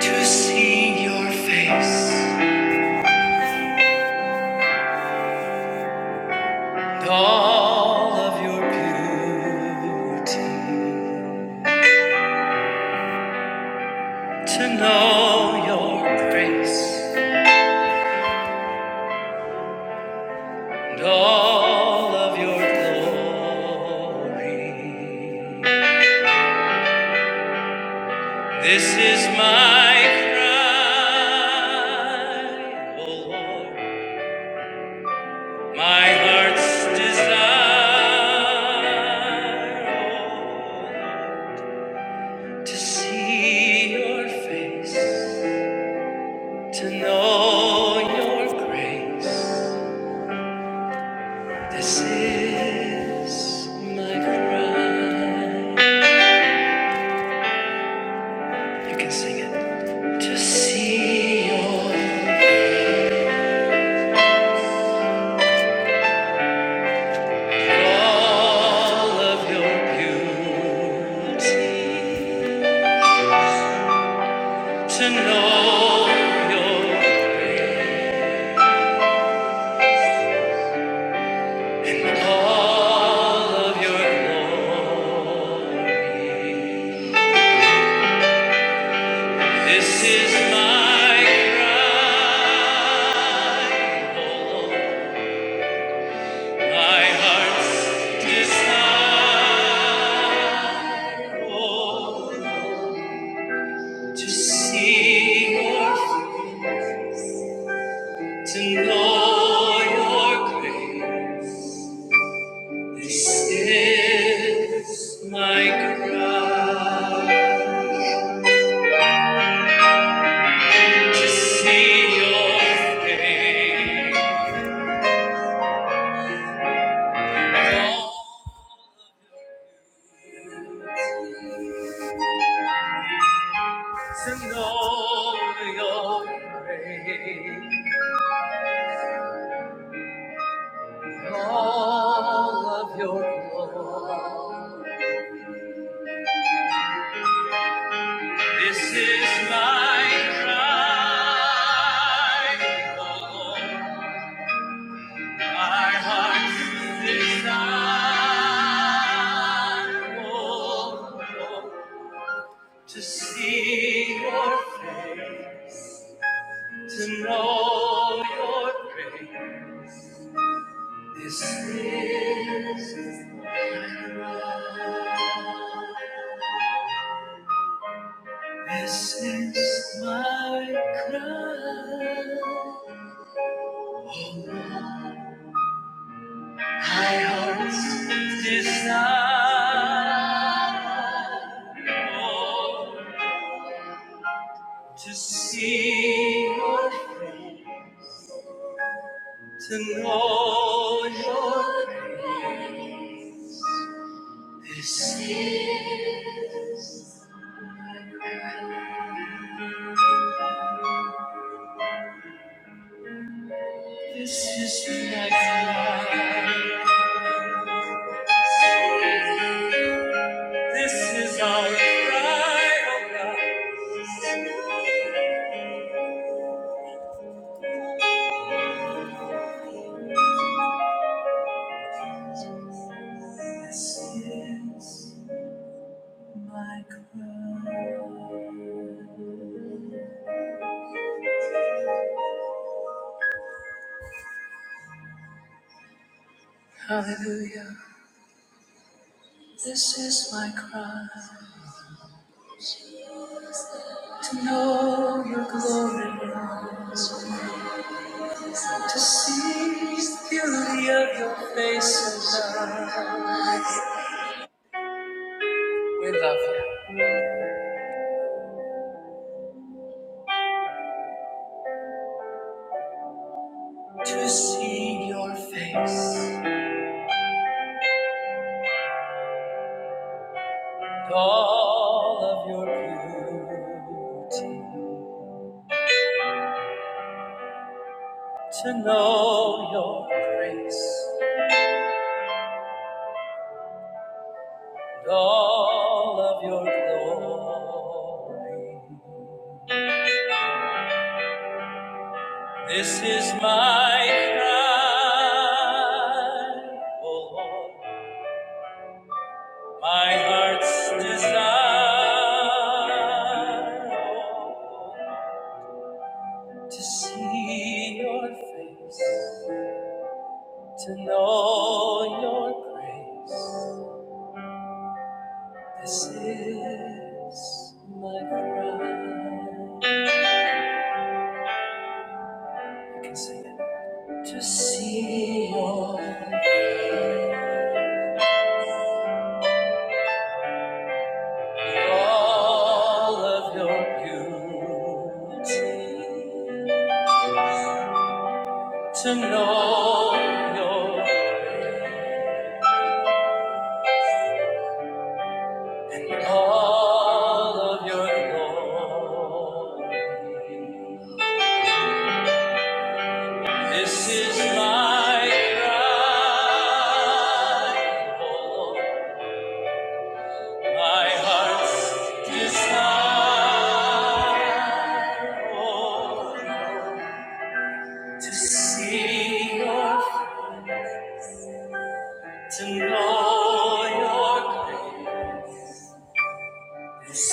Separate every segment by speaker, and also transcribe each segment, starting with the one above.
Speaker 1: to see your face and all of your beauty, to know your grace and all of your glory. This is my cry, O Lord, my heart's desire, O Lord, to see your face To know your grace, this is my cry. You can sing it. To see your, all of your beauty, to know your, and all of your glory. This is my cry, Oh. Lord. My heart's desire, Lord, to see your, to know your grace. This is my cry to see your face, to know your grace, all of your glory. This is my cry, oh, my heart's desire, oh, oh, to see your face, to know your grace. This is my cry. This is my cry. My heart's desire Oh, to see your face, to know your grace. This is this is the next life. This is our cry, oh God. This is. my cry. Hallelujah. This is my cry to know your glory, Lord. to see the beauty of your face above. We love you. To see your face, and all of your beauty, to know your grace. and all of your glory. This is my cry, O Lord, my heart's desire to see your face, to know your grace. This is my cry. You can sing it. to see your all of your beauty, to know your and all of your glory. This is my cry, oh Lord, my heart's desire. oh Lord. To see your, face, to know your grace this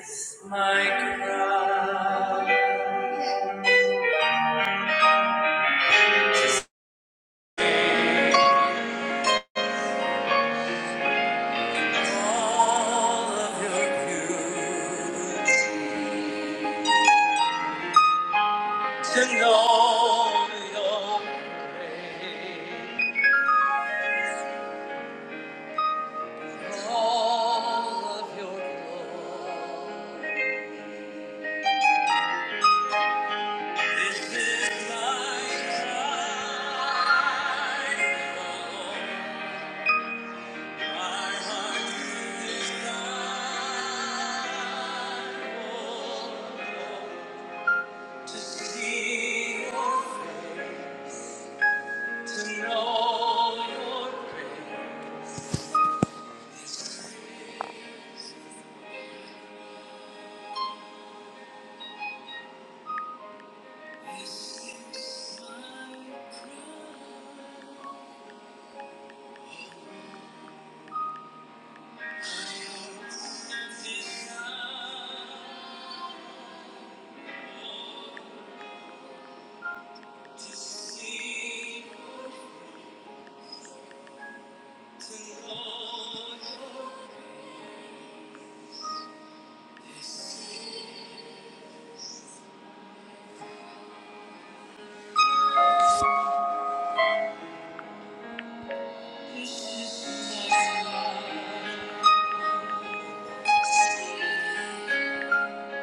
Speaker 1: is my cry. All of your beauty, to know your grace, all of your glory. This is my cry.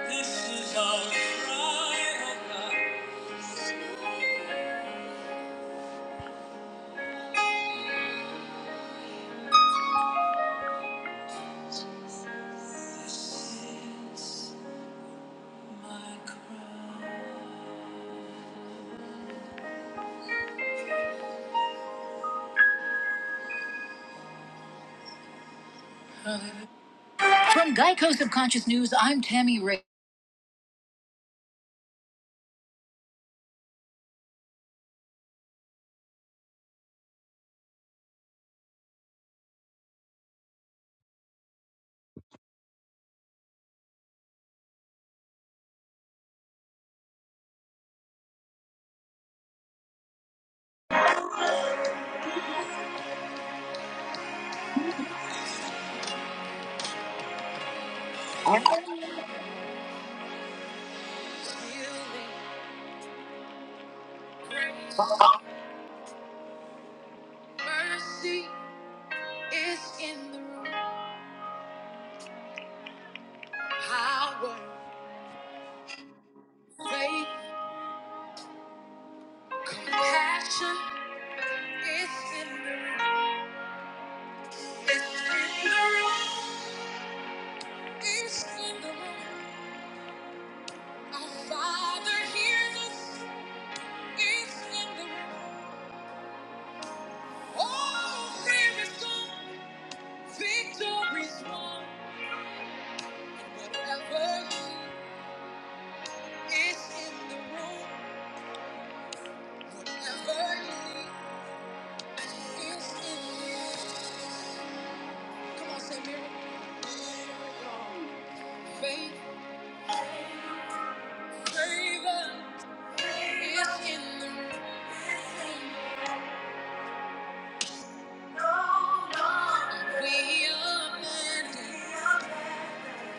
Speaker 1: This is our cry, oh God. From Geico Subconscious News, I'm Tammy Ray. Mercy is in the room. Power, faith, compassion is in the room. It's in the room. It's in the room. Our Father hears us. It's in the room. Oh, fear is gone. Victory's won. And whatever is in the room. Whatever Come on, say Faith, favor is in the room. We are mended.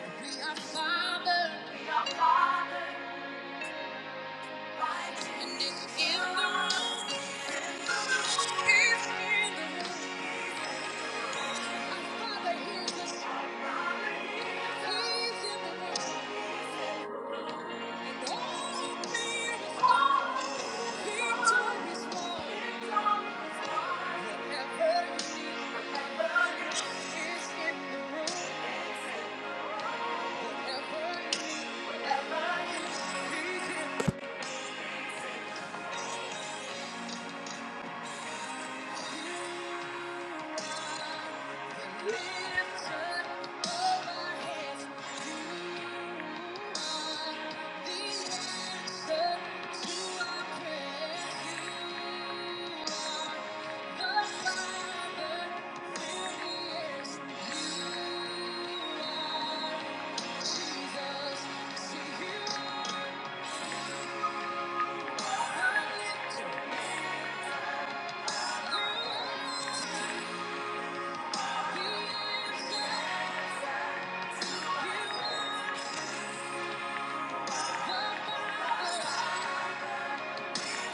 Speaker 1: We are fathered. And it's in the room. It's in the room. Whatever you need, whatever you need, he's in the room. Thank you.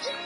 Speaker 1: He's in the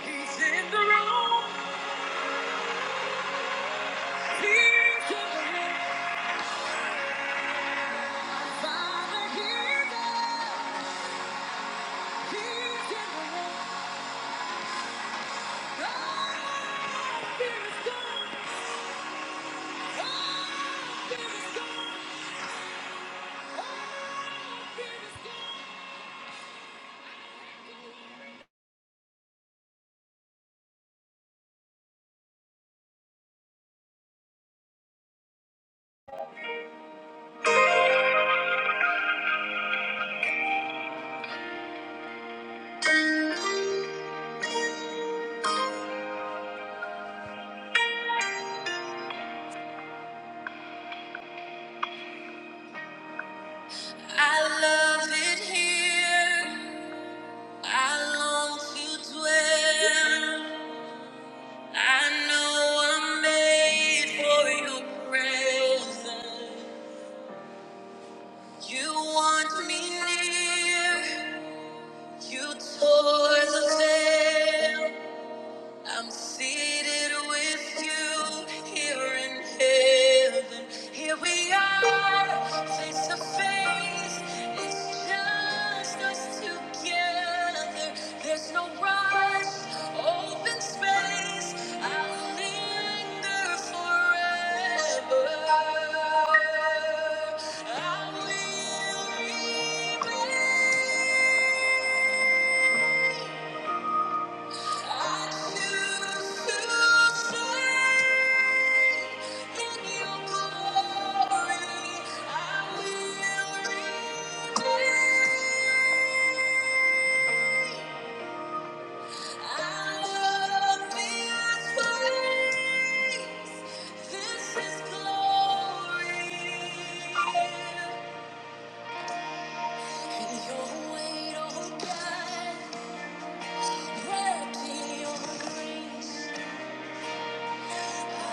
Speaker 1: room. He's in the room. I love it here. I long to dwell. I know I'm made for your presence. You want me near. You tore the veil. I'm seated with you here in heaven. Here we are, face to face. It's just us together. There's no rush, open space. I'll linger forever. I will remain. I choose to stay. Your weight, oh God, wrapped in your grace. Thank you.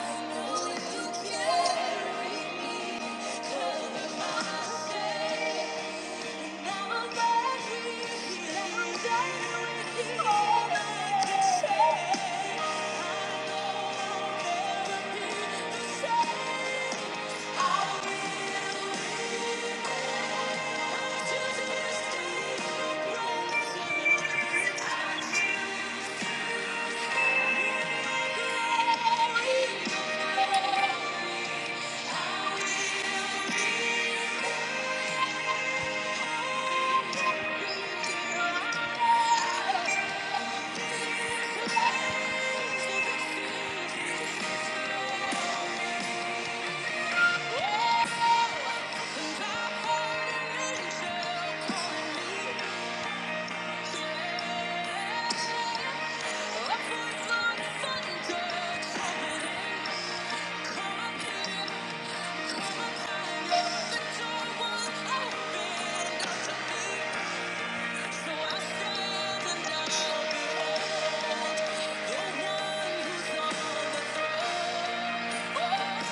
Speaker 1: Oh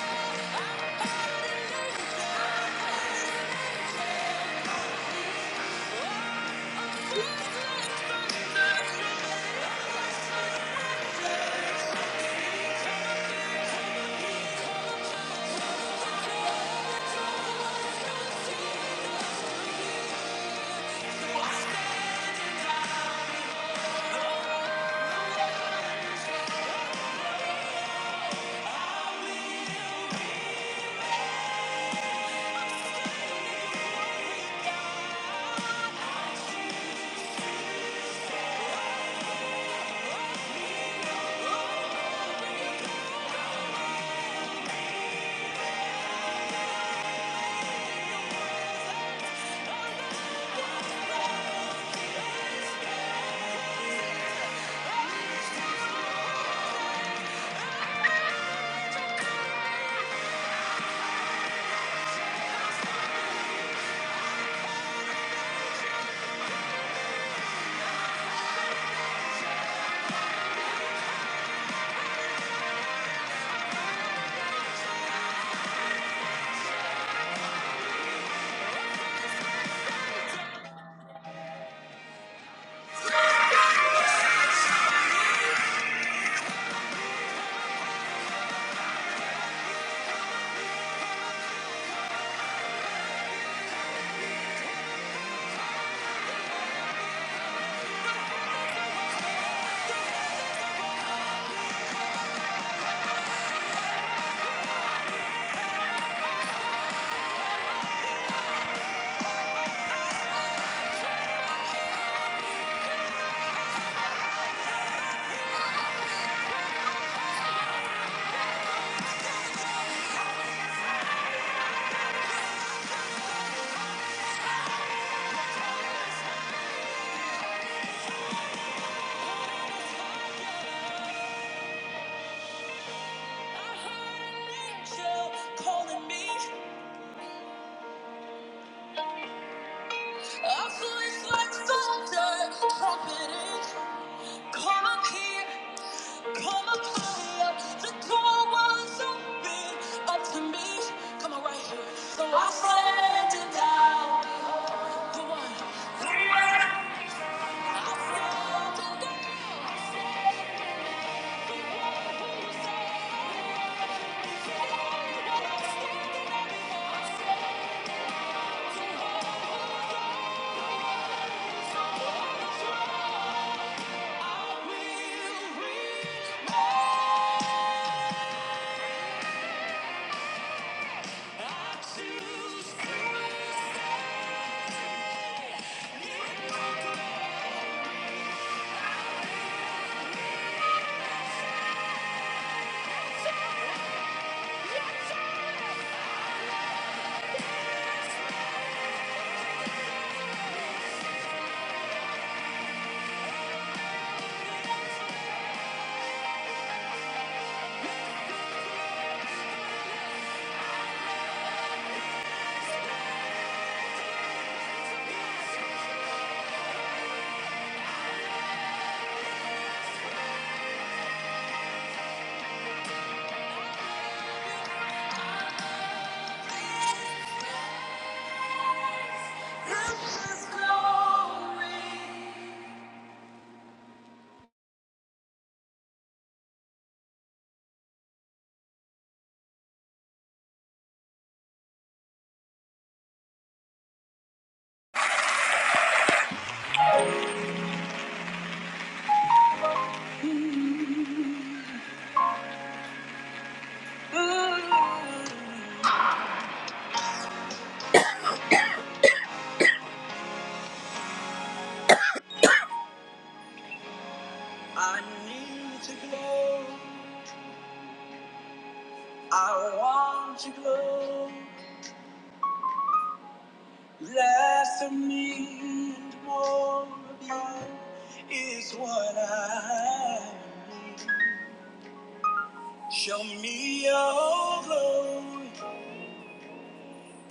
Speaker 1: Come up here. Come up higher. The door was open up to me. Come on, right here. So I surrendered down. The one. I surrendered This is glory. Less of me and more of you is what I am. Show me your glory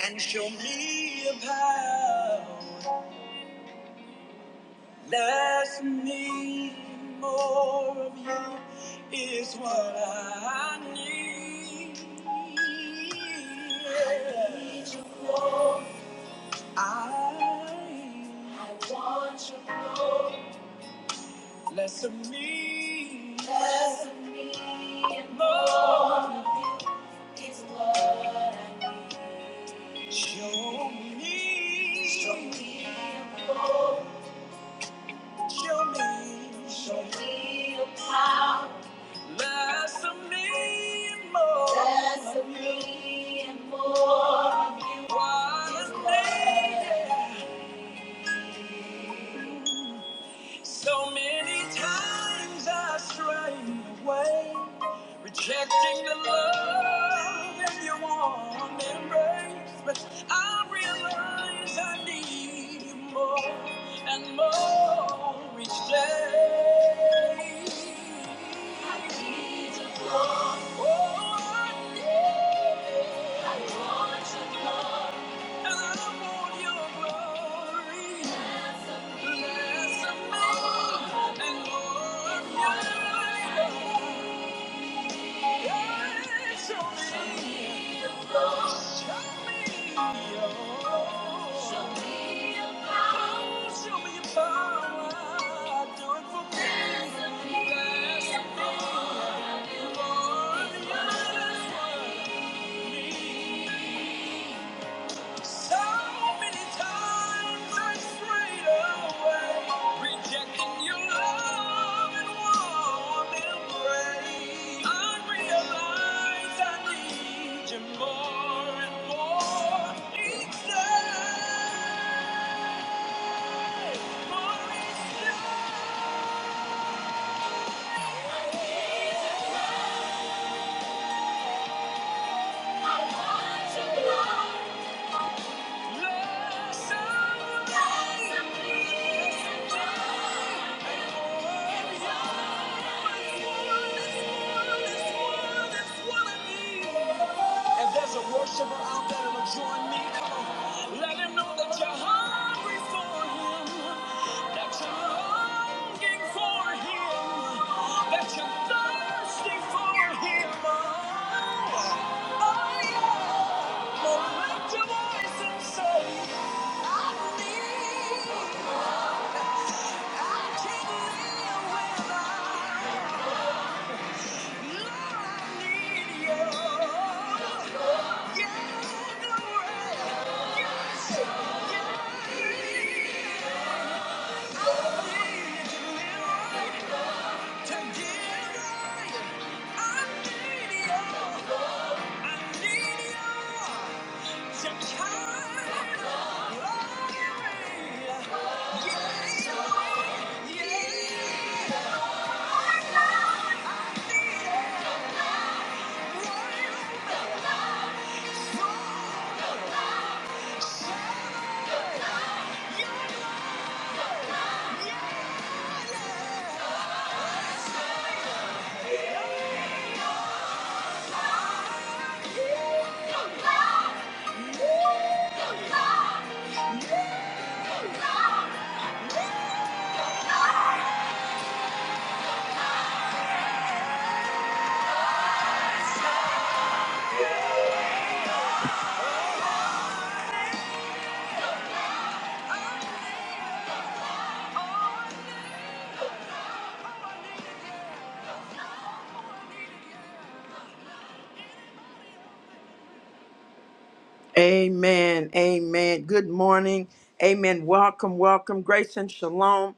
Speaker 1: and show me your power. Less of me and more of you is what I need. I less of me. Show me, show, show me, show me. So many times I strayed away, rejecting the love in your warm embrace. But I realize I need you more and more each day. I need you more. Oh, I need. I want you more. And I want your glory. Thank you. If there's a worshiper out there that will join me, come on. Let him know that you're hungry for him, that you're longing for him, that you're thirsty for him. Oh, oh, yeah. Yeah. Yeah. yeah, yeah. Amen. Amen. Good morning. Amen. Welcome, welcome. Grace and shalom,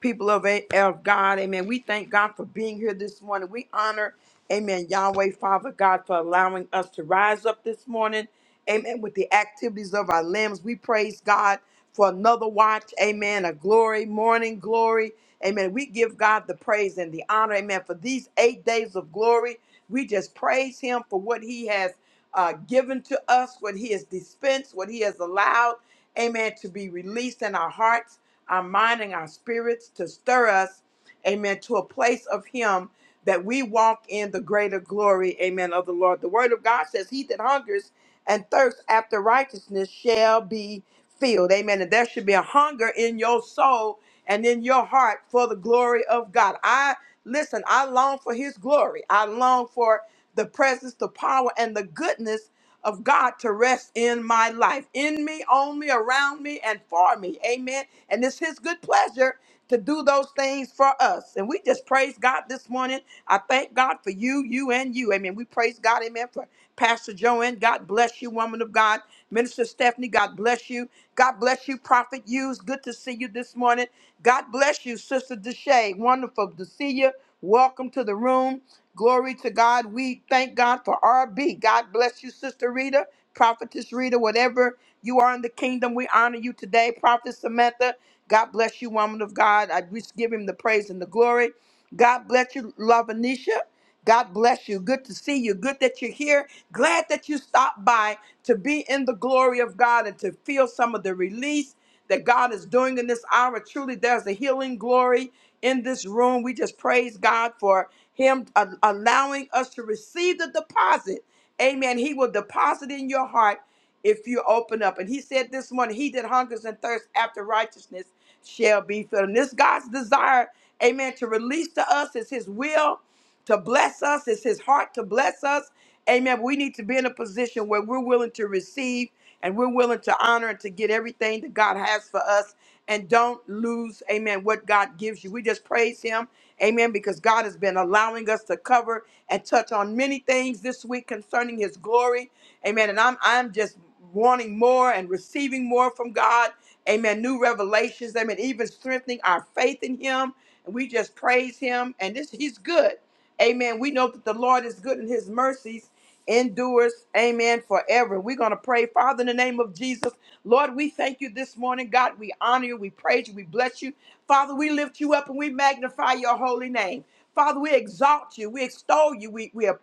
Speaker 1: people of, A- of God. Amen. We thank God for being here this morning. We honor, Amen, Yahweh, Father God, for allowing us to rise up this morning. Amen. With the activities of our limbs, we praise God for another watch. Amen. A glory, morning glory. Amen. We give God the praise and the honor. Amen. For these eight days of glory, we just praise Him for what He has uh, given to us, what He has dispensed, what He has allowed, amen, to be released in our hearts, our mind, and our spirits to stir us, amen, to a place of Him that we walk in the greater glory, amen, of the Lord. The Word of God says, He that hungers and thirsts after righteousness shall be filled, amen. And there should be a hunger in your soul and in your heart for the glory of God. I listen, I long for His glory. I long for the presence, the power, and the goodness of God to rest in my life, in me, on me, around me, and for me. Amen. And it's His good pleasure to do those things for us. And we just praise God this morning. I thank God for you, you, and you. Amen. We praise God. Amen. For Pastor Joanne, God bless you, woman of God. Minister Stephanie, God bless you. God bless you, Prophet Hughes. Good to see you this morning. God bless you, Sister Deshay. Wonderful to see you. Welcome to the room. Glory to God. We thank God for RB. God bless you, Sister Rita, Prophetess Rita, whatever you are in the kingdom. We honor you today, Prophet Samantha. God bless you, woman of God. I just give him the praise and the glory. God bless you, Lavanisha. God bless you. Good to see you. Good that you're here. Glad that you stopped by to be in the glory of God and to feel some of the release that God is doing in this hour. Truly, there's a healing glory in this room. We just praise God for Him uh, allowing us to receive the deposit. Amen. He will deposit in your heart if you open up. And He said this morning, He that hungers and thirsts after righteousness shall be filled. And this God's desire, amen, to release to us is His will to bless us. It's his heart to bless us. Amen. We need to be in a position where we're willing to receive and we're willing to honor and to get everything that God has for us. And don't lose, amen, what God gives you. We just praise him, amen, because God has been allowing us to cover and touch on many things this week concerning his glory. Amen. And I'm I'm just wanting more and receiving more from God. Amen. New revelations. Amen. Even strengthening our faith in Him. And we just praise Him. And this He's good. Amen. We know that the Lord is good and His mercies endures. Amen. Forever. We're going to pray, Father, in the name of Jesus. Lord, we thank you this morning. God, we honor you. We praise you. We bless you. Father, we lift you up and we magnify your holy name. Father, we exalt you. We extol you. We we um,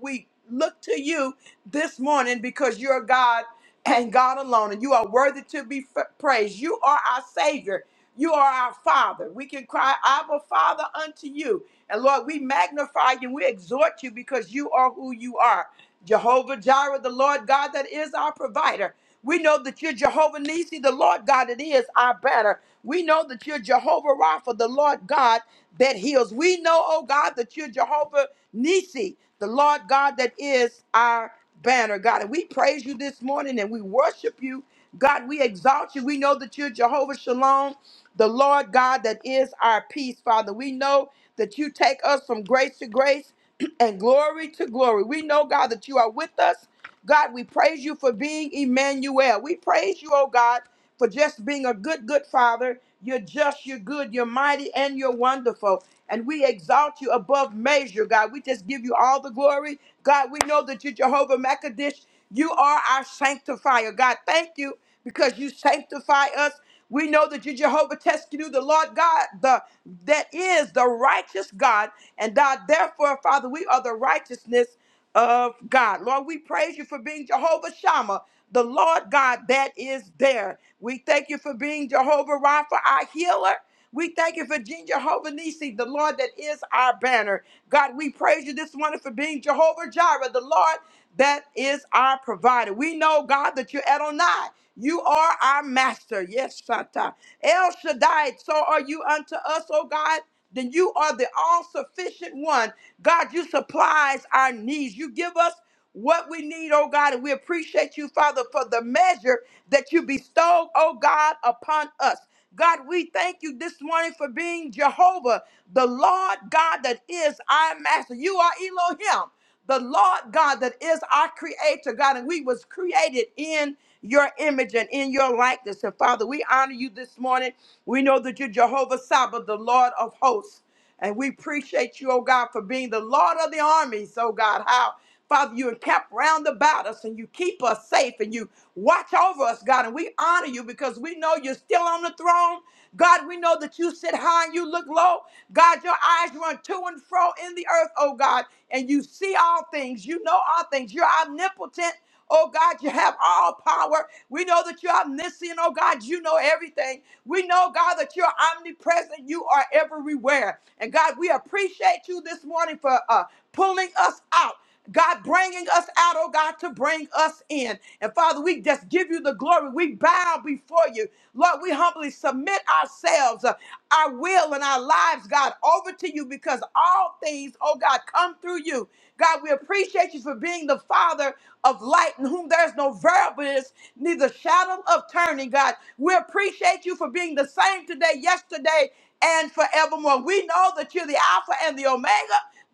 Speaker 1: we look to you this morning because you're God and God alone. And you are worthy to be f- praised. You are our Savior. You are our Father. We can cry, Abba, Father, unto you. And Lord, we magnify you and we exhort you because you are who you are. Jehovah Jireh, the Lord God that is our provider. We know that you're Jehovah Nissi, the Lord God, it is our banner. We know that you're Jehovah Rapha, the Lord God that heals. We know, oh God, that you're Jehovah Nissi, the Lord God that is our banner, God. And we praise you this morning and we worship you. God, we exalt you. We know that you're Jehovah Shalom, the Lord God that is our peace, Father. We know that you take us from grace to grace and glory to glory. We know, God, that you are with us. God, we praise you for being Emmanuel. We praise you, oh God, for just being a good, good father. You're just, you're good, you're mighty, and you're wonderful. And we exalt you above measure, God. We just give you all the glory. God, we know that you're Jehovah Makadish. You are our sanctifier. God, thank you because you sanctify us. We know that you Jehovah Teskenu, the Lord God, the that is the righteous God. And God, therefore, Father, we are the righteousness of God. Lord, we praise you for being Jehovah Shammah, the Lord God that is there. We thank you for being Jehovah Rapha, our healer. We thank you for being Jehovah Nisi, the Lord that is our banner. God, we praise you this morning for being Jehovah Jireh, the Lord that is our provider. We know, God, that you're Adonai. You are our master. Yes, Santa. El Shaddai, so are you unto us, oh God then you are the all sufficient one. God, you supplies our needs. You give us what we need, oh God, and we appreciate you, Father, for the measure that you bestowed, oh God, upon us. God, we thank you this morning for being Jehovah, the Lord God that is our master. You are Elohim the Lord God that is our creator, God, and we was created in your image and in your likeness. And Father, we honor you this morning. We know that you're Jehovah Sabbath, the Lord of hosts. And we appreciate you, oh God, for being the Lord of the armies, oh God. How? Father, you are kept round about us and you keep us safe and you watch over us, God. And we honor you because we know you're still on the throne. God, we know that you sit high and you look low. God, your eyes run to and fro in the earth, oh God, and you see all things. You know all things. You're omnipotent. Oh God, you have all power. We know that you're omniscient. Oh God, you know everything. We know, God, that you're omnipresent. You are everywhere. And God, we appreciate you this morning for uh, pulling us out. God bringing us out, oh God, to bring us in. And Father, we just give you the glory. We bow before you. Lord, we humbly submit ourselves, uh, our will and our lives, God, over to you because all things, oh God, come through you. God, we appreciate you for being the Father of light in whom there's no variableness, neither shadow of turning, God. We appreciate you for being the same today, yesterday, and forevermore. We know that you're the Alpha and the Omega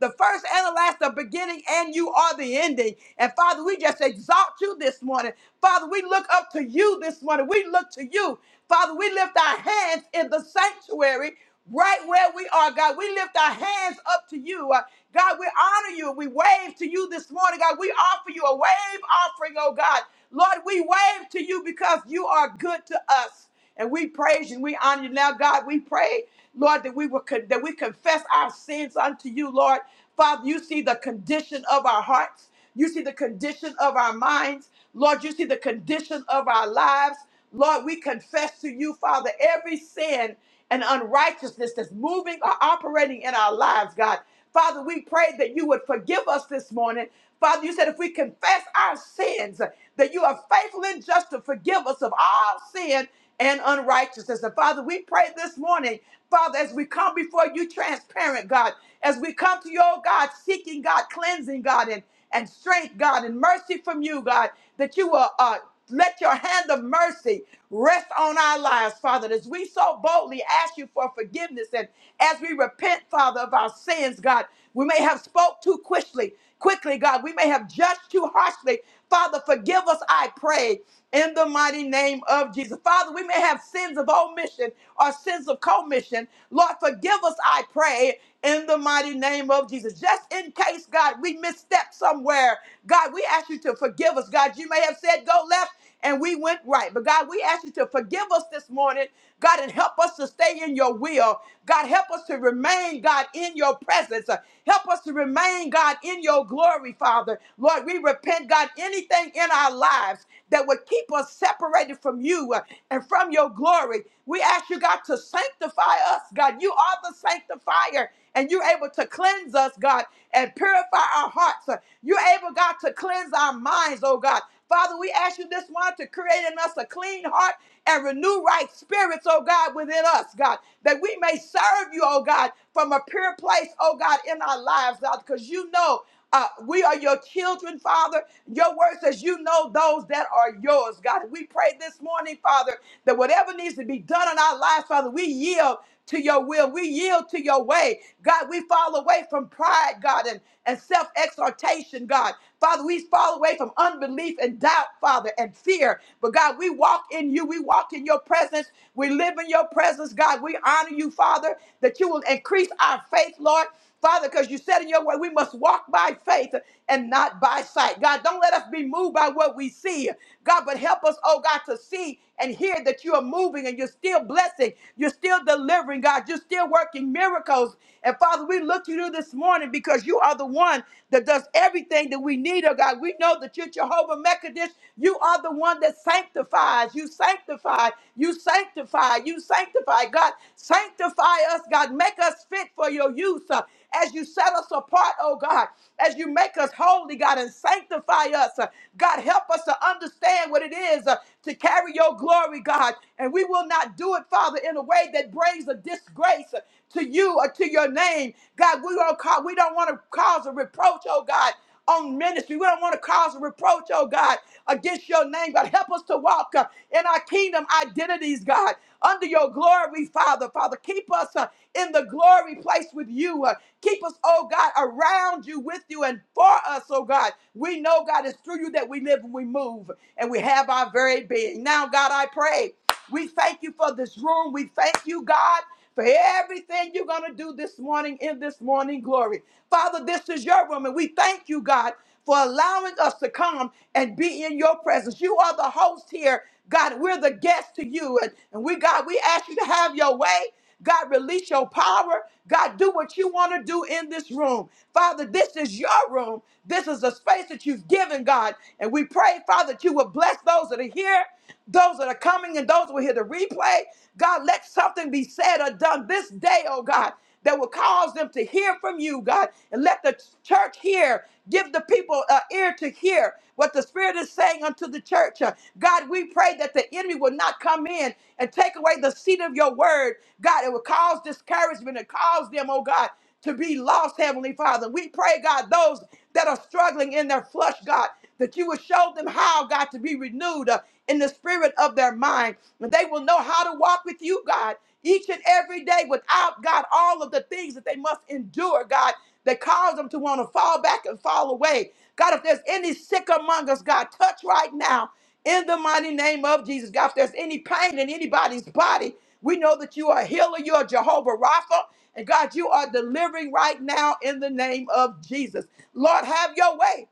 Speaker 1: the first and the last, the beginning, and you are the ending. And Father, we just exalt you this morning. Father, we look up to you this morning. We look to you. Father, we lift our hands in the sanctuary right where we are, God. We lift our hands up to you. Uh, God, we honor you. We wave to you this morning, God. We offer you a wave offering, oh God. Lord, we wave to you because you are good to us. And we praise you and we honor you now, God. We pray, Lord, that we will con- that we confess our sins unto you, Lord. Father, you see the condition of our hearts. You see the condition of our minds. Lord, you see the condition of our lives. Lord, we confess to you, Father, every sin and unrighteousness that's moving or operating in our lives, God. Father, we pray that you would forgive us this morning. Father, you said if we confess our sins, that you are faithful and just to forgive us of all sin and unrighteousness. And Father, we pray this morning, Father, as we come before you transparent, God, as we come to you, oh God, seeking God, cleansing God, and and strength, God, and mercy from you, God, that you will uh, let your hand of mercy rest on our lives, Father, as we so boldly ask you for forgiveness and as we repent, Father, of our sins, God. We may have spoke too quickly, quickly, God. We may have judged too harshly. Father, forgive us, I pray in the mighty name of Jesus. Father, we may have sins of omission or sins of commission. Lord, forgive us, I pray, in the mighty name of Jesus. Just in case, God, we misstep somewhere, God, we ask you to forgive us. God, you may have said go left and we went right. But God, we ask you to forgive us this morning, God, and help us to stay in your will. God, help us to remain, God, in your presence. Uh, Help us to remain, God, in your glory, Father. Lord, we repent, God, anything in our lives that would keep us separated from you uh, and from your glory. We ask you, God, to sanctify us, God. You are the sanctifier, and you're able to cleanse us, God, and purify our hearts. Uh, You're able, God, to cleanse our minds, oh God. Father, we ask you this morning to create in us a clean heart and renew right spirits, oh God, within us, God, that we may serve you, oh God, from a pure place, oh God, in our lives, God, because you know. Uh, we are your children, Father. Your word says you know those that are yours, God. We pray this morning, Father, that whatever needs to be done in our lives, Father, we yield to your will. We yield to your way. God, we fall away from pride, God, and, and self exhortation, God. Father, we fall away from unbelief and doubt, Father, and fear. But God, we walk in you. We walk in your presence. We live in your presence, God. We honor you, Father, that you will increase our faith, Lord. Father, because you said in your way, we must walk by faith and not by sight. God, don't let us be moved by what we see. God, but help us, oh God, to see and hear that you are moving and you're still blessing. You're still delivering, God. You're still working miracles. And Father, we look to you this morning because you are the one that does everything that we need, oh God. We know that you're Jehovah Mekadesh. You are the one that sanctifies. You sanctify. You sanctify. You sanctify sanctify. God, sanctify us, God. Make us fit for your use uh, as you set us apart, oh God, as you make us holy, God, and sanctify us. uh, God, help us to understand what it is uh, to carry your glory, God. And we will not do it, Father, in a way that brings a disgrace uh, to you or to your name. God, we don't, ca- we don't want to cause a reproach, oh God on ministry. We don't want to cause a reproach, oh God, against your name, God. Help us to walk uh, in our kingdom identities, God, under your glory, Father. Father, keep us uh, in the glory place with you. Uh, keep us, oh God, around you, with you, and for us, oh God. We know, God, it's through you that we live and we move and we have our very being. Now, God, I pray. We thank you for this room. We thank you, God, for everything you're going to do this morning in this morning glory. Father, this is your room, and we thank you, God, for allowing us to come and be in your presence. You are the host here, God. We're the guest to you, and, and we, God, we ask you to have your way. God, release your power. God, do what you want to do in this room. Father, this is your room. This is the space that you've given, God. And we pray, Father, that you will bless those that are here, those that are coming, and those who will hear the replay. God, let something be said or done this day, oh God that will cause them to hear from you, God, and let the church hear. Give the people an ear to hear what the Spirit is saying unto the church. Uh, God, we pray that the enemy will not come in and take away the seed of your word. God, it will cause discouragement and cause them, oh God, to be lost, Heavenly Father. We pray, God, those that are struggling in their flesh, God that you will show them how, God, to be renewed uh, in the spirit of their mind. And they will know how to walk with you, God, each and every day without, God, all of the things that they must endure, God, that cause them to want to fall back and fall away. God, if there's any sick among us, God, touch right now in the mighty name of Jesus. God, if there's any pain in anybody's body, we know that you are a healer, you are Jehovah Rapha. And God, you are delivering right now in the name of Jesus. Lord, have your way.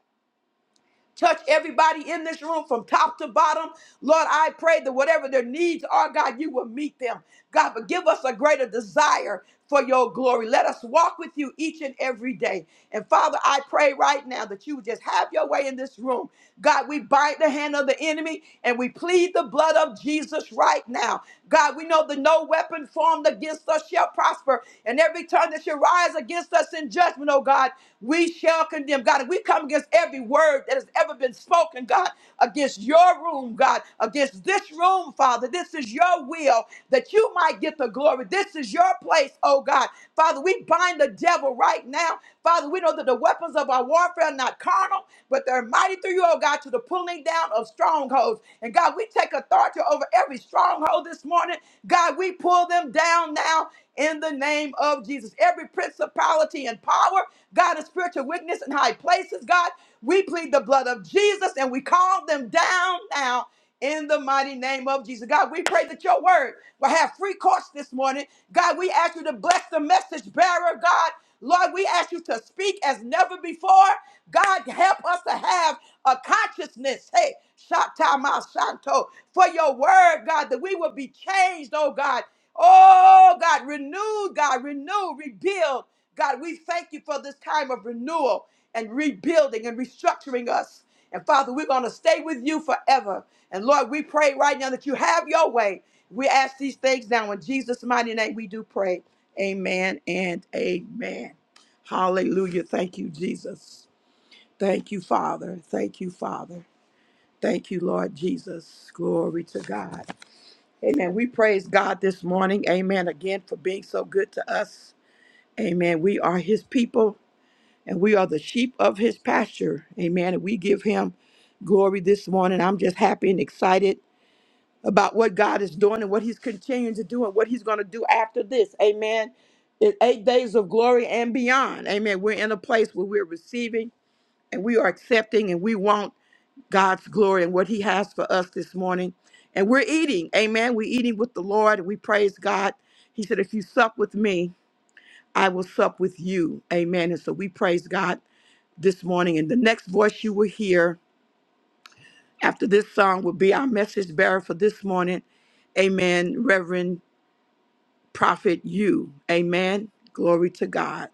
Speaker 1: Touch everybody in this room from top to bottom. Lord, I pray that whatever their needs are, God, you will meet them. God, but give us a greater desire for your glory. Let us walk with you each and every day. And Father, I pray right now that you would just have your way in this room. God, we bind the hand of the enemy and we plead the blood of Jesus right now. God, we know that no weapon formed against us shall prosper, and every tongue that shall rise against us in judgment, oh God, we shall condemn. God, and we come against every word that has ever been spoken, God, against your room, God, against this room, Father. This is your will that you might get the glory. This is your place, oh God. Father, we bind the devil right now. Father, we know that the weapons of our warfare are not carnal, but they're mighty through you, oh God, to the pulling down of strongholds. And God, we take authority over every stronghold this this morning. God, we pull them down now in the name of Jesus. Every principality and power, God, and spiritual wickedness in high places, God, we plead the blood of Jesus and we call them down now in the mighty name of Jesus. God, we pray that your word will have free course this morning. God, we ask you to bless the message bearer, God. Lord, we ask you to speak as never before. God, help us to have a consciousness. Hey, Shatama Shanto, for your word, God, that we will be changed, oh God. Oh God, renewed, God, renew, rebuild. God, we thank you for this time of renewal and rebuilding and restructuring us. And Father, we're going to stay with you forever. And Lord, we pray right now that you have your way. We ask these things now in Jesus' mighty name. We do pray. Amen and amen. Hallelujah. Thank you, Jesus. Thank you, Father. Thank you, Father. Thank you, Lord Jesus. Glory to God. Amen. We praise God this morning. Amen. Again for being so good to us. Amen. We are his people and we are the sheep of his pasture. Amen. And we give him glory this morning. I'm just happy and excited about what God is doing and what he's continuing to do and what he's going to do after this. Amen. It's eight days of glory and beyond. Amen. We're in a place where we're receiving and we are accepting and we want God's glory and what He has for us this morning. And we're eating. Amen. We're eating with the Lord and we praise God. He said, If you sup with me, I will sup with you. Amen. And so we praise God this morning. And the next voice you will hear after this song will be our message bearer for this morning. Amen. Reverend Prophet, you. Amen. Glory to God.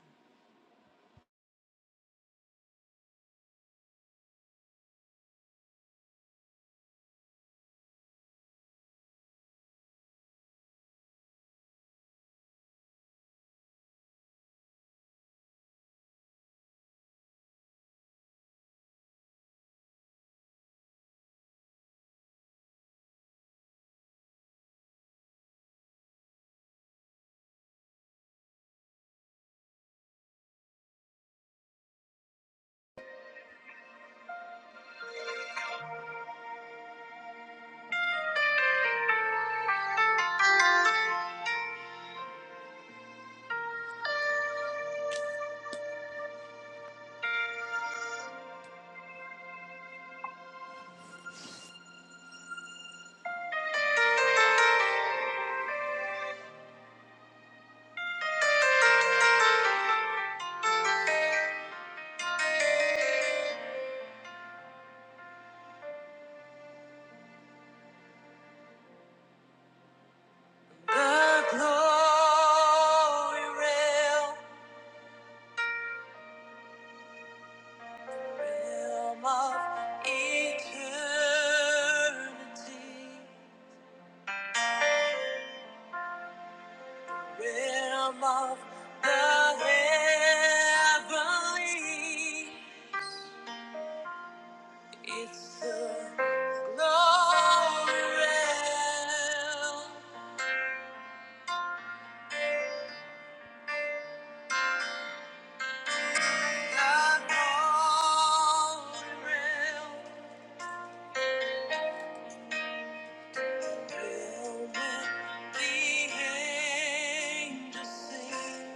Speaker 1: The glory realm, realm of eternity, realm of the heavenly. It's the glory realm. The moment the angels sing.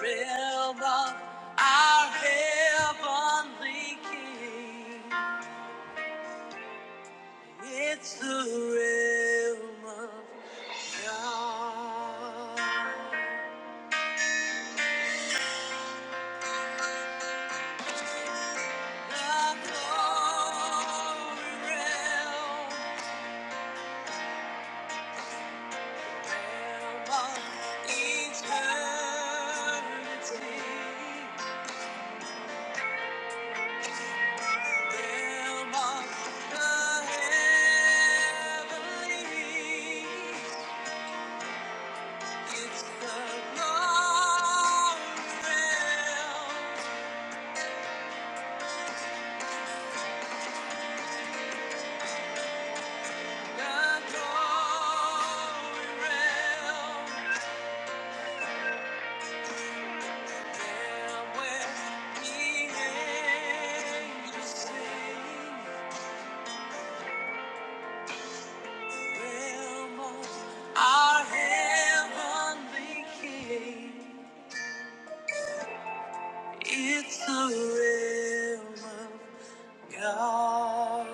Speaker 1: Realm of our heavenly King. It's the realm of God. The glory realm. Our heavenly King. It's a realm of God.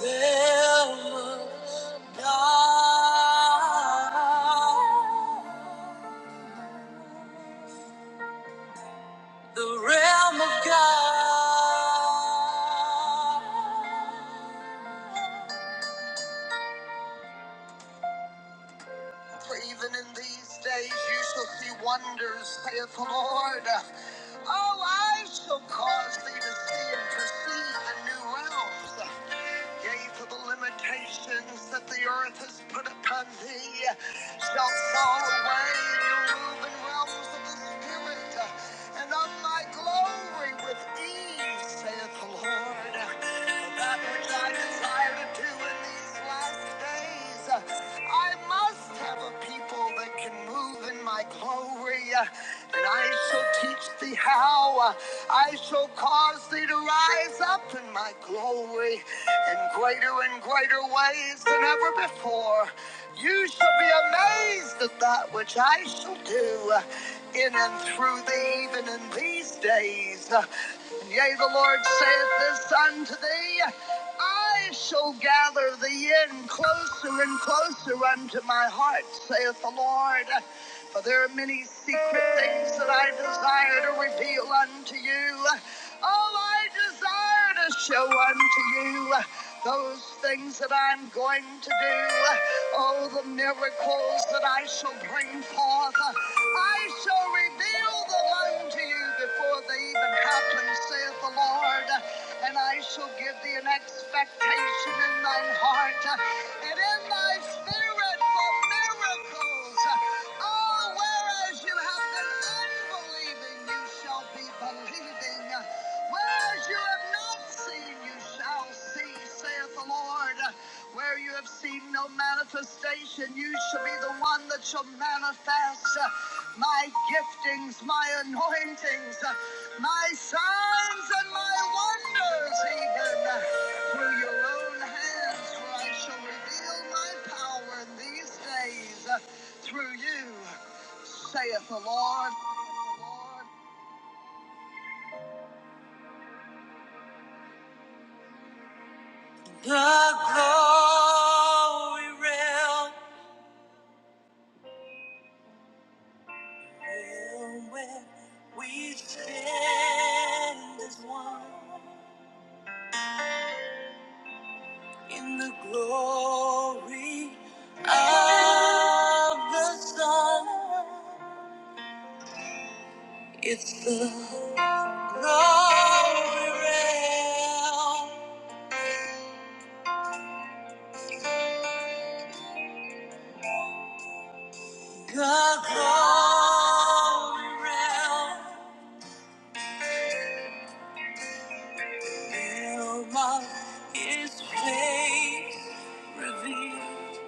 Speaker 1: Realm of God. For even in these days you shall see wonders, saith the Lord. Oh, I shall cause thee to see and perceive the new realms. Yea, for the limitations that the earth has put upon thee shall fall away, and you'll move in realms of the Spirit, and of my glory with ease, saith the Lord. For that which I I desire to in these last days. I must have a people that can move in my glory. And I shall teach thee how. I shall cause thee to rise up in my glory in greater and greater ways than ever before. You shall be amazed at that which I shall do in and through thee, even in these days. Yea, the Lord saith this unto thee I shall gather thee in closer and closer unto my heart, saith the Lord. For there are many secret things that I desire to reveal unto you. All I desire to show unto you those things that I'm going to do. Oh, the miracles that I shall bring forth. I shall reveal them unto you known to you before they even happen, saith the Lord. And I shall give thee an expectation in thine heart and in thy spirit for miracles. Oh, whereas you have been unbelieving, you shall be believing. Whereas you have not seen, you shall see, saith the Lord. Where you have seen no manifestation, you shall be the one that shall manifest uh, my giftings, my anointings, uh, my signs, and my wonders, even uh, through your own hands, for I shall reveal my power in these days uh, through you, saith the Lord. The glory realm. When we stand as one in the glory of the sun, it's the glory realm, the glory realm, realm of His face revealed.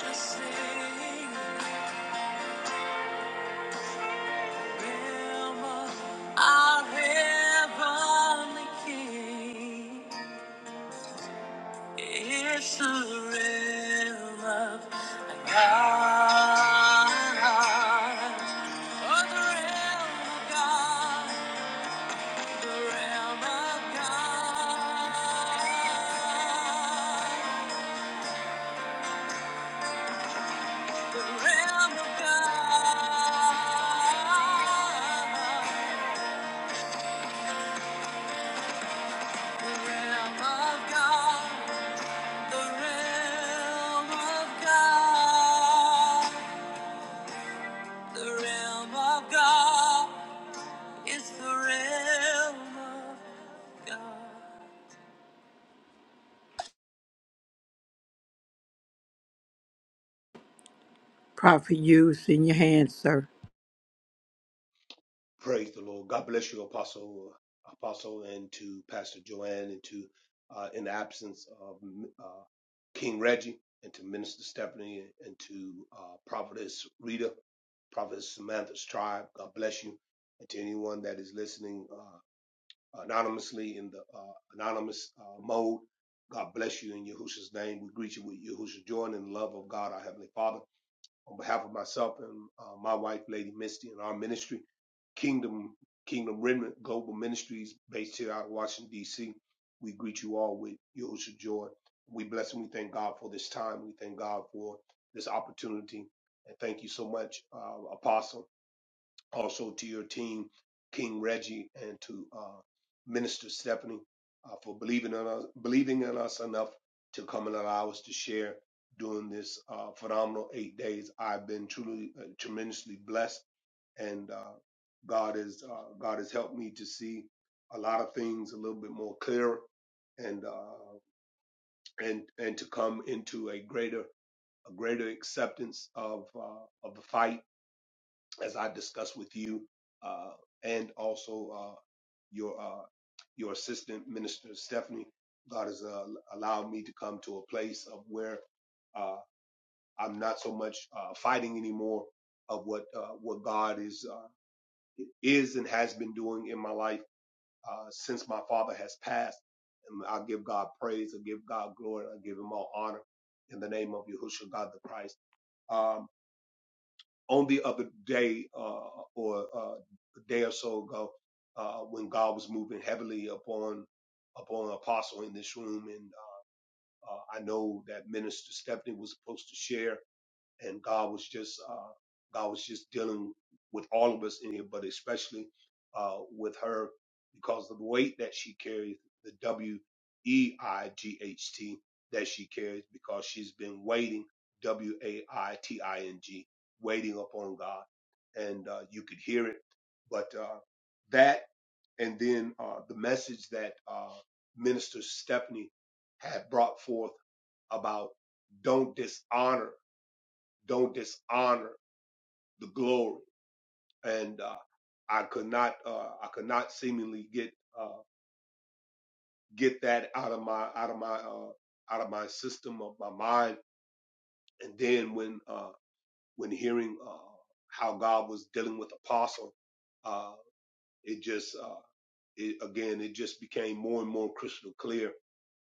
Speaker 1: Just Sing. Our heavenly King is the realm of God. Oh, the realm of God, the realm of God, the realm of God, the realm of God. The realm of God, the realm of God is the realm of God. Prophet, use in your hands, sir.
Speaker 2: Praise the Lord. God bless you, Apostle, Apostle, and to Pastor Joanne, and to, uh, in the absence of uh, King Reggie, and to Minister Stephanie, and to uh, Prophetess Rita, Prophetess Samantha's tribe. God bless you, and to anyone that is listening uh, anonymously in the uh, anonymous uh, mode. God bless you in Yahushua's name. We greet you with Yahushua's joy and in the love of God, our Heavenly Father on behalf of myself and uh, my wife, Lady Misty, and our ministry, Kingdom Kingdom Remnant Global Ministries, based here out of Washington D.C. We greet you all with Yosha joy. We bless and we thank God for this time. We thank God for this opportunity, and thank you so much, uh, Apostle also to your team, King Reggie, and to uh, Minister Stephanie uh, for believing in us, believing in us enough to come and allow us to share during this uh, phenomenal eight days. I've been truly uh, tremendously blessed, and uh, God has uh, God has helped me to see a lot of things a little bit more clearer, and uh, and and to come into a greater a greater acceptance of uh, of the fight as I discussed with you, uh, and also uh, your uh, your assistant minister Stephanie. God has uh, allowed me to come to a place of where uh, I'm not so much uh, fighting anymore of what uh, what God is uh, is and has been doing in my life uh, since my father has passed. And I give God praise, I give God glory, I give Him all honor in the name of Yahushua God the Christ. Um, on the other day uh, or uh, a day or so ago uh, when God was moving heavily upon upon Apostle in this room, and uh, I know that Minister Stephanie was supposed to share, and God was just uh, God was just dealing with all of us in here, but especially uh, with her because of the weight that she carries, the W E I G H T that she carries, because she's been waiting, W A I T I N G, waiting upon God, and uh, you could hear it. But uh, that, and then uh, the message that uh, Minister Stephanie had brought forth about don't dishonor don't dishonor the glory. And uh, I could not, uh, I could not seemingly get uh, get that out of my out of my uh, out of my system of my mind. And then when uh, when hearing uh, how God was dealing with Apostle, uh, it just uh, it, again it just became more and more crystal clear.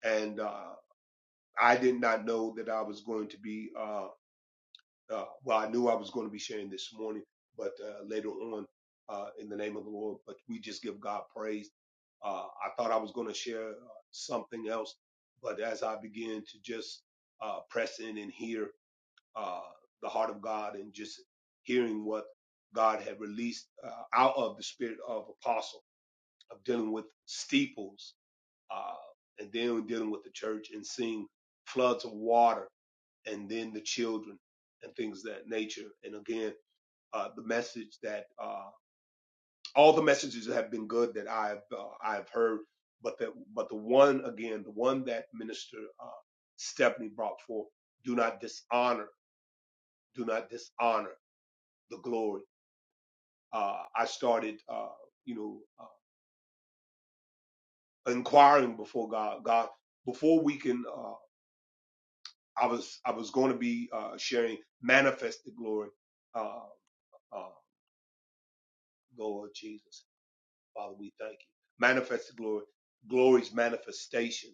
Speaker 2: And uh, I did not know that I was going to be. uh, uh, well, I knew I was going to be sharing this morning, but uh, later on uh, in the name of the Lord. But we just give God praise. Uh, I thought I was going to share uh, something else, but as I began to just uh, press in and hear uh, the heart of God and just hearing what God had released uh, out of the spirit of apostle of dealing with steeples uh, and then dealing with the church and seeing floods of water and then the children and things of that nature. And again, uh, the message that uh, all the messages have been good that I've uh, I've heard, but that but the one again, the one that Minister uh, Stephanie brought forth, do not dishonor, do not dishonor the glory. Uh, I started, uh, you know, uh, inquiring before God. God, before we can, uh, I was I was going to be uh, sharing manifested glory, uh, uh, Lord Jesus. Father, we thank you. Manifest the glory, glory's manifestation.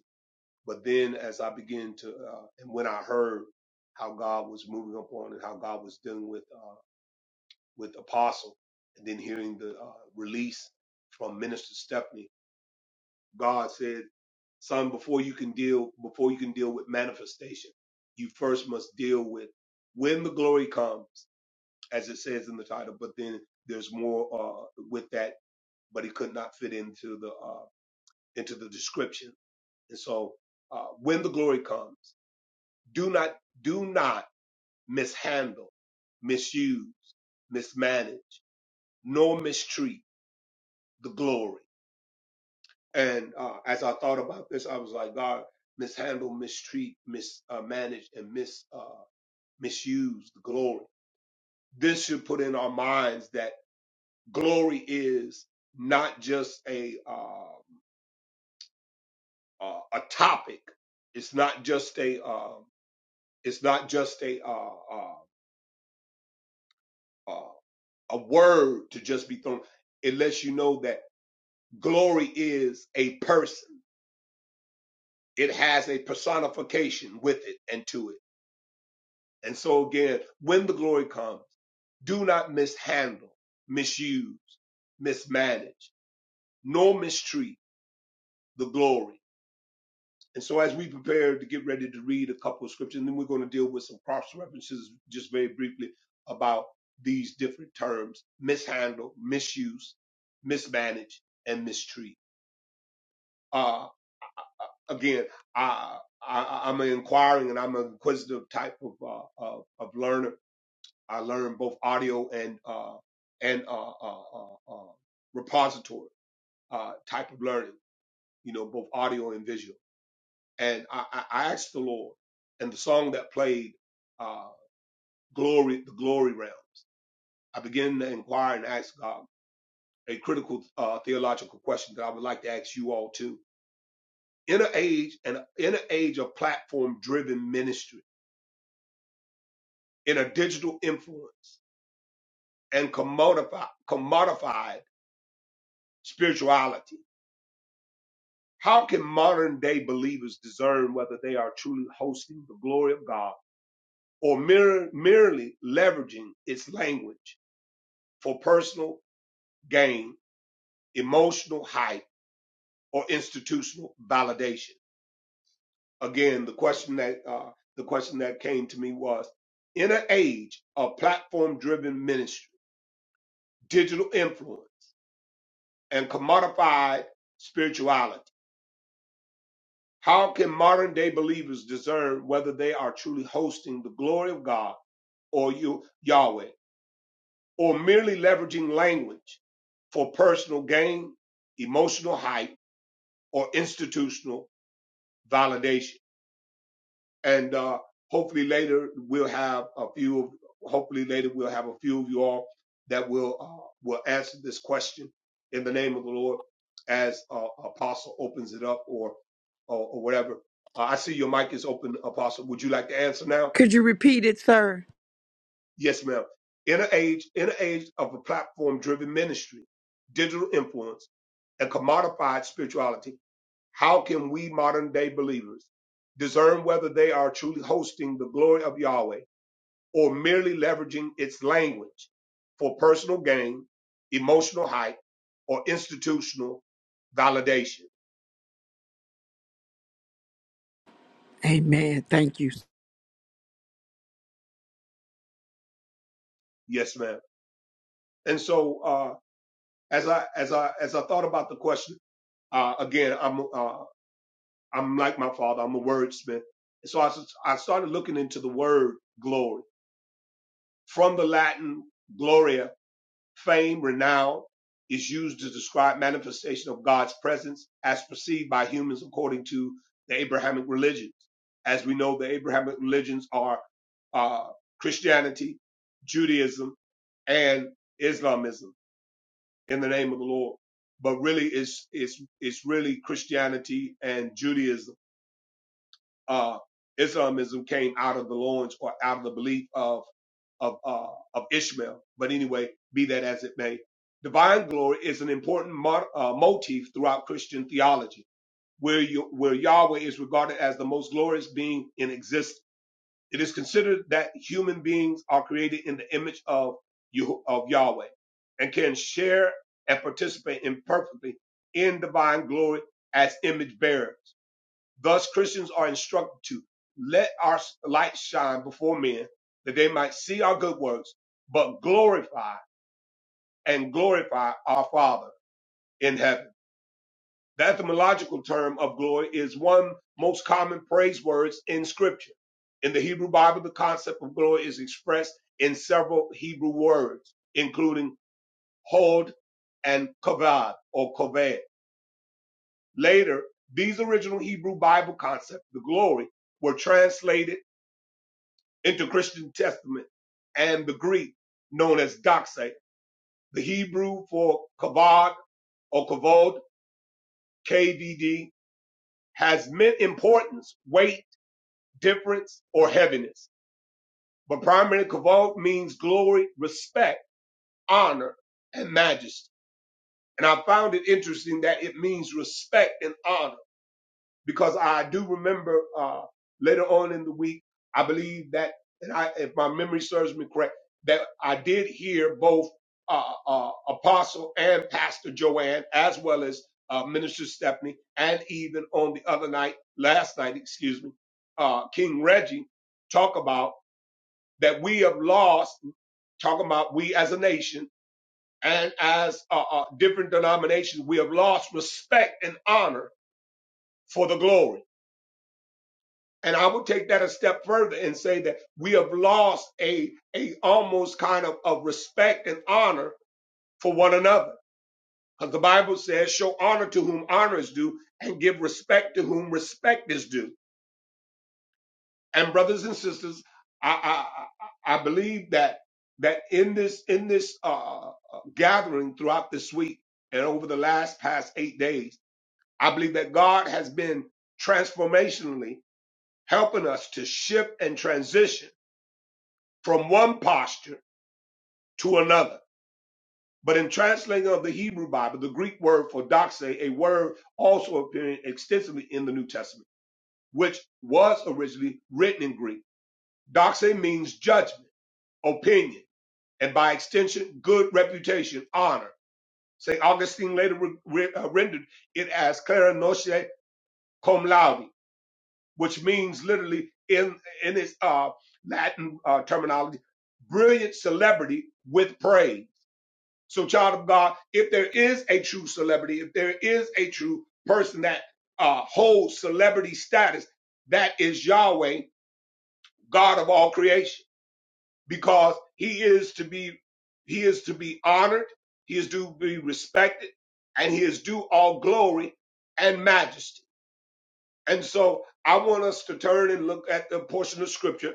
Speaker 2: But then as I began to, uh, and when I heard how God was moving upon and how God was dealing with, uh, with apostle and then hearing the uh, release from minister Stephanie, God said, son, before you can deal, before you can deal with manifestation, you first must deal with when the glory comes, as it says in the title, but then there's more, uh, with that, but it could not fit into the, uh, into the description. And so, uh, when the glory comes, do not, do not mishandle, misuse, mismanage, nor mistreat the glory. And uh, as I thought about this, I was like, God, mishandle, mistreat, mismanage, and mis uh, misuse the glory. This should put in our minds that glory is not just a uh, uh, a topic. It's not just a um, It's not just a uh, uh, uh, a word to just be thrown. It lets you know that glory is a person. It has a personification with it and to it. And so again, when the glory comes, do not mishandle, misuse, mismanage, nor mistreat the glory And so, as we prepare to get ready to read a couple of scriptures, and then we're going to deal with some cross references just very briefly about these different terms mishandle, misuse, mismanage, and mistreat. Uh, again, I, I, I'm an inquiring and I'm an inquisitive type of, uh, of, of learner. I learn both audio and, uh, and uh, uh, uh, uh, repository uh, type of learning, you know, both audio and visual and I, I I asked the Lord, and the song that played, uh, "Glory," the glory realm. I began to inquire and ask God a critical uh, theological question that I would like to ask you all too. In an age and in an age of platform-driven ministry, in a digital influence and commodified, commodified spirituality, how can modern-day believers discern whether they are truly hosting the glory of God or mere, merely leveraging its language? for personal gain, emotional hype, or institutional validation. Again, the question that uh, the question that came to me was: In an age of platform-driven ministry, digital influence, and commodified spirituality, how can modern-day believers discern whether they are truly hosting the glory of God or you, Yahweh, or merely leveraging language for personal gain, emotional hype, or institutional validation. And uh, hopefully later we'll have a few. Of, hopefully later we'll have a few of you all that will uh, will answer this question in the name of the Lord as uh, Apostle opens it up or or, or whatever. Uh, I see your mic is open, Apostle. Would you like to answer now?
Speaker 1: Could you repeat it, sir?
Speaker 2: Yes, ma'am. In an age in an age of a platform driven ministry, digital influence, and commodified spirituality. How can we modern day believers discern whether they are truly hosting the glory of Yahweh or merely leveraging its language for personal gain, emotional hype, or institutional validation?
Speaker 1: Amen. Thank you.
Speaker 2: Yes, ma'am. And so, uh, as I as I as I thought about the question uh, again, I'm uh, I'm like my father. I'm a wordsmith, so I s- I started looking into the word glory from the Latin gloria, Fame, renown is used to describe manifestation of God's presence as perceived by humans according to the Abrahamic religions. As we know, the Abrahamic religions are uh, Christianity, Judaism, and Islamism in the name of the Lord. But really, it's, it's, it's really Christianity and Judaism uh, Islamism came out of the loins or out of the belief of of uh, of Ishmael. But anyway, be that as it may, divine glory is an important mo- uh, motif throughout Christian theology, where you, where Yahweh is regarded as the most glorious being in existence. It is considered that human beings are created in the image of Yeho- of Yahweh and can share and participate imperfectly in divine glory as image bearers. Thus, Christians are instructed to let our light shine before men that they might see our good works, but glorify and glorify our Father in heaven. The etymological term of glory is one most common praise words in scripture. In the Hebrew Bible, the concept of glory is expressed in several Hebrew words, including hod and kavod or koved. Later, these original Hebrew Bible concepts, the glory, were translated into Christian Testament and the Greek known as doxa. The Hebrew for kavod or kavod, KVD, has meant importance, weight, difference, or heaviness. But primarily kavod means glory, respect, honor, and majesty. And I found it interesting that it means respect and honor because I do remember uh, later on in the week, I believe that, and I, if my memory serves me correct, that I did hear both uh, uh, Apostle and Pastor Joanne, as well as uh, Minister Stephanie, and even on the other night, last night, excuse me, uh, King Reggie, talk about that we have lost, talking about we as a nation and as uh, uh, different denominations, we have lost respect and honor for the glory And I would take that a step further and say that we have lost a, a almost kind of, of respect and honor for one another. Because the Bible says, show honor to whom honor is due and give respect to whom respect is due. And brothers and sisters, I, I, I believe that that in this in this uh, gathering throughout this week and over the last past eight days, I believe that God has been transformationally helping us to shift and transition from one posture to another. But in translating of the Hebrew Bible, the Greek word for doxa, a word also appearing extensively in the New Testament, which was originally written in Greek, doxa means judgment, opinion, and by extension, good reputation, honor. St. Augustine later re- re- uh, rendered it as clara noce cum laude, which means literally in, in its uh, Latin uh, terminology, brilliant celebrity with praise So, child of God, if there is a true celebrity, if there is a true person that uh, holds celebrity status, that is Yahweh, God of all creation, because He is to be He is to be honored, He is to be respected, and He is due all glory and majesty. And so, I want us to turn and look at the portion of Scripture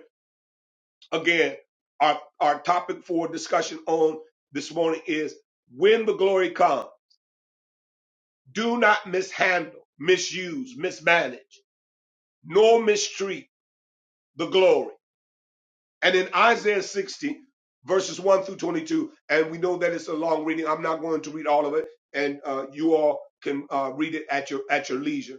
Speaker 2: again. Our our topic for discussion on this morning is when the glory comes Do not mishandle, misuse, mismanage, nor mistreat the glory. And in Isaiah 60, verses 1 through 22, and we know that it's a long reading. I'm not going to read all of it, and uh, you all can uh, read it at your at your leisure.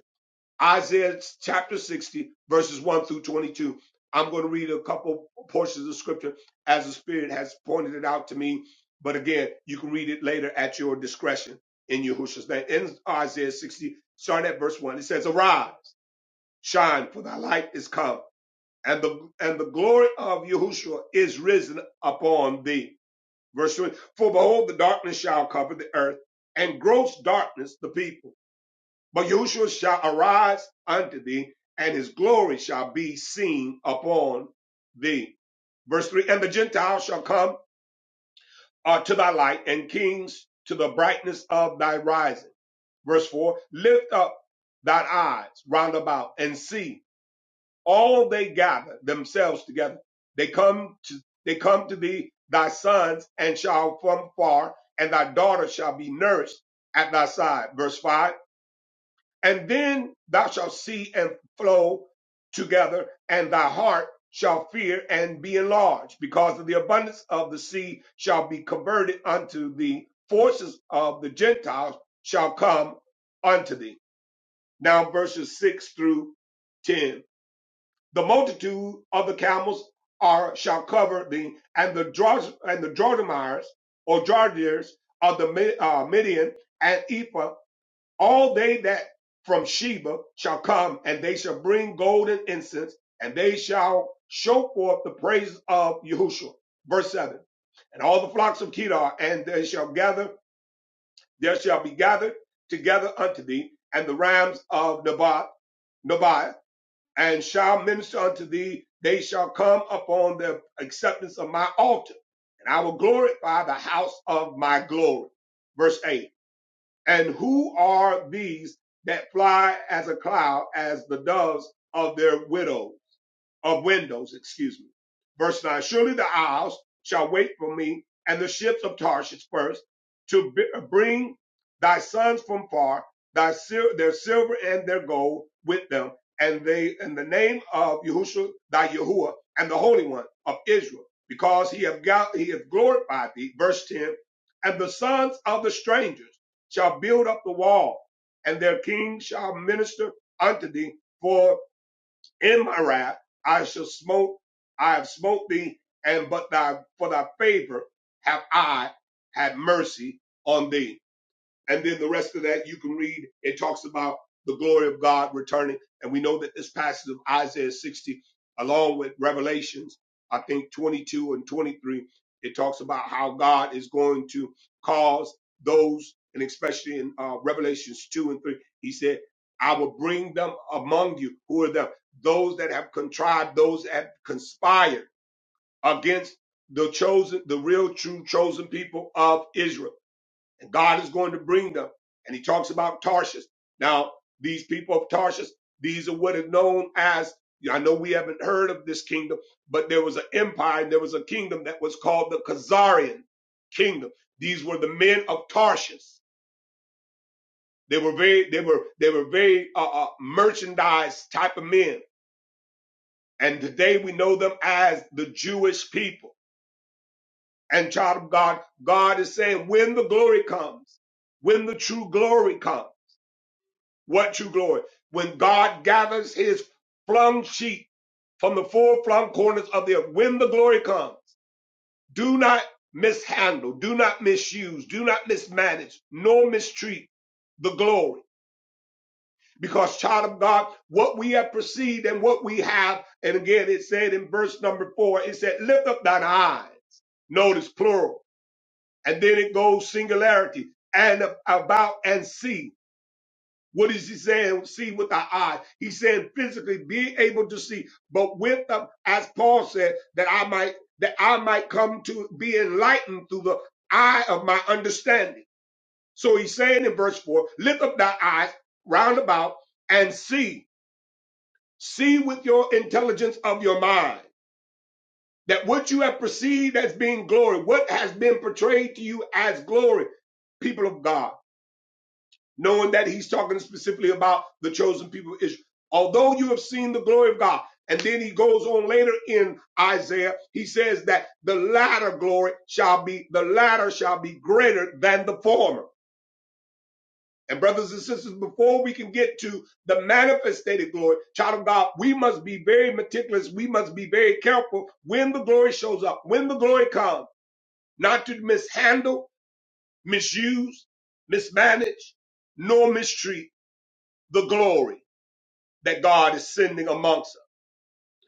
Speaker 2: Isaiah chapter 60, verses 1 through 22. I'm going to read a couple portions of scripture as the Spirit has pointed it out to me. But again, you can read it later at your discretion in Yahushua's name. In Isaiah 60, starting at verse 1, it says, Arise, shine, for thy light is come, and the, and the glory of Yahushua is risen upon thee. Verse 2, For behold, the darkness shall cover the earth, and gross darkness the people but Yahushua shall arise unto thee, and his glory shall be seen upon thee. Verse 3 And the Gentiles shall come uh, to thy light, and kings to the brightness of thy rising. Verse 4 Lift up thine eyes round about and see all they gather themselves together. They come to they come to thee, thy sons, and shall from far, and thy daughter shall be nourished at thy side. Verse 5 and then thou shalt see and flow together, and thy heart shall fear and be enlarged, because of the abundance of the sea shall be converted unto thee. Forces of the Gentiles shall come unto thee. Now, verses 6 through 10. The multitude of the camels are shall cover thee, and the Dros- and the Drodomiers or Jardiers of the Mi- uh, Midian and Ephah all they that from Sheba shall come, and they shall bring gold and incense, and they shall show forth the praises of Yahushua. Verse 7. And all the flocks of Kedar, and they shall gather, there shall be gathered together unto thee, and the rams of Nabat, Nabai, and shall minister unto thee. They shall come upon the acceptance of my altar, and I will glorify the house of my glory. Verse 8. And who are these that fly as a cloud as the doves of their widows? of windows, excuse me. Verse 9 Surely the isles shall wait for me, and the ships of Tarshish first, to b- uh, bring thy sons from far, thy sil- their silver and their gold with them, and they in the name of Yahushua, thy Yahuwah, and the Holy One of Israel, because he have got, he hath glorified thee. Verse 10 And the sons of the strangers shall build up the wall, and their king shall minister unto thee, for in my wrath I shall smote I have smote thee, and but thy for thy favor have I had mercy on thee. And then the rest of that you can read. It talks about the glory of God returning. And we know that this passage of Isaiah 60, along with Revelations, I think 22 and 23, it talks about how God is going to cause those, and especially in uh, Revelations 2 and 3, he said, I will bring them among you. Who are them? Those that have contrived, those that have conspired against the chosen, the real true chosen people of Israel and God is going to bring them. And he talks about Tarshish. Now, these people of Tarshish, these are what are known as, I know we haven't heard of this kingdom, but there was an empire and there was a kingdom that was called the Khazarian kingdom. These were the men of Tarshish. They were very, they were, they were very uh, uh, merchandise type of men. And today we know them as the Jewish people. And child of God, God is saying, when the glory comes, when the true glory comes. What true glory? When God gathers his flung sheep from the four flung corners of the earth, when the glory comes, do not mishandle, do not misuse, do not mismanage, nor mistreat the glory. Because, child of God, what we have perceived and what we have, and again, it said in verse number four, it said, lift up thine eyes. Notice plural. And then it goes singularity and about and see. What is he saying? See with the eye. He said physically being able to see, but with the, as Paul said, that I might that I might come to be enlightened through the eye of my understanding. So he's saying in verse four, lift up thy eyes round about and see, see with your intelligence of your mind that what you have perceived as being glory, what has been portrayed to you as glory, people of God knowing that he's talking specifically about the chosen people of Israel. Although you have seen the glory of God, and then he goes on later in Isaiah, he says that the latter glory shall be, the latter shall be greater than the former. And brothers and sisters, before we can get to the manifested glory, child of God, we must be very meticulous. We must be very careful when the glory shows up, when the glory comes, not to mishandle, misuse, mismanage, nor mistreat the glory that God is sending amongst us.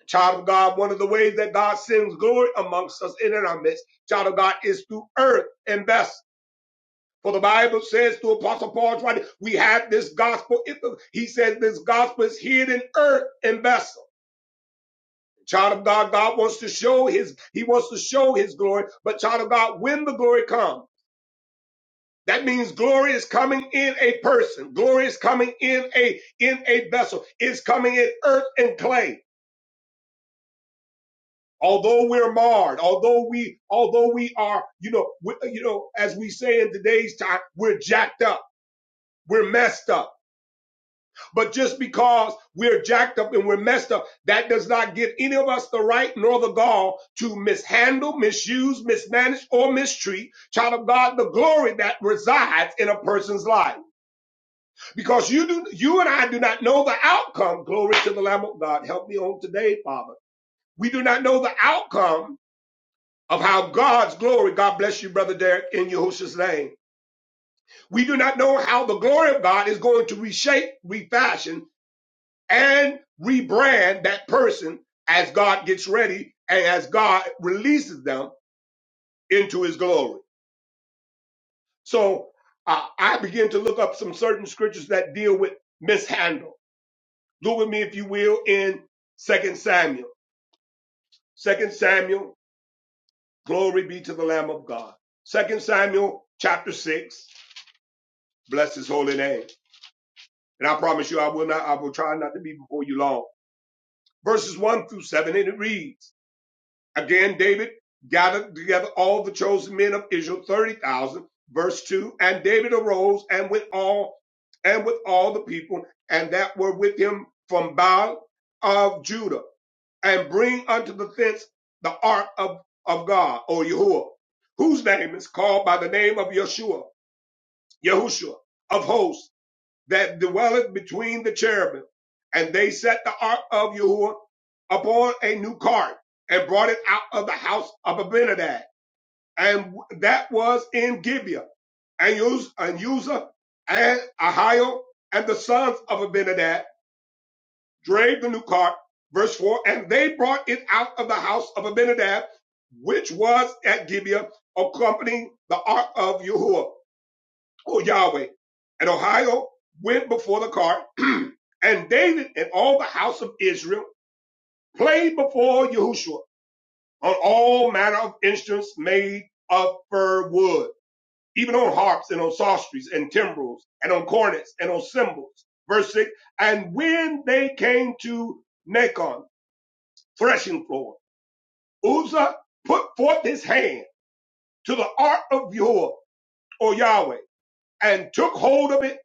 Speaker 2: Child of God, one of the ways that God sends glory amongst us in and our midst, child of God, is through earth and vessels. For the Bible says to Apostle Paul's writing, we have this gospel. He says this gospel is hidden, in earth and vessel. Child of God, God wants to show his, he wants to show his glory. But child of God, when the glory comes, that means glory is coming in a person. Glory is coming in a, in a vessel. It's coming in earth and clay. although we're marred, although we, although we are, you know, we, you know, as we say in today's time, we're jacked up, we're messed up. But just because we're jacked up and we're messed up, that does not give any of us the right nor the gall to mishandle, misuse, mismanage, or mistreat, child of God, the glory that resides in a person's life. Because you do, you and I do not know the outcome. Glory to the Lamb of God. Help me on today, Father. We do not know the outcome of how God's glory, God bless you, Brother Derek, in Yahushua's name. We do not know how the glory of God is going to reshape, refashion, and rebrand that person as God gets ready and as God releases them into his glory. So uh, I begin to look up some certain scriptures that deal with mishandle. Look with me, if you will, in Second Samuel. Second Samuel, glory be to the Lamb of God. Second Samuel chapter 6, bless his holy name. And I promise you, I will not, I will try not to be before you long. Verses one through seven, and it reads, again, David gathered together all the chosen men of Israel, 30,000. Verse two, and David arose and with all, and with all the people and that were with him from Baal of Judah and bring unto the fence the ark of, of God or Yahuwah, whose name is called by the name of Yeshua, Yahushua of hosts that dwelleth between the cherubim. And they set the ark of Yahuwah upon a new cart and brought it out of the house of Abinadab. And that was in Gibeah. And Uz- and Uzzah and Ahio and the sons of Abinadab drave the new cart. Verse 4 And they brought it out of the house of Abinadab, which was at Gibeah, accompanying the ark of Yahuwah oh Yahweh, and Ohio went before the cart, and David and all the house of Israel played before Yahushua on all manner of instruments made of fir wood, even on harps and on psalteries and timbrels and on cornets and on cymbals. Verse six, and when they came to Nacon, threshing floor, Uzzah put forth his hand to the ark of Yahuwah, or Yahweh, and took hold of it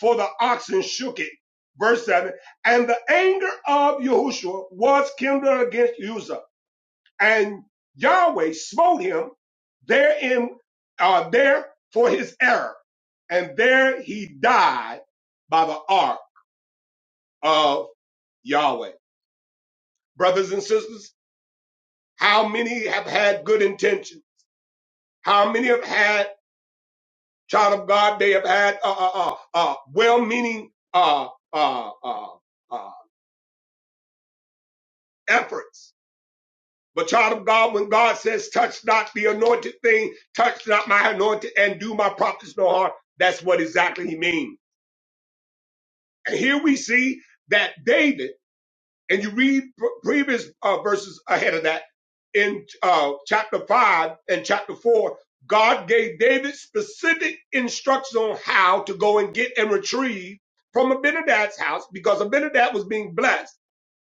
Speaker 2: for the oxen shook it. Verse 7 And the anger of Yahushua was kindled against Uzzah, and Yahweh smote him therein, uh, there for his error, and there he died by the ark of Yahweh. Brothers and sisters, how many have had good intention? How many have had, child of God, they have had uh, uh, uh, uh, well meaning uh, uh, uh, uh, efforts? But child of God, when God says, touch not the anointed thing, touch not my anointed and do my prophets no harm, that's what exactly he means. And here we see that David, and you read pr- previous uh, verses ahead of that in uh, chapter five and chapter four, God gave David specific instructions on how to go and get and retrieve from Abinadab's house because Abinadab was being blessed.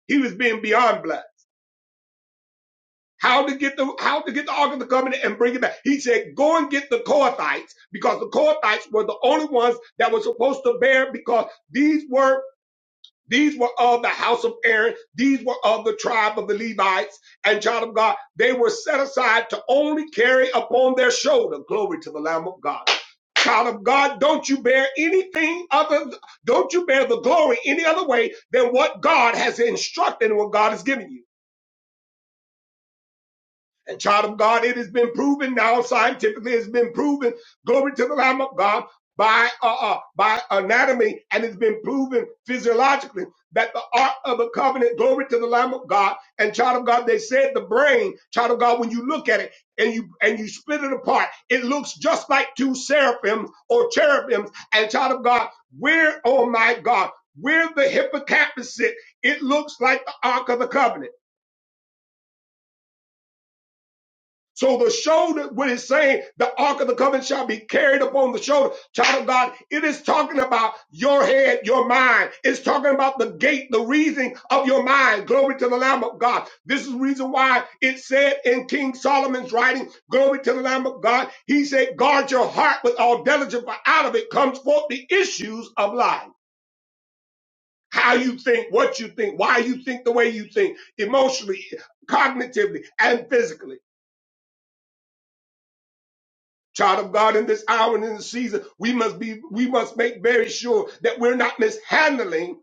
Speaker 2: He was being beyond blessed. how to get the how to get the ark of the covenant and bring it back. He said, "Go and get the Kohathites because the Kohathites were the only ones that were supposed to bear because these were these were of the house of Aaron, these were of the tribe of the Levites and child of God. They were set aside to only carry upon their shoulder glory to the Lamb of God." Child of God, don't you bear anything other, don't you bear the glory any other way than what God has instructed and what God has given you. And child of God, it has been proven now scientifically, it's been proven, glory to the Lamb of God, by uh, uh, by anatomy, and it's been proven physiologically that the Ark of the covenant, glory to the Lamb of God, and child of God, they said the brain, child of God, when you look at it and you and you split it apart, it looks just like two seraphims or cherubims, and child of God, where, oh my God, where the hippocampus sit, it looks like the Ark of the Covenant So the shoulder, when it's saying the ark of the covenant shall be carried upon the shoulder, child of God, it is talking about your head, your mind. It's talking about the gate, the reason of your mind. Glory to the Lamb of God. This is the reason why it said in King Solomon's writing, glory to the Lamb of God. He said, guard your heart with all diligence, for out of it comes forth the issues of life. How you think, what you think, why you think the way you think, emotionally, cognitively, and physically. child of God in this hour and in this season, we must be, we must make very sure that we're not mishandling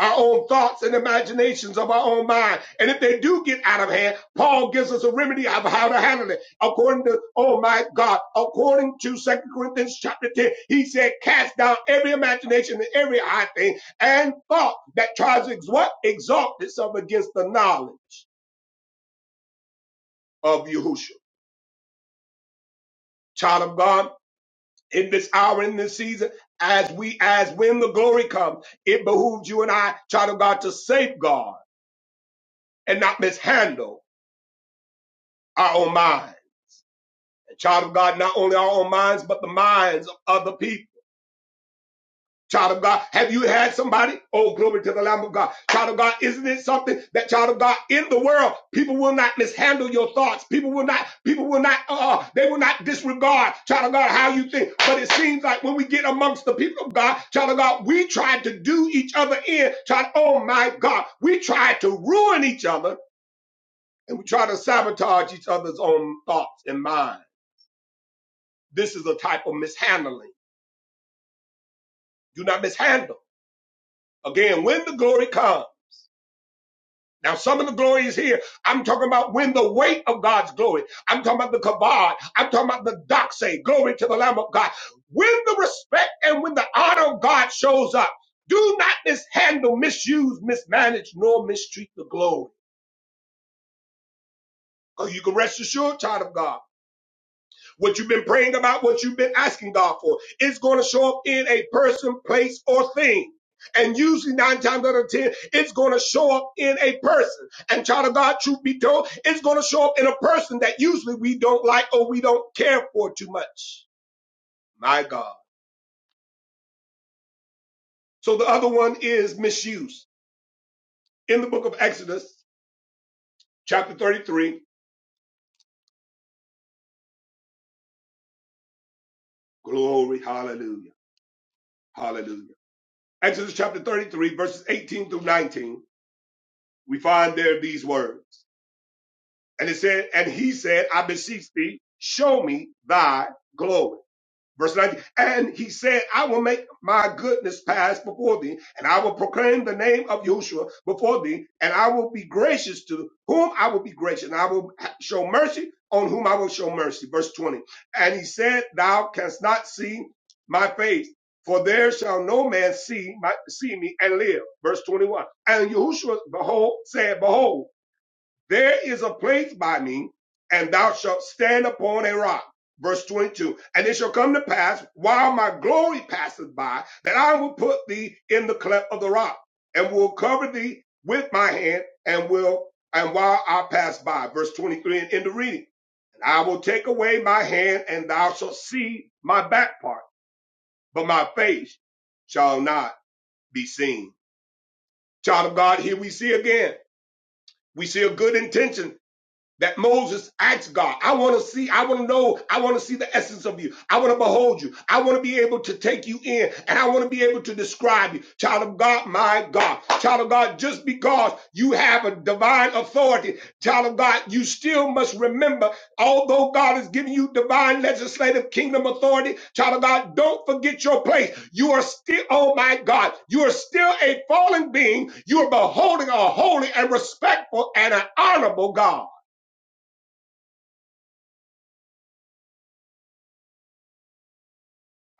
Speaker 2: our own thoughts and imaginations of our own mind. And if they do get out of hand, Paul gives us a remedy of how to handle it. According to, oh my God, according to Second Corinthians chapter 10, he said, cast down every imagination and every high thing and thought that tries to ex- what? exalt itself against the knowledge of Yahushua. Child of God, in this hour, in this season, as we, as when the glory comes, it behooves you and I, child of God, to safeguard and not mishandle our own mind. Child of God, not only our own minds, but the minds of other people Child of God, have you had somebody? Oh, glory to the Lamb of God. Child of God, isn't it something that child of God in the world, people will not mishandle your thoughts. People will not, people will not, uh, uh, they will not disregard, child of God, how you think. But it seems like when we get amongst the people of God, child of God, we try to do each other in, child, oh my God, we try to ruin each other and we try to sabotage each other's own thoughts and minds. This is a type of mishandling. Do not mishandle. Again, when the glory comes, Now, some of the glory is here. I'm talking about when the weight of God's glory. I'm talking about the kabod. I'm talking about the doxa. Glory to the Lamb of God. When the respect and when the honor of God shows up, do not mishandle, misuse, mismanage, nor mistreat the glory. Because you can rest assured, child of God. what you've been praying about, what you've been asking God for. It's going to show up in a person, place, or thing. And usually nine times out of ten, it's going to show up in a person. And child of God, truth be told, it's going to show up in a person that usually we don't like or we don't care for too much. My God. So the other one is misuse. In the book of Exodus, chapter 33, glory, hallelujah, hallelujah. Exodus chapter 33, verses 18 through 19, we find there these words. And it said, and he said, I beseech thee, show me thy glory. Verse 19. And he said, I will make my goodness pass before thee, and I will proclaim the name of Yahushua before thee, and I will be gracious to whom I will be gracious, and I will show mercy on whom I will show mercy. Verse 20. And he said, Thou canst not see my face, for there shall no man see my, see me and live. Verse 21. And Yahushua, behold, said, Behold, there is a place by me, and thou shalt stand upon a rock. Verse 22. And it shall come to pass, while my glory passeth by, that I will put thee in the cleft of the rock, and will cover thee with my hand, and will, and while I pass by. Verse 23 and end of reading. And I will take away my hand, and thou shalt see my back part, but my face shall not be seen. Child of God, here we see again. We see a good intention that Moses asked God, I want to see, I want to know, I want to see the essence of you. I want to behold you. I want to be able to take you in and I want to be able to describe you. Child of God, my God. Child of God, just because you have a divine authority, child of God, you still must remember, although God has given you divine legislative kingdom authority, child of God, don't forget your place. You are still, oh my God, you are still a fallen being. You are beholding a holy and respectful and an honorable God.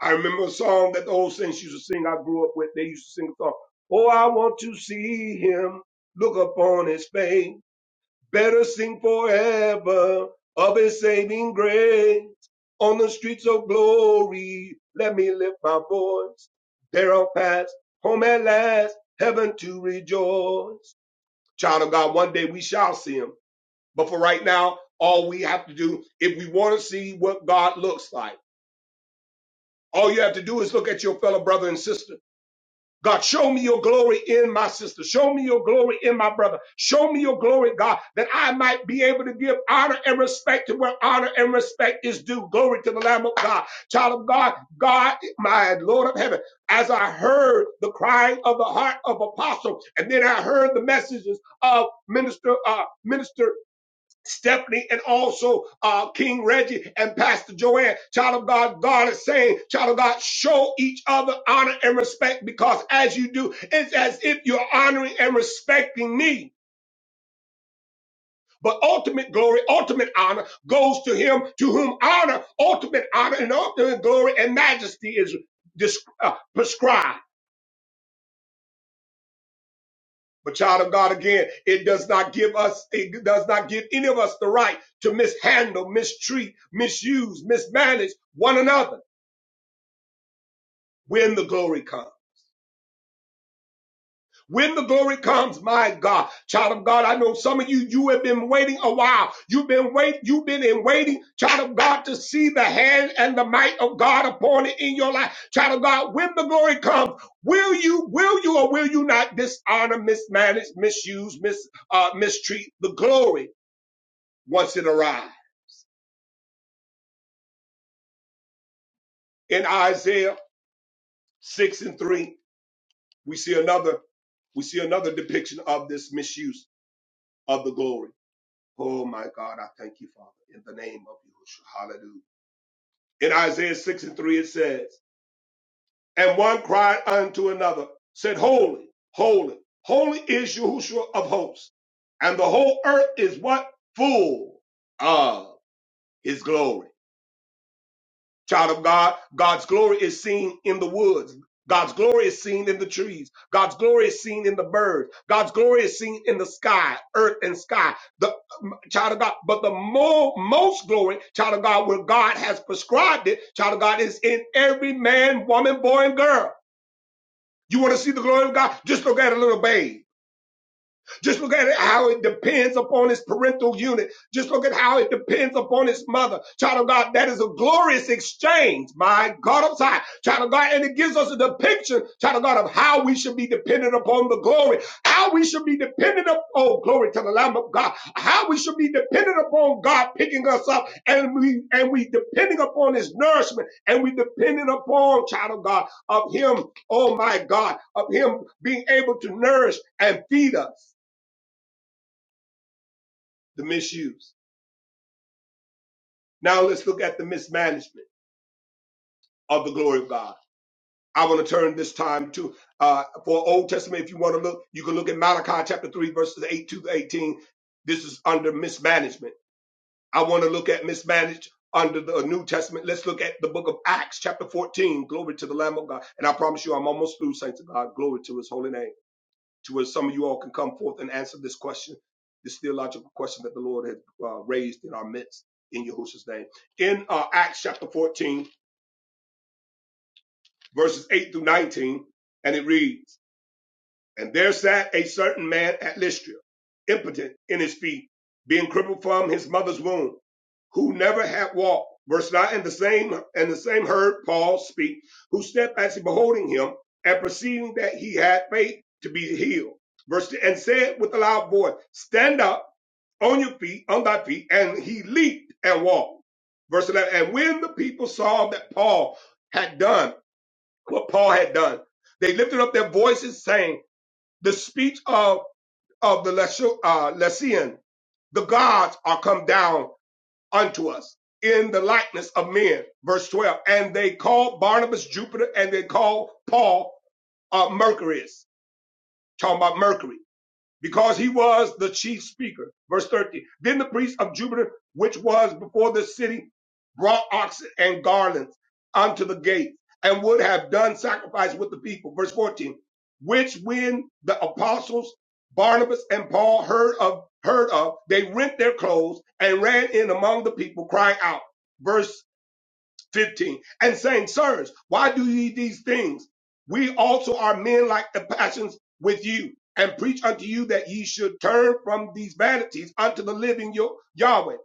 Speaker 2: I remember a song that the old saints used to sing. I grew up with. They used to sing a song. Oh, I want to see him. Look upon his face. Better sing forever of his saving grace. On the streets of glory, let me lift my voice. There I'll pass home at last, heaven to rejoice. Child of God, one day we shall see him. But for right now, all we have to do, if we want to see what God looks like, all you have to do is look at your fellow brother and sister. God, show me your glory in my sister. Show me your glory in my brother. Show me your glory, God, that I might be able to give honor and respect to where honor and respect is due. Glory to the Lamb of God. Child of God, God, my Lord of heaven, as I heard the crying of the heart of apostle, and then I heard the messages of minister, uh, minister Stephanie and also uh, King Reggie and Pastor Joanne. Child of God, God is saying, child of God, show each other honor and respect because as you do, it's as if you're honoring and respecting me. But ultimate glory, ultimate honor goes to him to whom honor, ultimate honor, and ultimate glory and majesty is dis- uh, prescribed. But child of God, again, it does not give us, it does not give any of us the right to mishandle, mistreat, misuse, mismanage one another when the glory comes. When the glory comes, my God, child of God, I know some of you, you have been waiting a while. You've been wait, you've been in waiting, child of God, to see the hand and the might of God upon it in your life. Child of God, when the glory comes, will you, will you or will you not dishonor, mismanage, misuse, mis, uh, mistreat the glory once it arrives? In Isaiah 6 and 3, we see another, we see another depiction of this misuse of the glory Oh my God, I thank you, Father, in the name of Yahushua. Hallelujah. In Isaiah 6 and 3, it says, And one cried unto another, said, Holy, holy, holy is Yahushua of hosts, and the whole earth is what? Full of his glory. Child of God, God's glory is seen in the woods. God's glory is seen in the trees. God's glory is seen in the birds. God's glory is seen in the sky, earth and sky. The child of God, but the mo- most glory, child of God, where God has prescribed it, child of God, is in every man, woman, boy, and girl. You want to see the glory of God? Just look at a little babe. Just look at how it depends upon his parental unit. Just look at how it depends upon his mother. Child of God, that is a glorious exchange. My God of time. Child of God, and it gives us a depiction, child of God, of how we should be dependent upon the glory. How we should be dependent upon, oh, glory to the Lamb of God. How we should be dependent upon God picking us up and we, and we depending upon his nourishment and we dependent upon, child of God, of him, oh my God, of him being able to nourish and feed us the misuse. Now let's look at the mismanagement of the glory of God. I want to turn this time to uh, for Old Testament. If you want to look, you can look at Malachi chapter three, verses eight to eighteen. This is under mismanagement. I want to look at mismanaged under the New Testament. Let's look at the book of Acts, chapter fourteen. Glory to the Lamb of God. And I promise you, I'm almost through, saints of God. Glory to His holy name. to where some of you all can come forth and answer this question, this theological question that the Lord has uh, raised in our midst in Yahushua's name. In uh, Acts chapter 14, verses 8 through 19, and it reads, and there sat a certain man at Lystra, impotent in his feet, being crippled from his mother's womb, who never had walked. Verse 9, and the same, and the same heard Paul speak, who steadfastly beholding him and perceiving that he had faith to be healed. Verse 10, and said with a loud voice, stand up on your feet, on thy feet, and he leaped and walked. Verse 11, and when the people saw that Paul had done what Paul had done, they lifted up their voices saying, the speech of, of the Leshu- uh, Lycian, the gods are come down unto us in the likeness of men. Verse 12. And they called Barnabas Jupiter and they called Paul uh, Mercury's. Talking about Mercury because he was the chief speaker. Verse thirty. Then the priest of Jupiter, which was before the city, brought oxen and garlands unto the gate and would have done sacrifice with the people. Verse 14. Which when the apostles Barnabas and Paul heard of, heard of, they rent their clothes and ran in among the people crying out. Verse 15 and saying, Sirs, why do ye these things? We also are men like the passions with you and preach unto you that ye should turn from these vanities unto the living Yo- Yahweh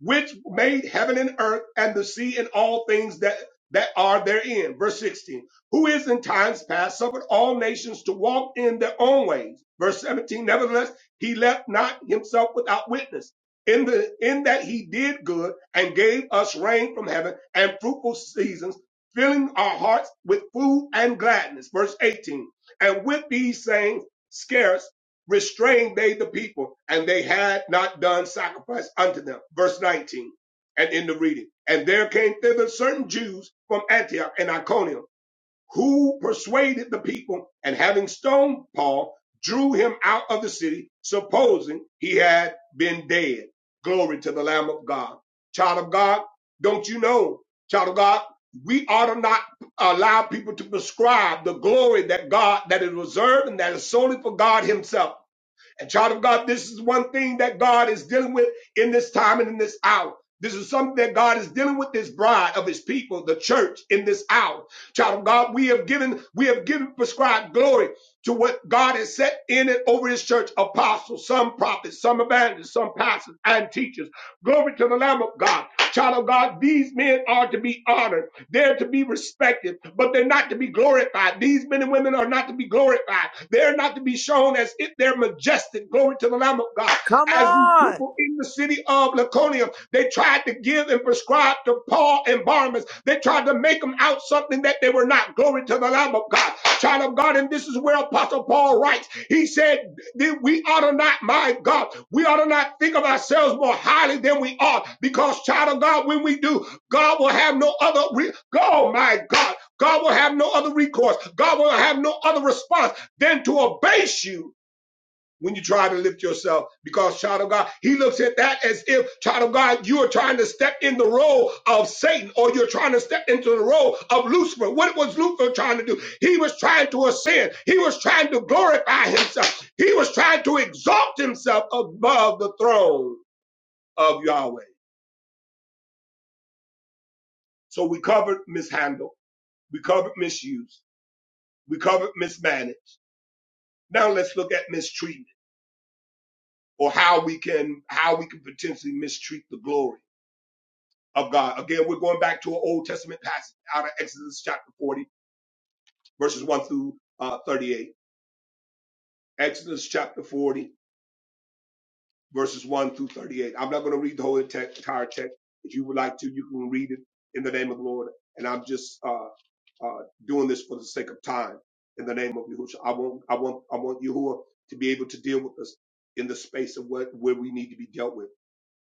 Speaker 2: which made heaven and earth and the sea and all things that that are therein. Verse 16. Who is in times past suffered all nations to walk in their own ways. Verse 17. Nevertheless, he left not himself without witness. In the in that he did good and gave us rain from heaven and fruitful seasons, filling our hearts with food and gladness. Verse 18. And with these sayings, scarce restrained they the people, and they had not done sacrifice unto them. Verse 19, and in the reading. And there came thither certain Jews from Antioch and Iconium, who persuaded the people, and having stoned Paul, drew him out of the city, supposing he had been dead. Glory to the Lamb of God. Child of God, don't you know, child of God, we ought to not allow people to prescribe the glory that God, that is reserved and that is solely for God himself. And child of God, this is one thing that God is dealing with in this time and in this hour. This is something that God is dealing with His bride of His people, the church, in this hour. Child of God, we have given, we have given prescribed glory to what God has set in and over His church: apostles, some prophets, some evangelists, some pastors and teachers. Glory to the Lamb of God. Child of God, these men are to be honored. They're to be respected, but they're not to be glorified. These men and women are not to be glorified. They're not to be shown as if they're majestic. Glory to the Lamb of God. As the people in the city of Laconia, they tried to give and prescribe to Paul and Barnabas. They tried to make them out something that they were not. Glory to the Lamb of God. Child of God, and this is where Apostle Paul writes. He said, then we ought to not, my God, we ought to not think of ourselves more highly than we ought because, child of God, when we do, God will have no other, re- oh my God, God will have no other recourse. God will have no other response than to abase you when you try to lift yourself because child of God, he looks at that as if child of God, you are trying to step in the role of Satan or you're trying to step into the role of Lucifer. What was Lucifer trying to do? He was trying to ascend. He was trying to glorify himself. He was trying to exalt himself above the throne of Yahweh. So we covered mishandle. We covered misuse. We covered mismanage. Now let's look at mistreatment or how we can, how we can potentially mistreat the glory of God. Again, we're going back to an Old Testament passage out of Exodus chapter 40, verses 1 through uh, 38. Exodus chapter 40, verses 1 through 38. I'm not going to read the whole ente- entire text. If you would like to, you can read it in the name of the Lord. And I'm just uh, uh, doing this for the sake of time in the name of Yahushua. I want, I want, I want Yahuwah to be able to deal with us in the space of what, where we need to be dealt with.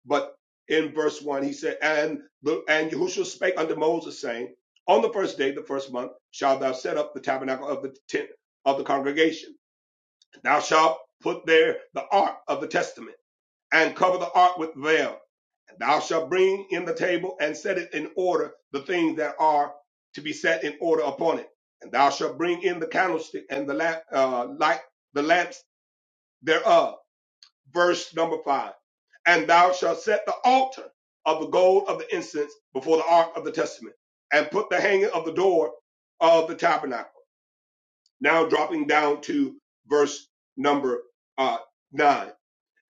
Speaker 2: But in verse one, he said, and the, and Yahushua spake unto Moses, saying, On the first day, the first month, shalt thou set up the tabernacle of the tent of the congregation. Thou shalt put there the ark of the testament, and cover the ark with veil. And thou shalt bring in the table and set it in order, the things that are to be set in order upon it. And thou shalt bring in the candlestick and the lamp, uh, light, the lamps thereof verse number five. And thou shalt set the altar of the gold of the incense before the ark of the testament, and put the hanging of the door of the tabernacle. Now dropping down to verse number uh, nine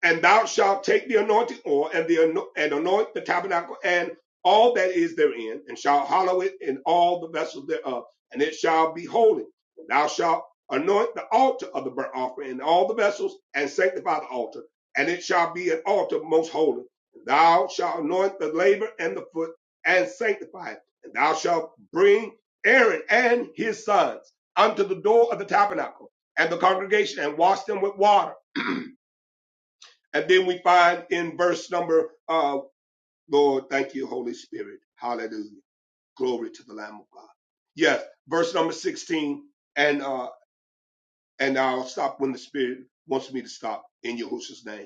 Speaker 2: and thou shalt take the anointing oil and the ano- and anoint the tabernacle and all that is therein, and shalt hallow it in all the vessels thereof, and it shall be holy. And thou shalt anoint the altar of the burnt offering and all the vessels, and sanctify the altar, and it shall be an altar most holy. And thou shalt anoint the labor and the foot, and sanctify it. And thou shalt bring Aaron and his sons unto the door of the tabernacle and the congregation, and wash them with water And then we find in verse number, uh, Lord, thank you, Holy Spirit. Hallelujah. Glory to the Lamb of God. Yes, verse number 16. And, uh, and I'll stop when the Spirit wants me to stop in Yahushua's name.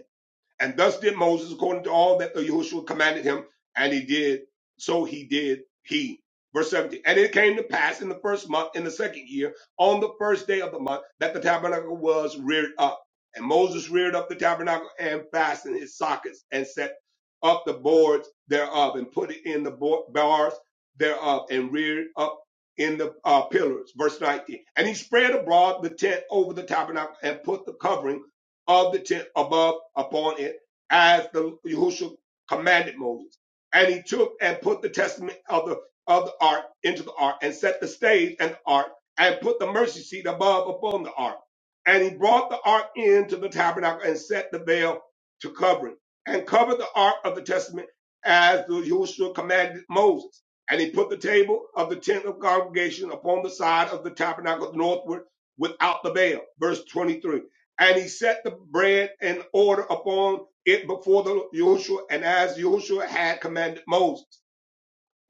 Speaker 2: And thus did Moses according to all that Yahushua commanded him, and he did, so he did he. Verse 17. And it came to pass in the first month, in the second year, on the first day of the month, that the tabernacle was reared up. And Moses reared up the tabernacle and fastened its sockets and set up the boards thereof and put it in the bo- bars thereof and reared up in the uh, pillars. Verse 19. And he spread abroad the tent over the tabernacle and put the covering of the tent above upon it, as the Yahushua commanded Moses. And he took and put the testament of the of the ark into the ark, and set the stage and the ark, and put the mercy seat above upon the ark. And he brought the ark into the tabernacle and set the veil to cover it, and covered the ark of the testament as the Yahushua commanded Moses. And he put the table of the tent of congregation upon the side of the tabernacle northward without the veil. Verse 23 and he set the bread in order upon it before the Joshua, and as Joshua had commanded Moses.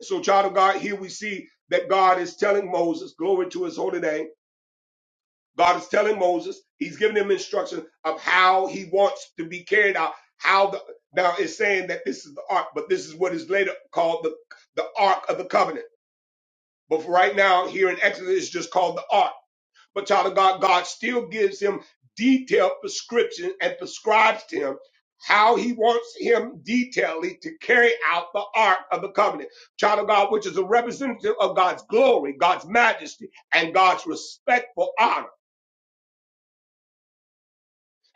Speaker 2: So, child of God, here we see that God is telling Moses, glory to his holy name. God is telling Moses, he's giving him instruction of how he wants to be carried out. How the now it's saying that this is the ark, but this is what is later called the, the ark of the covenant. But for right now, here in Exodus, it's just called the ark. But child of God, God still gives him detailed prescription and prescribes to him how he wants him detailedly to carry out the ark of the covenant. Child of God, which is a representative of God's glory, God's majesty, and God's respectful honor.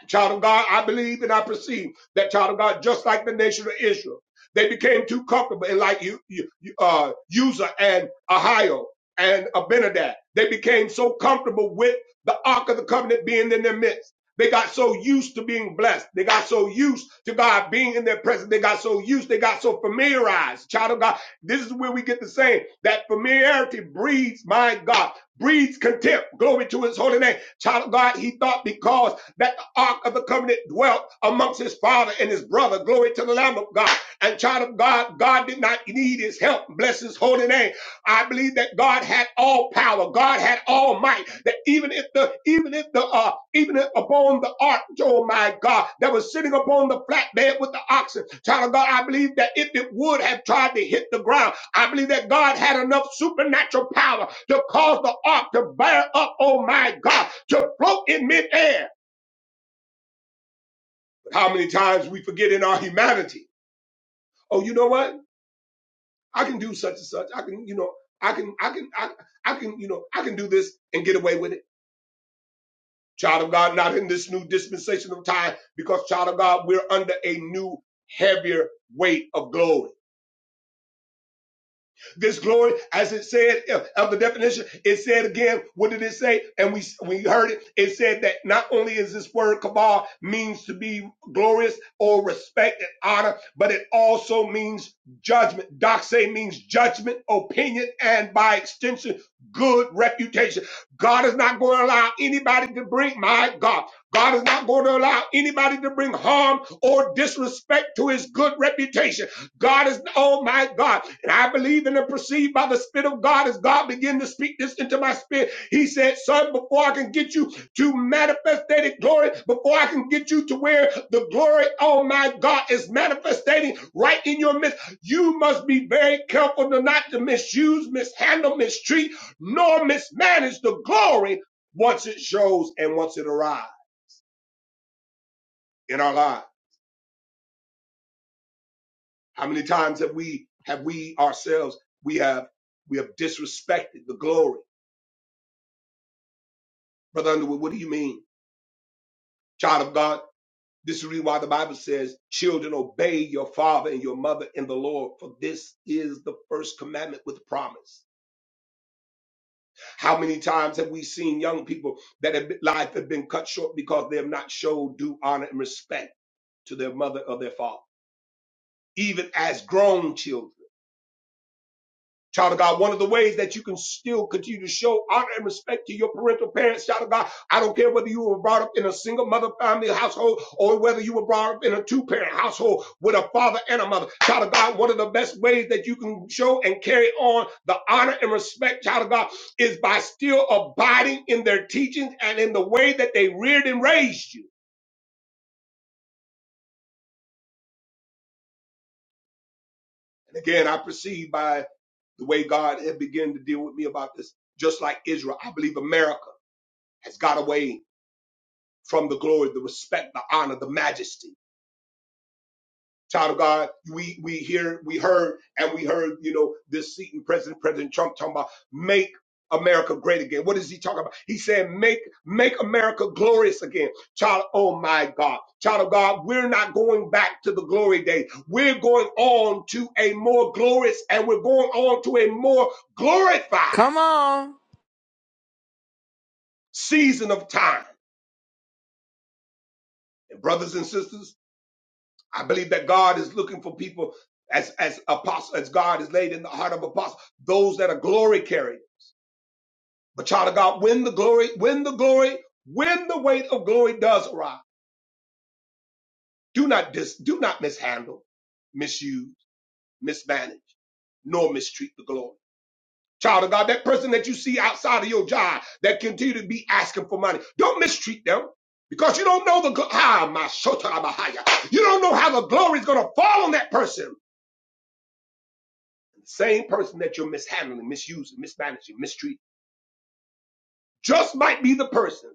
Speaker 2: Child of God, I believe and I perceive that child of God, just like the nation of Israel, they became too comfortable and like you, you, you- uh, Uzzah and Ahio and Abinadab. They became so comfortable with the Ark of the Covenant being in their midst. They got so used to being blessed. They got so used to God being in their presence. They got so used. They got so familiarized. Child of God, this is where we get the saying that familiarity breeds, my God, breeds contempt. Glory to his holy name. Child of God, he thought because that the ark of the covenant dwelt amongst his father and his brother. Glory to the Lamb of God. And child of God, God did not need his help. Bless his holy name. I believe that God had all power. God had all might. That even if the even if the uh even if upon the ark, oh my God, that was sitting upon the flatbed with the oxen, child of God, I believe that if it would have tried to hit the ground, I believe that God had enough supernatural power to cause the ark to bear up, oh my God, to float in midair how many times we forget in our humanity. Oh, you know what? I can do such and such. I can, you know, I can, I can, I, I can, you know, I can do this and get away with it. Child of God, not in this new dispensation of time, because child of God, we're under a new, heavier weight of glory This glory, as it said uh, of the definition, it said again, what did it say? And we we heard it. It said that not only is this word kabal means to be glorious or respect and honor, but it also means judgment. Doxa means judgment, opinion, and by extension, good reputation. God is not going to allow anybody to bring my God. God is not going to allow anybody to bring harm or disrespect to his good reputation. God is, oh my God. And I believe and am perceived by the Spirit of God as God began to speak this into my spirit. He said, Son, before I can get you to manifestated glory, before I can get you to where the glory, oh my God, is manifestating right in your midst, you must be very careful to not to misuse, mishandle, mistreat, nor mismanage the glory once it shows and once it arrives in our lives. How many times have we have we ourselves we have we have disrespected the glory, brother Underwood? What do you mean, child of God? This is the reason why the Bible says, "Children, obey your father and your mother in the Lord, for this is the first commandment with promise." How many times have we seen young people that have life have been cut short because they have not showed due honor and respect to their mother or their father, even as grown children? Child of God, one of the ways that you can still continue to show honor and respect to your parental parents, child of God, I don't care whether you were brought up in a single mother family household or whether you were brought up in a two parent household with a father and a mother. Child of God, one of the best ways that you can show and carry on the honor and respect, child of God, is by still abiding in their teachings and in the way that they reared and raised you. And again, I perceive by the way God had begun to deal with me about this, just like Israel, I believe America has got away from the glory, the respect, the honor, the majesty. Child of God, we we hear, we heard, and we heard, you know, this seat and President President Trump talking about make America great again. What is he talking about? He said make make America glorious again. Child, oh my God, child of God, we're not going back to the glory days. We're going on to a more glorious, and we're going on to a more glorified season of time. And brothers and sisters. I believe that God is looking for people as as apostle as God is laid in the heart of apostle, those that are glory carried. But child of God, when the glory, when the glory, when the weight of glory does arrive, do not dis, do not mishandle, misuse, mismanage, nor mistreat the glory. Child of God, that person that you see outside of your job that continue to be asking for money, don't mistreat them. Because you don't know the gl- ah, my shota, my higher. You don't know how the glory is going to fall on that person. The same person that you're mishandling, misusing, mismanaging, mistreating, just might be the person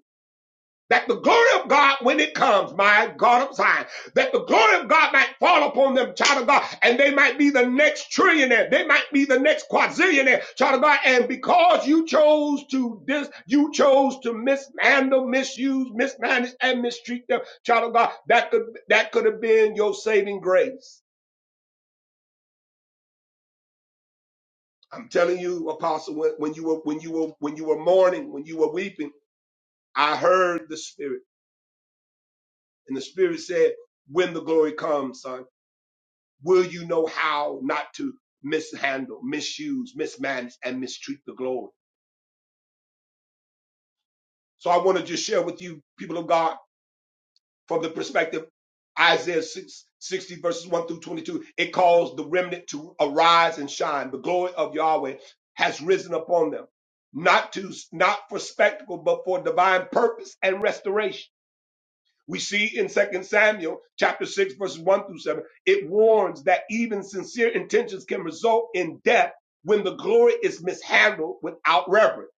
Speaker 2: that the glory of God, when it comes, my God of Zion, that the glory of God might fall upon them, child of God, and they might be the next trillionaire, they might be the next quadrillionaire, child of God, and because you chose to dis, you chose to mishandle, misuse, mismanage, and mistreat them, child of God, that could that could have been your saving grace. I'm telling you, Apostle, when, when you were when you were when you were mourning, when you were weeping I heard the Spirit, and the Spirit said, when the glory comes, son, will you know how not to mishandle, misuse, mismanage, and mistreat the glory? So I want to just share with you, people of God, from the perspective Isaiah 6, 60 verses 1 through 22, it calls the remnant to arise and shine. The glory of Yahweh has risen upon them, not to, not for spectacle, but for divine purpose and restoration. We see in Second Samuel chapter 6, verses 1 through 7, it warns that even sincere intentions can result in death when the glory is mishandled without reverence.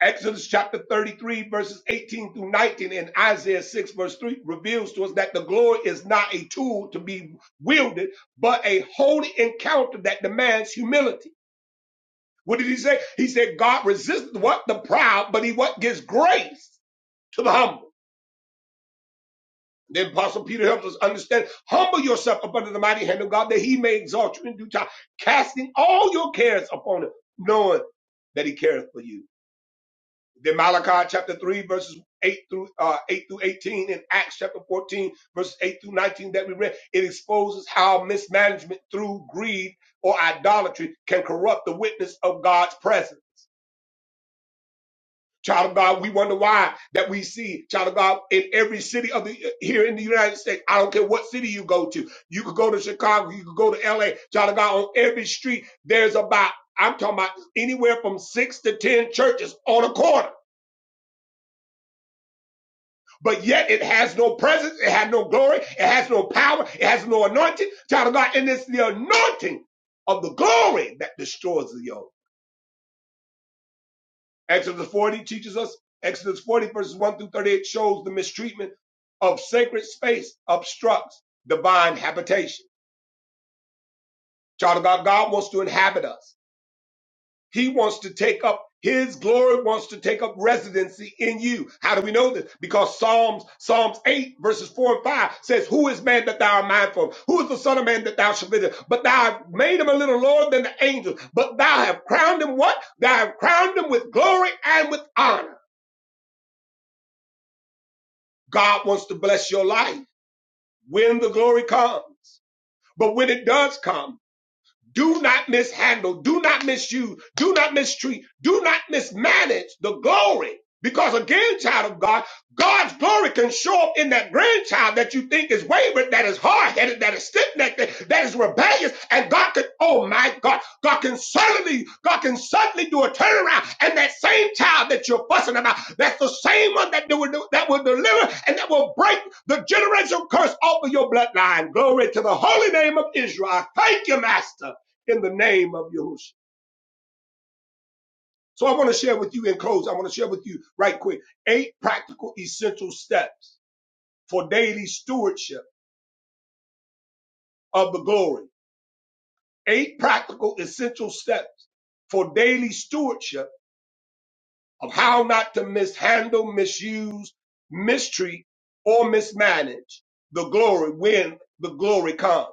Speaker 2: Exodus chapter 33, verses 18 through 19, and Isaiah 6, verse 3 reveals to us that the glory is not a tool to be wielded, but a holy encounter that demands humility. What did he say? He said, God resists what? The proud, but he what gives grace to the humble. Then Apostle Peter helps us understand. Humble yourself up under the mighty hand of God that he may exalt you in due time, casting all your cares upon him, knowing that he careth for you. Then Malachi chapter 3, verses 8 through uh, 8 through 18, and Acts chapter 14, verses 8 through 19 that we read, it exposes how mismanagement through greed or idolatry can corrupt the witness of God's presence. Child of God, we wonder why that we see, child of God, in every city of the here in the United States. I don't care what city you go to. You could go to Chicago, you could go to LA, child of God, on every street, there's about, I'm talking about anywhere from six to ten churches on a corner. But yet it has no presence, it has no glory, it has no power, it has no anointing. Child of God, and it's the anointing of the glory that destroys the yoke. Exodus 40 teaches us, Exodus 40 verses 1 through 38 shows the mistreatment of sacred space obstructs divine habitation. Child of God, God wants to inhabit us. He wants to take up his glory wants to take up residency in you. How do we know this? Because Psalms, Psalms 8 verses 4 and 5 says, Who is man that thou art mindful of? Who is the son of man that thou shalt visit? But thou have made him a little lower than the angels. But thou have crowned him what? Thou have crowned him with glory and with honor. God wants to bless your life when the glory comes. But when it does come, do not mishandle, do not misuse, do not mistreat, do not mismanage the glory. Because again, child of God, God's glory can show up in that grandchild that you think is wayward, that is hard-headed, that is stiff-necked, that that is rebellious, and God can, oh my God, God can suddenly, God can suddenly do a turnaround, and that same child that you're fussing about, that's the same one that will that will deliver and that will break the generational curse off of your bloodline. Glory to the holy name of Israel. Thank you, Master in the name of Yahushua. So I want to share with you in close. I want to share with you right quick eight practical essential steps for daily stewardship of the glory. Eight practical essential steps for daily stewardship of how not to mishandle, misuse, mistreat, or mismanage the glory when the glory comes.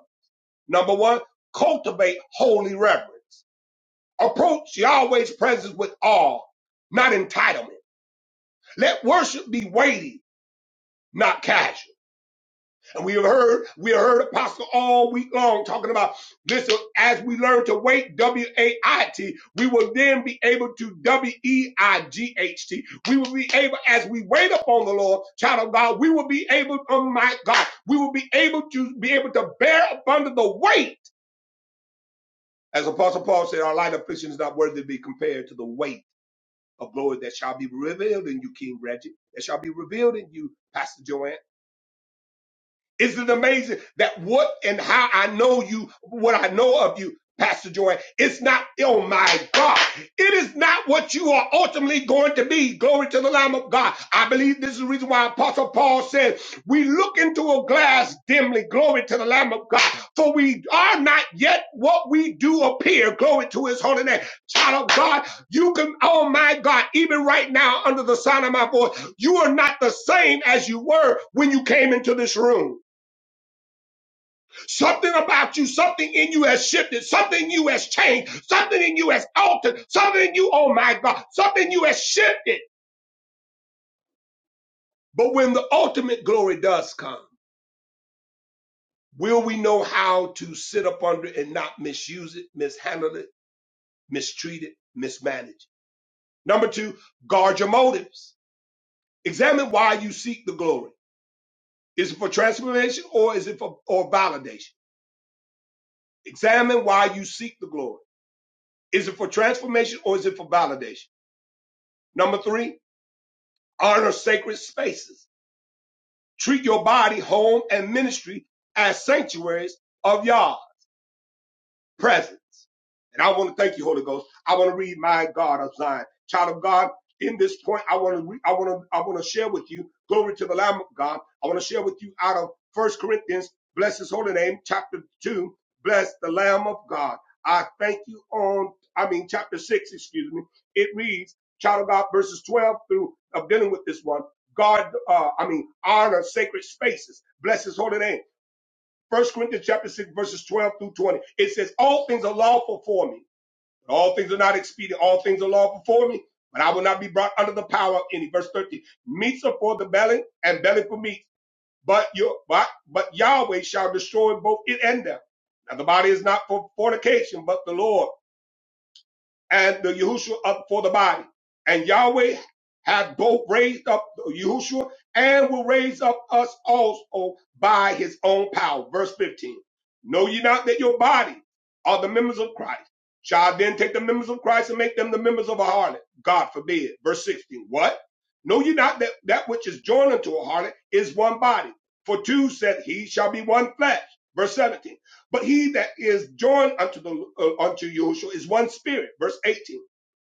Speaker 2: Number one, cultivate holy reverence. Approach Yahweh's presence with awe, not entitlement. Let worship be weighty not casual. And we have heard, we have heard Apostle all week long talking about listen, as we learn to wait, W A I T, we will then be able to W E I G H T. We will be able, as we wait upon the Lord, child of God, we will be able, oh my God, we will be able to be able to bear up under the weight. As Apostle Paul said, our light affliction is not worthy to be compared to the weight of glory that shall be revealed in you, King Reggie, that shall be revealed in you, Pastor Joanne Isn't it amazing that what and how I know you, what I know of you, Pastor Joy, it's not, oh my God, it is not what you are ultimately going to be. Glory to the Lamb of God. I believe this is the reason why Apostle Paul said, we look into a glass dimly, glory to the Lamb of God, for we are not yet what we do appear, glory to his holy name. Child of God, you can, oh my God, even right now under the sound of my voice, you are not the same as you were when you came into this room. Something about you, something in you has shifted, something in you has changed, something in you has altered, something in you, oh my God, something in you has shifted. But when the ultimate glory does come, will we know how to sit up under it and not misuse it, mishandle it, mistreat it, mismanage it? Number two, guard your motives. Examine why you seek the glory. Is it for transformation or is it for or validation? Examine why you seek the glory. Is it for transformation or is it for validation? Number three, honor sacred spaces. Treat your body, home, and ministry as sanctuaries of Yah presence. And I want to thank you, Holy Ghost. I want to read my God of Zion. Child of God, in this point, I want to, re- I want to, I want to share with you, glory to the Lamb of God. I want to share with you out of First Corinthians, bless his holy name, chapter two, bless the Lamb of God. I thank you on, I mean, chapter six, excuse me. It reads, child of God, verses 12 through, of dealing with this one. God, uh, I mean, honor sacred spaces. Bless his holy name. First Corinthians chapter 6, verses 12 through 20. It says, All things are lawful for me, but all things are not expedient. All things are lawful for me, but I will not be brought under the power of any. Verse 13. Meats are for the belly and belly for meat, but your but but Yahweh shall destroy both it and them. Now the body is not for fornication, but the Lord and the Yahushua up for the body. And Yahweh hath both raised up Yahushua and will raise up us also by his own power. Verse 15. Know ye not that your body are the members of Christ? Shall I then take the members of Christ and make them the members of a harlot? God forbid. Verse 16. What? Know ye not that that which is joined unto a harlot is one body? For two, said he, shall be one flesh. Verse 17. But he that is joined unto the uh, unto Yahushua is one spirit. Verse 18.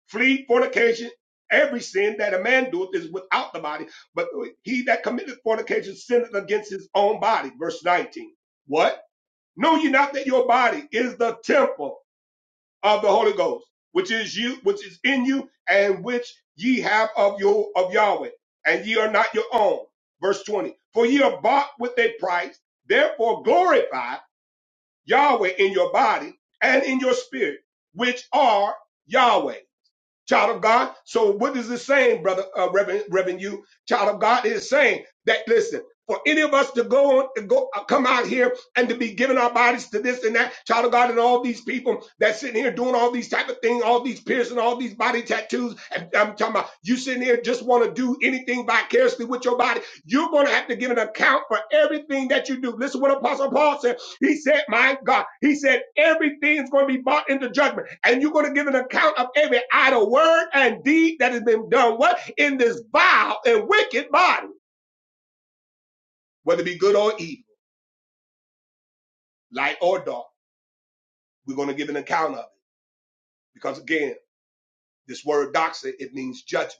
Speaker 2: Flee fornication. Every sin that a man doeth is without the body, but he that committeth fornication sinneth against his own body. Verse 19. What? Know ye not that your body is the temple of the Holy Ghost, which is you, which is in you, and which ye have of your of Yahweh, and ye are not your own. Verse 20. For ye are bought with a price, therefore glorify Yahweh in your body and in your spirit, which are Yahweh, child of God. So what is it saying, brother, uh, Reverend, Reverend, you, child of God, is saying that listen. For any of us to go on, to go, uh, come out here and to be giving our bodies to this and that, child of God, and all these people that's sitting here doing all these type of things, all these piercing, all these body tattoos, and I'm talking about you sitting here just want to do anything vicariously with your body. You're going to have to give an account for everything that you do. Listen, to what Apostle Paul said. He said, My God, He said, everything's going to be brought into judgment, and you're going to give an account of every idle word and deed that has been done what in this vile and wicked body, whether it be good or evil, light or dark. We're going to give an account of it because, again, this word doxa it means judgment.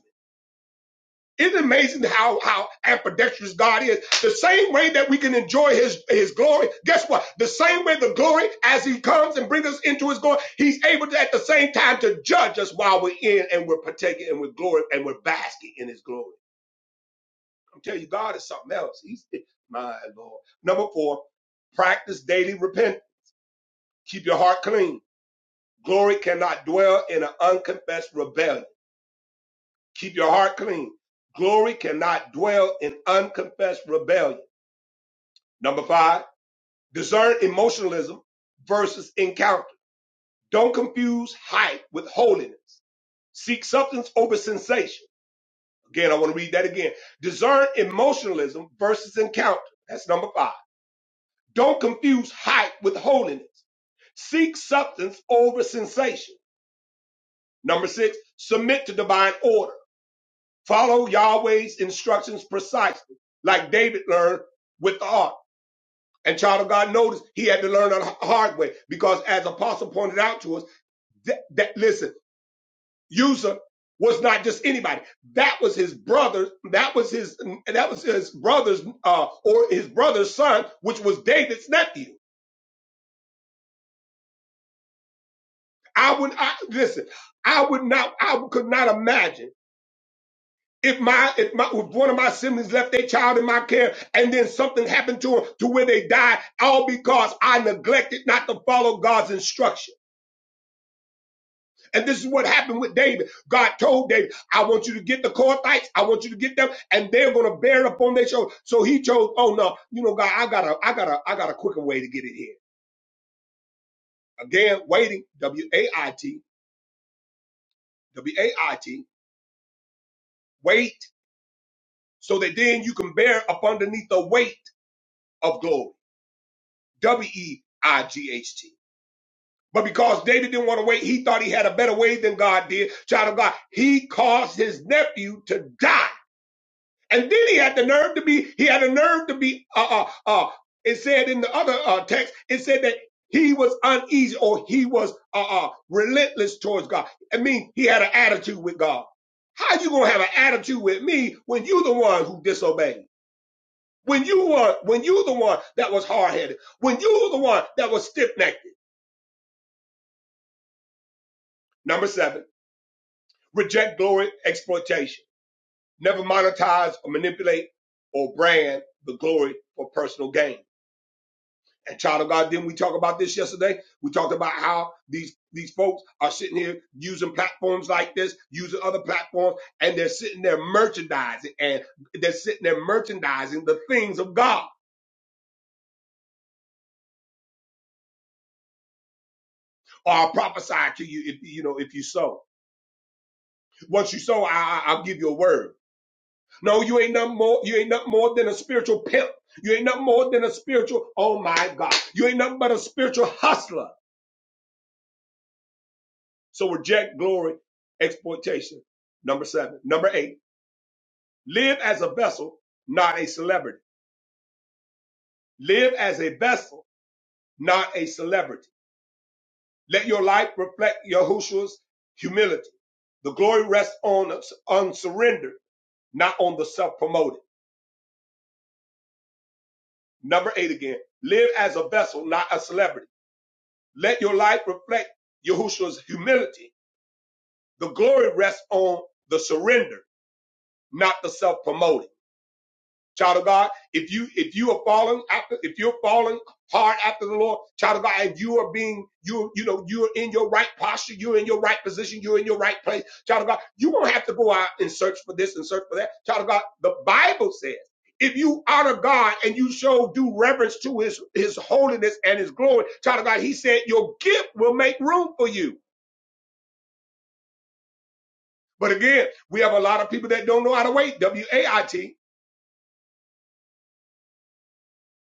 Speaker 2: Isn't it amazing how how ambidextrous God is? The same way that we can enjoy His His glory. Guess what? The same way the glory, as He comes and brings us into His glory, He's able to at the same time to judge us while we're in and we're partaking and we're glory and we're basking in His glory. I'm telling you, God is something else. He's my Lord. Number four, practice daily repent. Keep your heart clean. Glory cannot dwell in an unconfessed rebellion. Keep your heart clean. Glory cannot dwell in unconfessed rebellion. Number five, discern emotionalism versus encounter. Don't confuse hype with holiness. Seek substance over sensation. Again, I want to read that again. Discern emotionalism versus encounter. That's number five. Don't confuse hype with holiness. Seek substance over sensation. Number six, submit to divine order. Follow Yahweh's instructions precisely, like David learned with the ark. And child of God noticed he had to learn the hard way because as apostle pointed out to us, that, that listen, user was not just anybody. That was his brother. That was his, that was his brother's, uh, or his brother's son, which was David's nephew. I would, I, listen, I would not, I could not imagine if my, if my, if one of my siblings left their child in my care and then something happened to him to where they died, all because I neglected not to follow God's instruction. And this is what happened with David. God told David, I want you to get the Kohathites. I want you to get them and they're going to bear it upon their shoulders. So he chose, oh no, you know, God, I got a, I got a, I got a quicker way to get it here. Again, waiting, W-A-I-T, W-A-I-T, wait, so that then you can bear up underneath the weight of glory, W-E-I-G-H-T. But because David didn't want to wait, he thought he had a better way than God did. Child of God, he caused his nephew to die And then he had the nerve to be, he had a nerve to be, uh, uh, uh, it said in the other uh, text, it said that he was uneasy or he was, uh, uh, relentless towards God. I mean, he had an attitude with God. How you gonna have an attitude with me when you the one who disobeyed? When you were, when you the one that was hard headed? When you the one that was stiff necked? Number seven, reject glory exploitation. Never monetize or manipulate or brand the glory for personal gain. And child of God, didn't we talk about this yesterday? We talked about how these these folks are sitting here using platforms like this, using other platforms, and they're sitting there merchandising, and they're sitting there merchandising the things of God. Or I'll prophesy to you if you know if you sow. Once you sow, I, I- I'll give you a word. No, you ain't nothing more. You ain't nothing more than a spiritual pimp. You ain't nothing more than a spiritual. Oh my God, you ain't nothing but a spiritual hustler. So reject glory, exploitation. Number seven. Number eight. Live as a vessel, not a celebrity. Live as a vessel, not a celebrity. Let your life reflect Yahushua's humility. The glory rests on, on surrender, not on the self-promoted. Number eight again. Live as a vessel, not a celebrity. Let your life reflect Yahushua's humility. The glory rests on the surrender, not the self-promoted. child of God. If you if you are falling after if you're falling hard after the Lord, child of God, and you are being you you know you're in your right posture, you're in your right position, you're in your right place, child of God. You won't have to go out and search for this and search for that, child of God. The Bible says. If you honor God and you show due reverence to his, his holiness and his glory, child of God, he said your gift will make room for you. But again, we have a lot of people that don't know how to wait. W-A-I-T.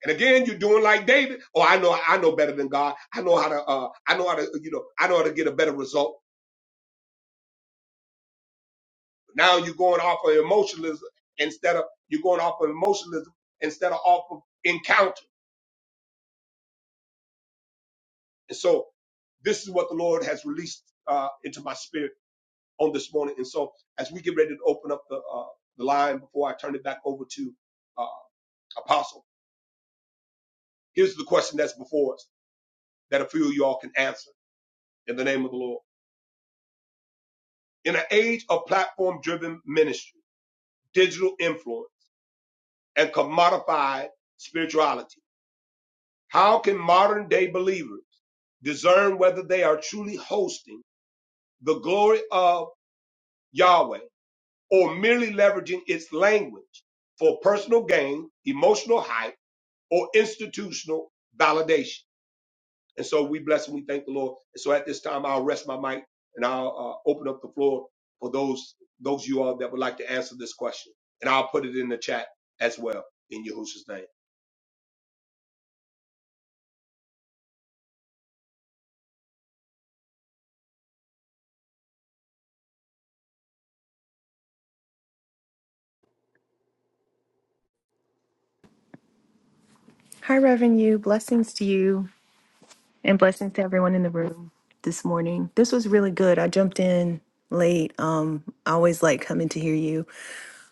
Speaker 2: And again, you're doing like David. Oh, I know, I know better than God. I know how to, uh, I know how to, you know, I know how to get a better result. Now you're going off of emotionalism instead of you're going off of emotionalism instead of off of encounter. And so this is what the Lord has released uh, into my spirit on this morning. And so as we get ready to open up the uh, the line before I turn it back over to uh, Apostle, here's the question that's before us that a few of y'all can answer in the name of the Lord. In an age of platform driven ministry digital influence, and commodified spirituality. How can modern day believers discern whether they are truly hosting the glory of Yahweh or merely leveraging its language for personal gain, emotional hype, or institutional validation? And so we bless and we thank the Lord. And so at this time, I'll rest my mic and I'll uh, open up the floor for those those of you all that would like to answer this question. And I'll put it in the chat as well in Yahushua's name.
Speaker 3: Hi, Reverend You. Blessings to you and blessings to everyone in the room this morning. This was really good. I jumped in late. Um, I always like coming to hear you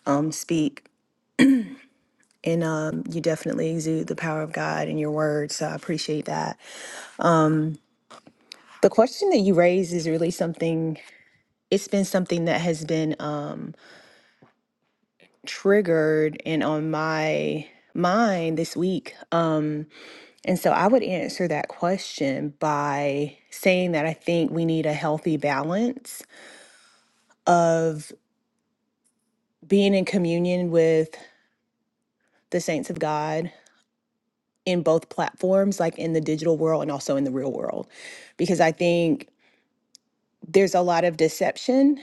Speaker 3: um, speak, and um, you definitely exude the power of God in your words. So I appreciate that. Um, the question that you raised is really something, it's been something that has been um, triggered and on my mind this week. Um, And so I would answer that question by saying that I think we need a healthy balance of being in communion with the saints of God in both platforms, like in the digital world and also in the real world. Because I think there's a lot of deception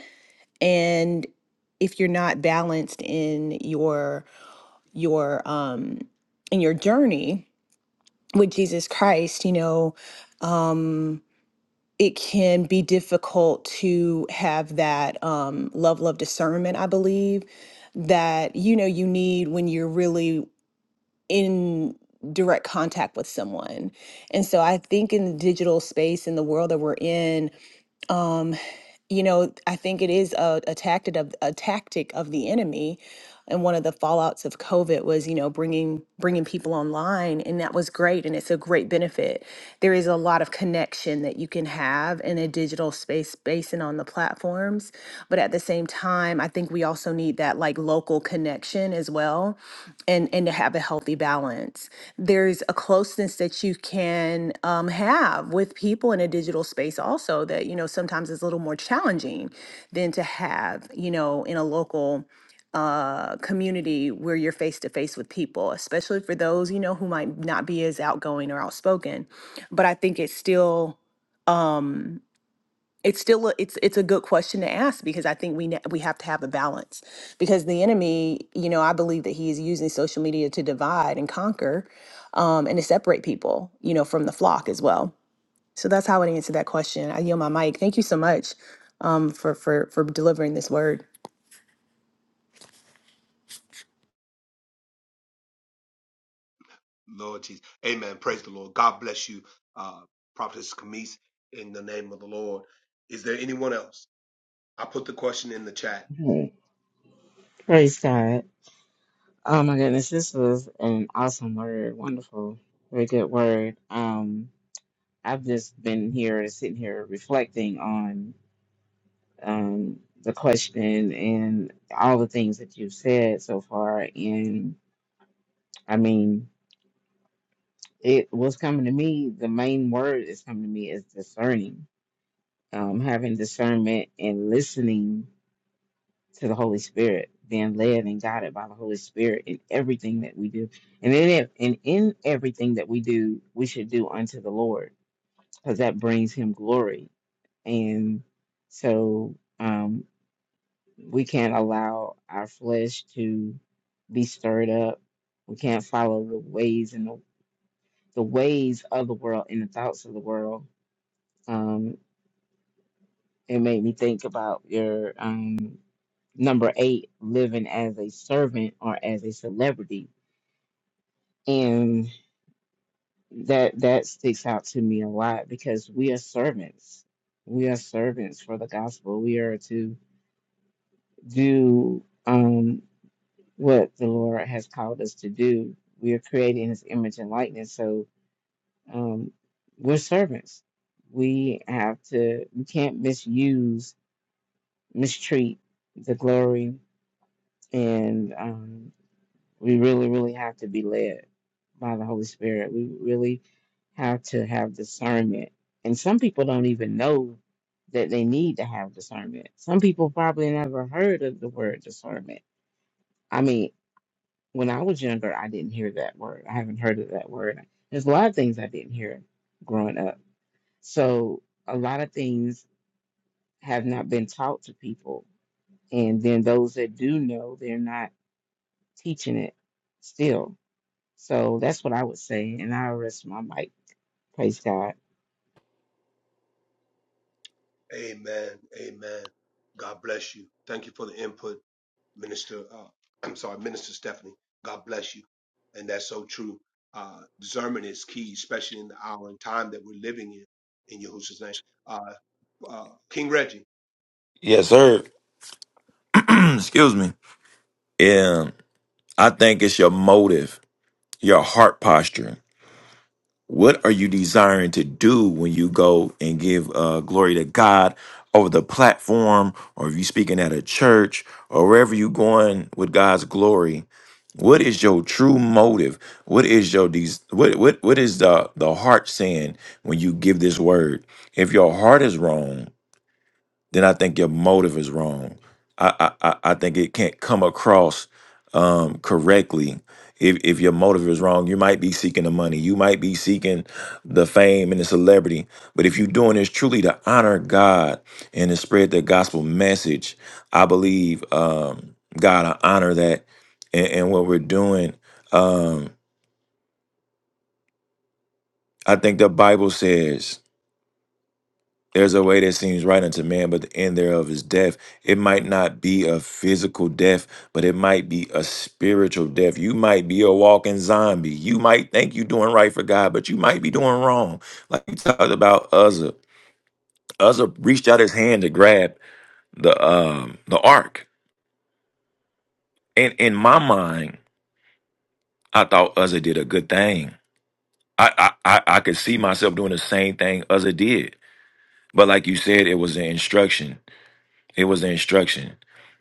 Speaker 3: and if you're not balanced in your your um in your journey with Jesus Christ, you know, um, it can be difficult to have that um, level of discernment, I believe, that you know you need when you're really in direct contact with someone. And so I think in the digital space in the world that we're in, um, you know, I think it is a, a tactic of a tactic of the enemy. And one of the fallouts of COVID was, you know, bringing bringing people online, and that was great, and it's a great benefit. There is a lot of connection that you can have in a digital space, space and on the platforms. But at the same time, I think we also need that like local connection as well and and to have a healthy balance there's a closeness that you can um, have with people in a digital space also that you know sometimes is a little more challenging than to have you know in a local uh, community where you're face to face with people especially for those you know who might not be as outgoing or outspoken but i think it's still um, it's still a, it's it's a good question to ask because I think we ne- we have to have a balance because the enemy, you know, I believe that he is using social media to divide and conquer, um, and to separate people, you know, from the flock as well. So that's how I would answer that question. I yield my mic. Thank you so much, um, for for for delivering this word.
Speaker 2: Lord Jesus. Amen. Praise the Lord. God bless you, uh, Prophetess Camise, in the name of the Lord. Is there anyone else? I put the question in the chat.
Speaker 4: Hey, praise God. Oh my goodness, this was an awesome word. Wonderful. Very good word. Um, I've just been here, sitting here reflecting on um, the question and all the things that you've said so far. And I mean, it was coming to me, the main word that's coming to me is discerning. Um, having discernment and listening to the Holy Spirit, being led and guided by the Holy Spirit in everything that we do. And in it, and in everything that we do, we should do unto the Lord, because that brings him glory. And so um, we can't allow our flesh to be stirred up. We can't follow the ways and the, the ways of the world and the thoughts of the world. Um, it made me think about your um, number eight, living as a servant or as a celebrity and that that sticks out to me a lot because we are servants we are servants for the gospel we are to do um what the lord has called us to do we are created in his image and likeness so um we're servants we have to we can't misuse mistreat the glory and um We really, really have to be led by the Holy Spirit. We really have to have discernment. And some people don't even know that they need to have discernment. Some people probably never heard of the word discernment. I mean, when I was younger, I didn't hear that word. I haven't heard of that word. There's a lot of things I didn't hear growing up. So a lot of things have not been taught to people. And then those that do know, they're not teaching it still. So that's what I would say. And I rest my mic. Praise God.
Speaker 2: Amen. Amen. God bless you. Thank you for the input, Minister. Uh, I'm sorry, Minister Stephanie. God bless you. And that's so true. Uh, discernment is key, especially in the hour and time that we're living in, in Yahushua's name. Uh, uh, King Reggie.
Speaker 5: Yes, sir. Excuse me. Yeah, I think it's your motive, your heart posture. What are you desiring to do when you go and give uh, glory to God over the platform, or if you're speaking at a church, or wherever you're going with God's glory? What is your true motive? What is your des- what what what is the the heart saying when you give this word? If your heart is wrong, then I think your motive is wrong. I I, I I think it can't come across um, correctly if if your motive is wrong. You might be seeking the money, you might be seeking the fame and the celebrity, but if you're doing this truly to honor God and to spread the gospel message, I believe um, God I honor that and, and what we're doing. Um, I think the Bible says. There's a way that seems right unto man, but the end thereof is death. It might not be a physical death, but it might be a spiritual death. You might be a walking zombie. You might think you're doing right for God, but you might be doing wrong. Like you talked about Uzzah. Uzzah reached out his hand to grab the um the ark. And in my mind, I thought Uzzah did a good thing. I I I, I could see myself doing the same thing Uzzah did. But like you said, it was an instruction It was the instruction.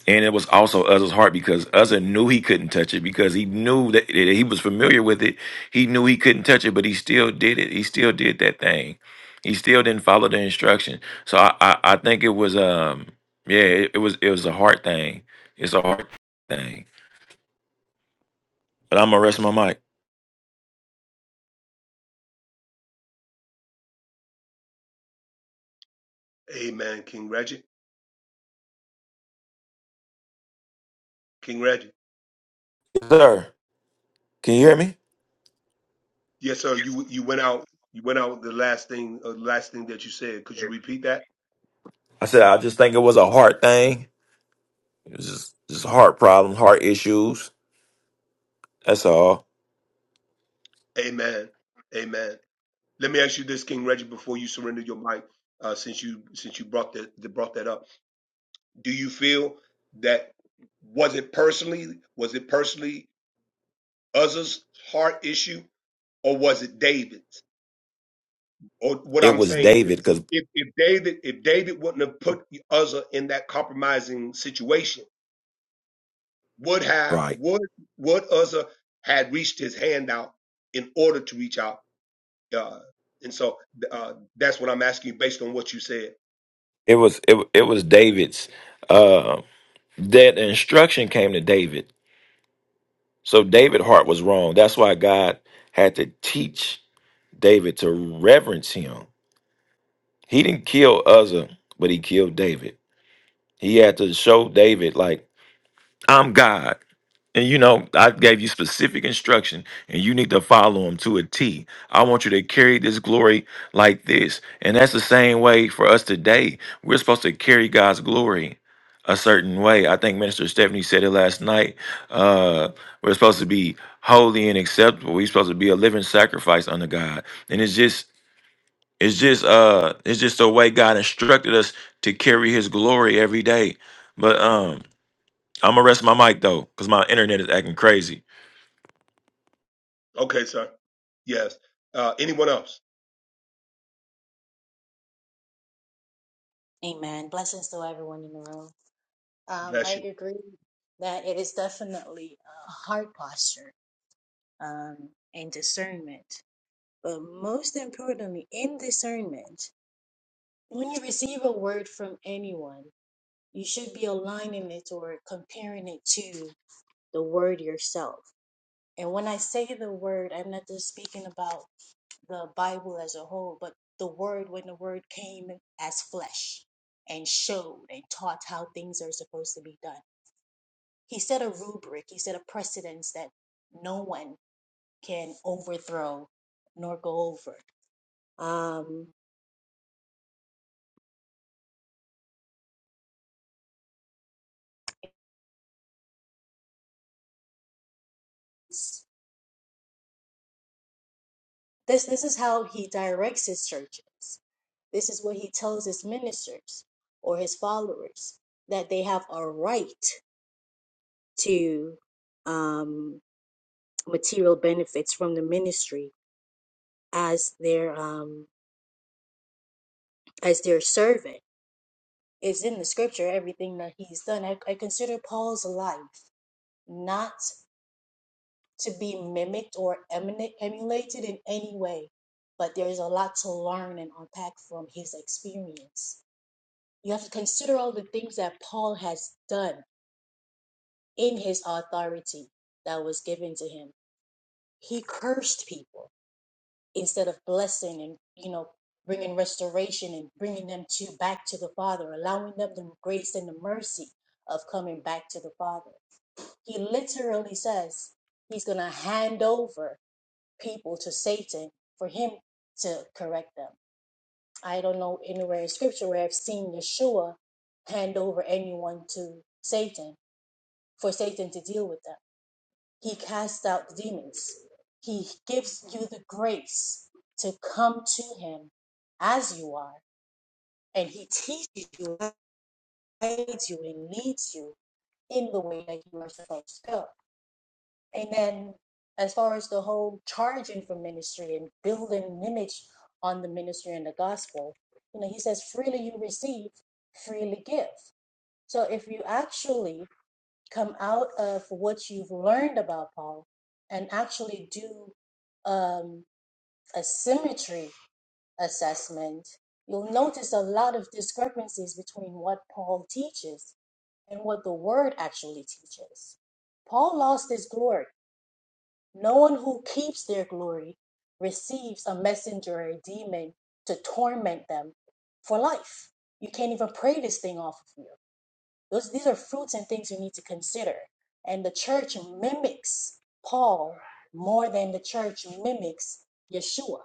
Speaker 5: And it was also Uzzah's heart because Uzzah knew he couldn't touch it because he knew that that he was familiar with it. He knew he couldn't touch it, but he still did it. He still did that thing. He still didn't follow the instruction. So I, I, I think it was um yeah, it, it was it was a hard thing. It's a hard thing. But I'm gonna rest my mic.
Speaker 2: Amen. King Reggie. King Reggie.
Speaker 5: Yes, sir, can you hear me?
Speaker 2: Yes, sir. You you went out. You went out with the last thing. Uh, last thing that you said. Could you repeat that?
Speaker 5: I said I just think it was a hard thing. It was just just heart problems, heart issues. That's all.
Speaker 2: Amen. Amen. Let me ask you this, King Reggie, before you surrender your mic, uh, since you since you brought that that brought that up. Do you feel that was it personally? Was it personally Uzzah's heart issue, or was it David's? Or what
Speaker 5: It
Speaker 2: I'm
Speaker 5: was
Speaker 2: saying is,
Speaker 5: David because
Speaker 2: if if David if David wouldn't have put Uzzah in that compromising situation would have
Speaker 5: right.
Speaker 2: would would Uzzah had reached his hand out in order to reach out. Uh, and so uh, that's what I'm asking you based on what you said.
Speaker 5: It was it it was David's uh that instruction came to David. So David's heart was wrong. That's why God had to teach David to reverence him. He didn't kill Uzzah, but he killed David. He had to show David like I'm God. And you know, I gave you specific instruction, and you need to follow them to a T. I want you to carry this glory like this. And that's the same way for us today. We're supposed to carry God's glory a certain way. I think Minister Stephanie said it last night. Uh, we're supposed to be holy and acceptable. We're supposed to be a living sacrifice unto God. And it's just it's just uh it's just the way God instructed us to carry his glory every day. But um I'm gonna rest my mic though, because my internet is acting crazy.
Speaker 2: Okay, sir. Yes. Uh, anyone else?
Speaker 6: Amen. Blessings to everyone in the room. Um,
Speaker 2: Bless
Speaker 6: I
Speaker 2: you.
Speaker 6: agree that it is definitely a heart posture um, and discernment. But most importantly, in discernment, when you receive a word from anyone, you should be aligning it or comparing it to the word yourself. And when I say the word, I'm not just speaking about the Bible as a whole, but the word when the word came as flesh and showed and taught how things are supposed to be done He set a rubric, he set a precedence that no one can overthrow nor go over. Um, this this is how he directs his churches. This is what he tells his ministers or his followers that they have a right to um, material benefits from the ministry as their um, as their servant. It's in the scripture everything that he's done. I, I consider Paul's life not to be mimicked or emulated in any way, but there's a lot to learn and unpack from his experience. You have to consider all the things that Paul has done in his authority that was given to him. He cursed people instead of blessing and, you know, bringing restoration and bringing them to back to the Father, allowing them the grace and the mercy of coming back to the Father. He literally says he's going to hand over people to Satan for him to correct them. I don't know anywhere in scripture where I've seen Yeshua hand over anyone to Satan for Satan to deal with them. He casts out the demons. He gives you the grace to come to him as you are, and he teaches you, guides you, and leads you in the way that you are supposed to go. And then, as far as the whole charging for ministry and building an image on the ministry and the gospel, you know, he says, freely you receive, freely give. So if you actually come out of what you've learned about Paul and actually do um, a symmetry assessment, you'll notice a lot of discrepancies between what Paul teaches and what the word actually teaches. Paul lost his glory no one who keeps their glory receives a messenger or a demon to torment them for life. You can't even pray this thing off of you. Those, these are fruits and things you need to consider. And the church mimics Paul more than the church mimics Yeshua.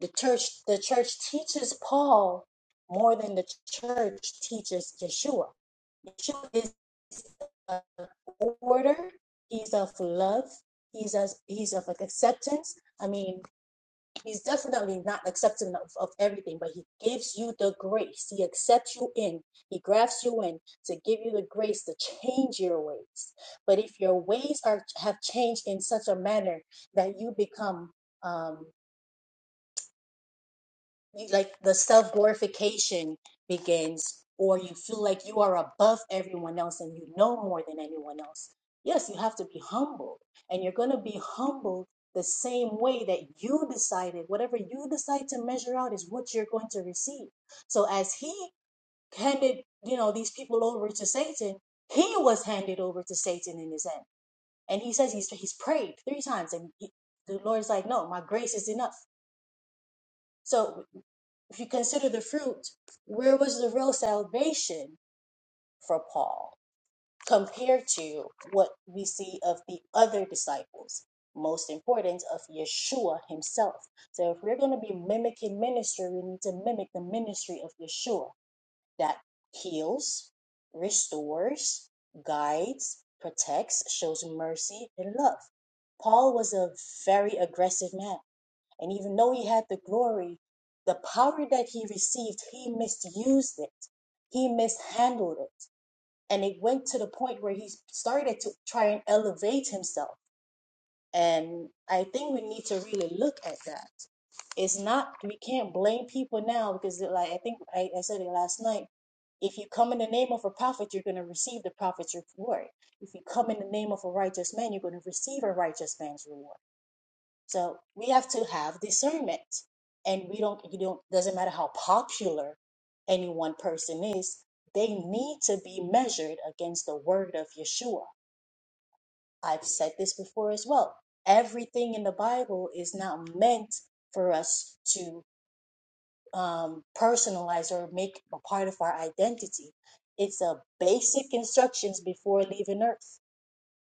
Speaker 6: The church, the church teaches Paul more than the church teaches Yeshua Yeshua is an order. He's of love. He's as he's of like acceptance. I mean, he's definitely not accepting of, of everything, but he gives you the grace. He accepts you in. He grafts you in to give you the grace to change your ways. But if your ways are have changed in such a manner that you become um, you- like the self glorification begins, or you feel like you are above everyone else and you know more than anyone else. Yes, you have to be humble, and you're going to be humble the same way that you decided whatever you decide to measure out is what you're going to receive. So as he handed, you know, these people over to Satan, he was handed over to Satan in his end. And he says he's he's prayed three times, and he, the Lord's like, "No, my grace is enough." So if you consider the fruit, where was the real salvation for Paul compared to what we see of the other disciples? Most important of Yeshua himself. So, if we're going to be mimicking ministry, we need to mimic the ministry of Yeshua that heals, restores, guides, protects, shows mercy, and love. Paul was a very aggressive man and even though he had the glory, the power that he received, he misused it. He mishandled it. And it went to the point where he started to try and elevate himself. And I think we need to really look at that. It's not, we can't blame people now because, like, I think I, I said it last night. If you come in the name of a prophet, you're going to receive the prophet's reward. If you come in the name of a righteous man, you're going to receive a righteous man's reward so we have to have discernment. And we don't, you don't, doesn't matter how popular any one person is, they need to be measured against the word of Yeshua. I've said this before as well. Everything in the Bible is not meant for us to um, personalize or make a part of our identity. It's a basic instructions before leaving earth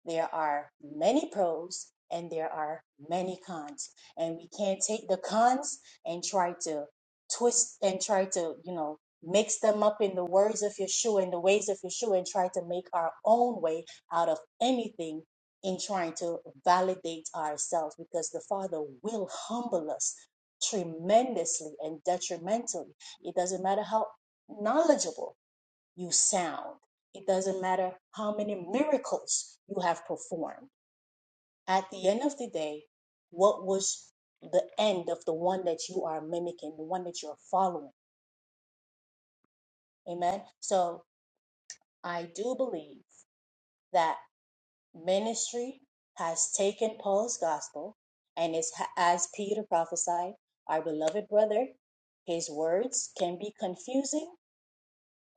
Speaker 6: there are many pros and there are many cons. And we can't take the cons and try to twist and try to, you know, mix them up in the words of Yeshua and the ways of Yeshua and try to make our own way out of anything in trying to validate ourselves because the Father will humble us tremendously and detrimentally. It doesn't matter how knowledgeable you sound. It doesn't matter how many miracles you have performed. At the end of the day, what was the end of the one that you are mimicking, the one that you're following? Amen. So I do believe that ministry has taken Paul's gospel and is as Peter prophesied, our beloved brother, his words can be confusing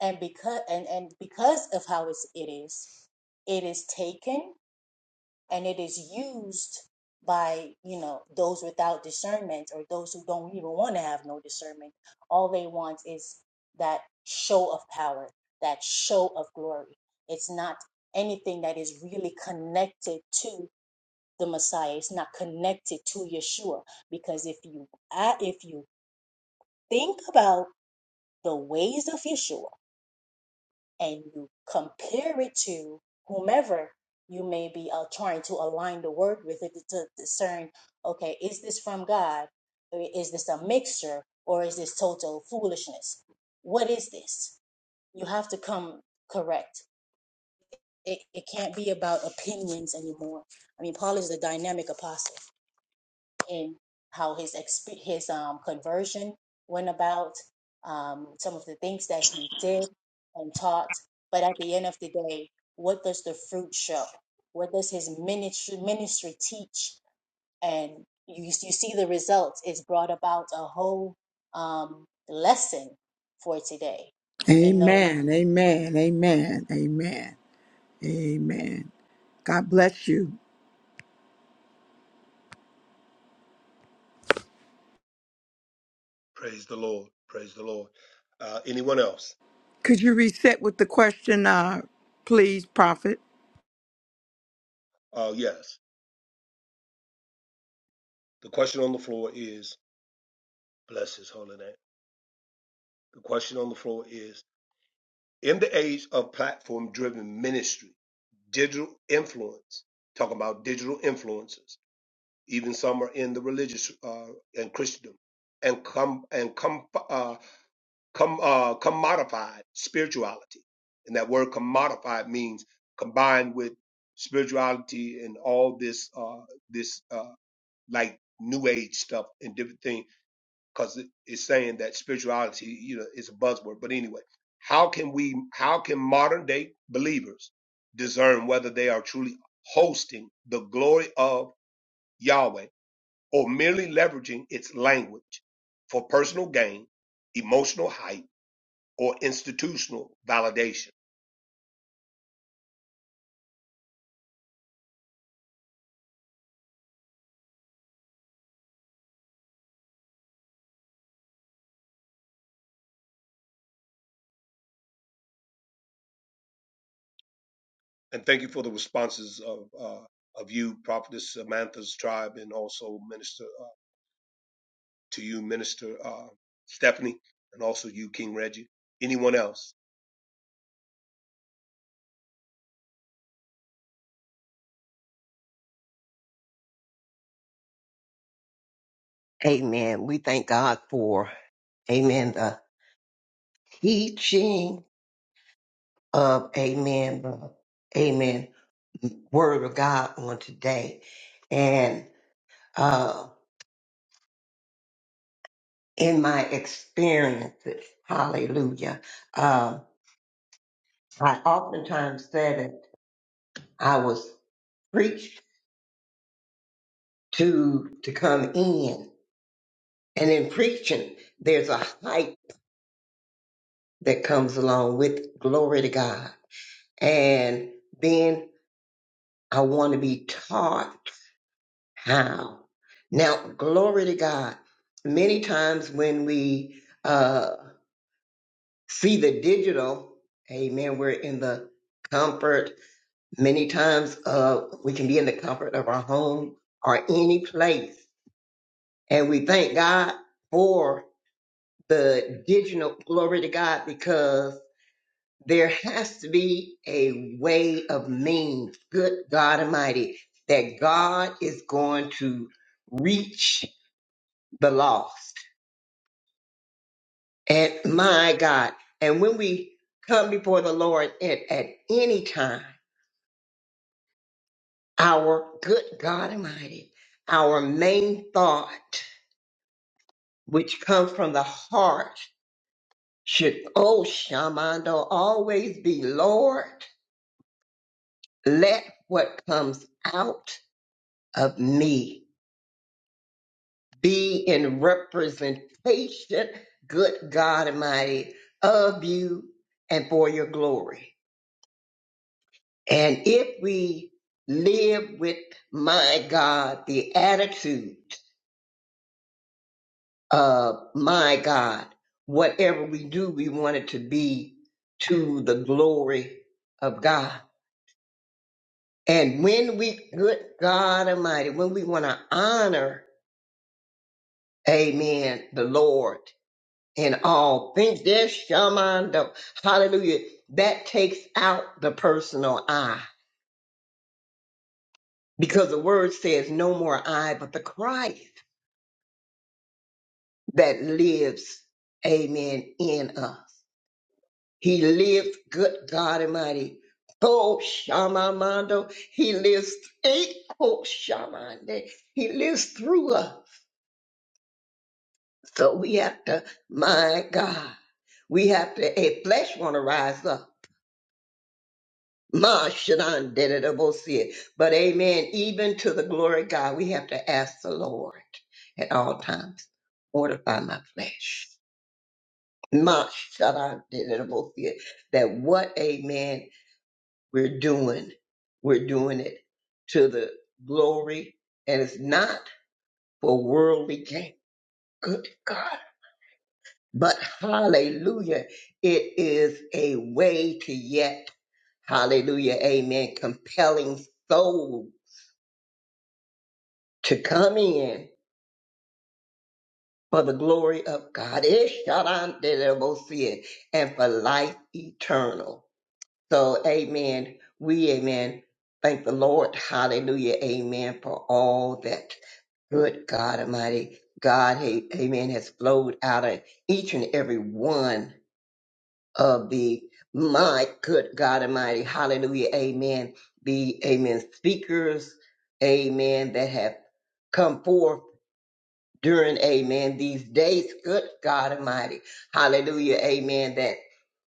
Speaker 6: and because and, and because of how it's, it is, it is taken and it is used by you know those without discernment or those who don't even want to have no discernment all they want is that show of power that show of glory it's not anything that is really connected to the messiah it's not connected to yeshua because if you I- if you think about the ways of yeshua and you compare it to whomever you may be uh, trying to align the word with it to discern okay is this from god is this a mixture or is this total foolishness what is this you have to come correct it, it can't be about opinions anymore i mean paul is the dynamic apostle in how his exp- his um, conversion went about, um, some of the things that he did and taught. But at the end of the day, what does the fruit show? What does his ministry ministry teach? And you you see the results. It's brought about a whole um, lesson for today. in those
Speaker 1: Amen. Amen. Amen. Amen. Amen. God bless you.
Speaker 2: Praise the Lord. Praise the Lord. Uh, anyone else?
Speaker 1: Could you reset with the question, uh, please, Prophet?
Speaker 2: Uh, yes. The question on the floor is, bless his holy name. The question on the floor is, in the age of platform driven ministry, digital influence, talking about digital influencers. even some are in the religious uh, and Christendom, and come and come uh, come uh, commodified spirituality, and that word commodified means combined with spirituality and all this uh, this uh, like New Age stuff and different things, because it's saying that spirituality, you know, is a buzzword. But anyway, how can we? How can modern day believers discern whether they are truly hosting the glory of Yahweh? or merely leveraging its language for personal gain, emotional hype, or institutional validation. And thank you for the responses of uh, of you, Prophetess Samantha's tribe, and also Minister uh, to you, Minister uh, Stephanie, and also you, King Reggie. Anyone else?
Speaker 7: Amen. We thank God for, amen, the teaching of, amen, the, amen, word of God on today. And uh, in my experiences, hallelujah, uh, I oftentimes said it, I was preached to to come in. And in preaching, there's a hype that comes along with glory to God. And then I want to be taught how. Now, glory to God. Many times when we uh, see the digital, amen, we're in the comfort. Many times uh, we can be in the comfort of our home or any place. And we thank God for the digital, glory to God, because there has to be a way of means, good God Almighty, that God is going to reach the lost. And my God, and when we come before the Lord at, at any time, our good God Almighty, our main thought, which comes from the heart, should, oh, Shamando, always be, Lord, let what comes out of me be in representation, good God Almighty, of you and for your glory. And if we live with, my God, the attitude of, my God, whatever we do, we want it to be to the glory of God. And when we, good God Almighty, when we want to honor, amen, the Lord In all things. There's shamando. Hallelujah. That takes out the personal I because the word says no more I, but the Christ that lives, amen, in us. He lives, good God Almighty. Oh, shamamando. He lives, eh, oh, shamande. He lives through us. So we have to, my God, we have to, a flesh want to rise up. Ma shanan did it, we'll see it. But amen. Even to the glory of God, we have to ask the Lord at all times, mortify my flesh. Ma shanan did it, we'll see it. That what, amen, we're doing, we're doing it to the glory, and it's not for worldly gain. Good God. But hallelujah, it is a way to yet, hallelujah, amen, compelling souls to come in for the glory of God. shalom, Ishtarandelemosia, And for life eternal. So, amen. We, amen. Thank the Lord. Hallelujah. Amen. For all that good God Almighty. God, a- amen, has flowed out of each and every one of the, my good God Almighty. Hallelujah. Amen. The, amen, speakers. Amen. That have come forth during amen these days good god almighty hallelujah amen that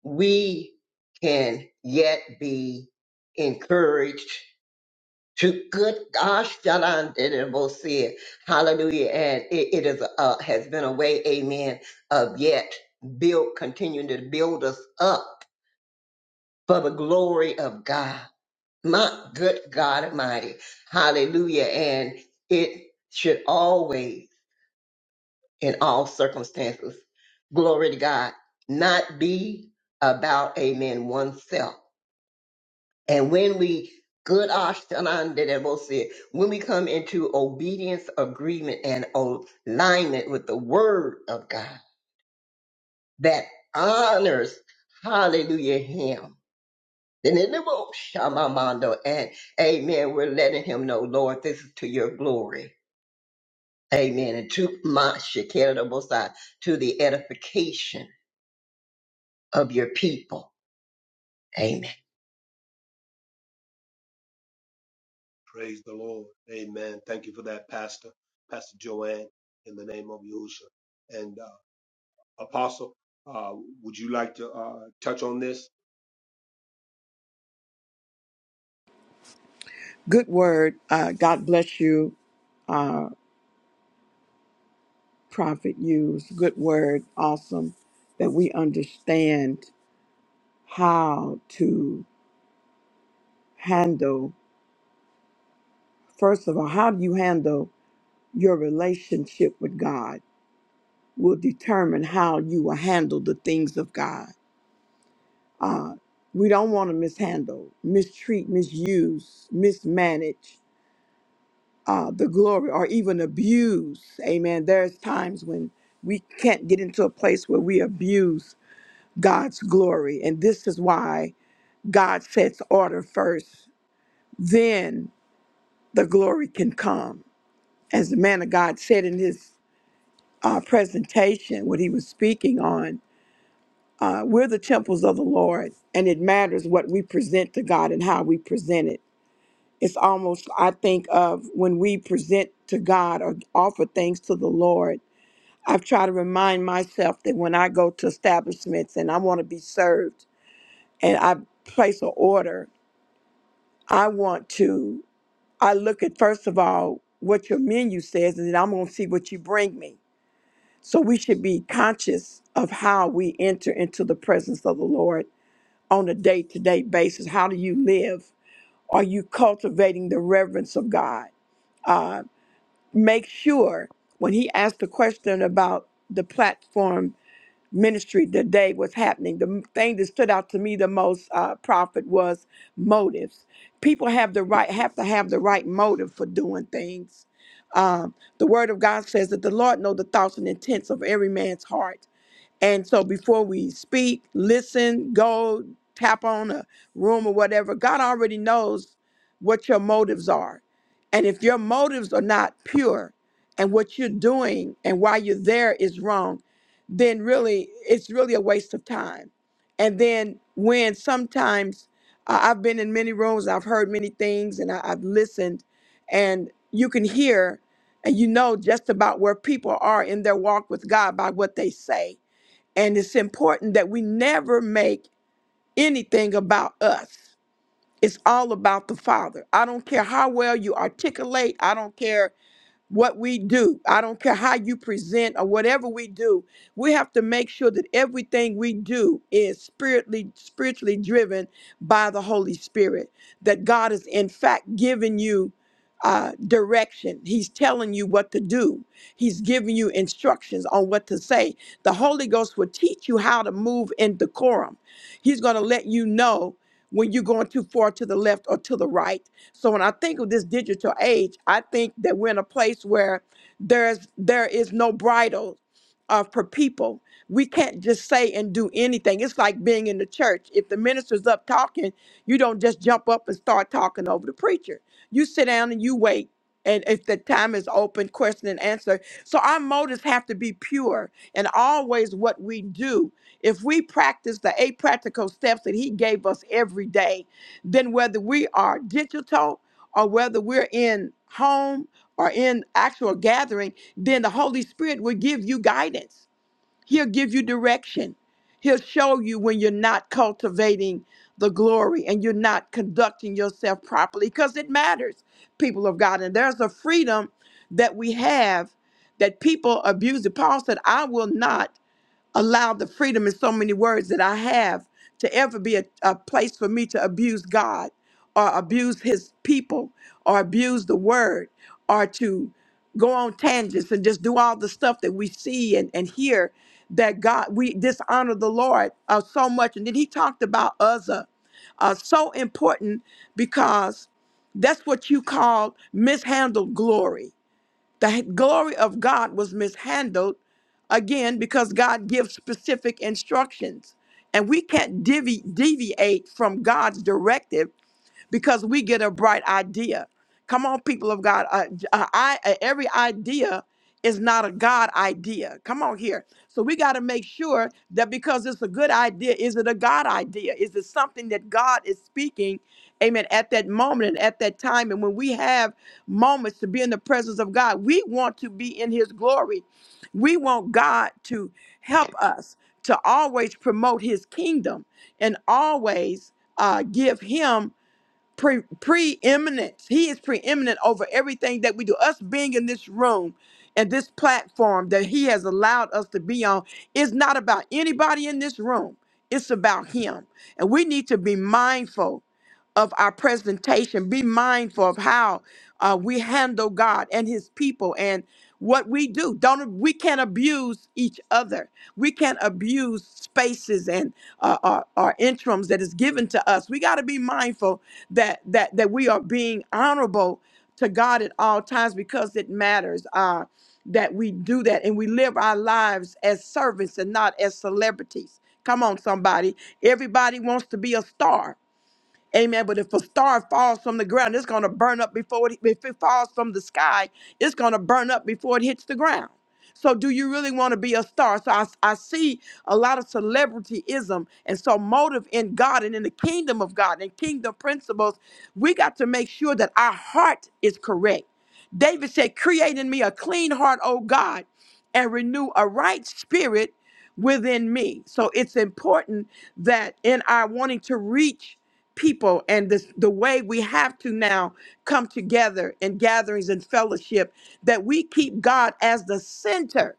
Speaker 7: we can yet be encouraged to good gosh Jalan did it, see it. hallelujah and it, it is uh, has been a way amen of yet build continuing to build us up for the glory of god my good god almighty hallelujah and it should always in all circumstances. Glory to God. Not be about, amen, oneself. And when we, good ashtanan dedebose, when we come into obedience, agreement, and alignment with the word of God that honors, hallelujah, him. Then in the bo- shamamando, and amen, we're letting him know, Lord, this is to your glory. Amen. And to my shekinah to the edification of your people. Amen.
Speaker 2: Praise the Lord. Amen. Thank you for that, Pastor, Pastor Joanne, in the name of Yahushua. And uh, Apostle, uh, would you like to uh, touch on this?
Speaker 1: Good word. Uh, God bless you. prophet used, good word, awesome, that we understand how to handle, first of all, how do you handle your relationship with God will determine how you will handle the things of God. We don't want to mishandle, mistreat, misuse, mismanage uh, the glory or even abuse. Amen. There's times when we can't get into a place where we abuse God's glory. And this is why God sets order first, then the glory can come. As the man of God said in his uh, presentation, what he was speaking on, uh, we're the temples of the Lord, and it matters what we present to God and how we present it. It's almost, I think, of when we present to God or offer things to the Lord. I've tried to remind myself that when I go to establishments and I want to be served and I place an order, I want to. I look at first of all what your menu says, and then I'm going to see what you bring me. So we should be conscious of how we enter into the presence of the Lord on a day to day basis. How do you live? Are you cultivating the reverence of God? Make sure when he asked the question about the platform ministry today, what's happening, the thing that stood out to me the most, uh, prophet, was motives. People have the right have to have the right motive for doing things Um, the word of God says that the Lord knows the thoughts and intents of every man's heart and so before we speak, listen, go tap on a room or whatever, God already knows what your motives are. And if your motives are not pure and what you're doing and why you're there is wrong, then really it's really a waste of time. And then when sometimes uh, I've been in many rooms, I've heard many things and I, I've listened, and you can hear and you know just about where people are in their walk with God by what they say and it's important that we never make anything about us. It's all about the Father. I don't care how well you articulate, I don't care what we do, I don't care how you present or whatever we do, we have to make sure that everything we do is spiritually spiritually driven by the Holy Spirit. That God is in fact giving you uh, direction. He's telling you what to do. He's giving you instructions on what to say. The Holy Ghost will teach you how to move in decorum. He's going to let you know when you're going too far to the left or to the right so when I think of this digital age, I think that we're in a place where there's there is no bridle uh, for people. We can't just say and do anything. It's like being in the church. If the minister's up talking, you don't just jump up and start talking over the preacher. You sit down and you wait. And if the time is open, question and answer. So our motives have to be pure and always what we do. If we practice the eight practical steps that he gave us every day, then whether we are digital or whether we're in home or in actual gathering, then the Holy Spirit will give you guidance. He'll give you direction. He'll show you when you're not cultivating the glory and you're not conducting yourself properly because it matters, people of God. And there's a freedom that we have that people abuse. Paul said, I will not allowed the freedom in so many words that I have to ever be a, a place for me to abuse God or abuse his people or abuse the word or to go on tangents and just do all the stuff that we see and, and hear that God, we dishonor the Lord uh, so much. And then he talked about Uzzah, uh, uh, so important because that's what you call mishandled glory the glory of God was mishandled again because God gives specific instructions. And we can't devi- deviate from God's directive because we get a bright idea. Come on, people of God. Uh, j- uh, I, uh, every idea is not a God idea. Come on here. So we got to make sure that because it's a good idea, is it a God idea? Is it something that God is speaking? Amen. At that moment and at that time, and when we have moments to be in the presence of God, we want to be in His glory. We want God to help us to always promote His kingdom and always uh, give Him pre- preeminence. He is preeminent over everything that we do. Us being in this room and this platform that He has allowed us to be on is not about anybody in this room. It's about Him. And we need to be mindful of our presentation, be mindful of how uh, we handle God and His people and what we do. Don't we can't abuse each other. We can't abuse spaces and uh, our, our interims that is given to us. We got to be mindful that that that we are being honorable to God at all times because it matters. Uh, that we do that and we live our lives as servants and not as celebrities. Come on, somebody. Everybody wants to be a star Amen. But if a star falls from the ground, it's going to burn up before it, if it falls from the sky, it's going to burn up before it hits the ground. So, do you really want to be a star? So, I, I see a lot of celebrityism. And so, motive in God and in the kingdom of God and kingdom principles, we got to make sure that our heart is correct. David said, Create in me a clean heart, O God, and renew a right spirit within me. So, it's important that in our wanting to reach people and this the way we have to now come together in gatherings and fellowship that we keep God as the center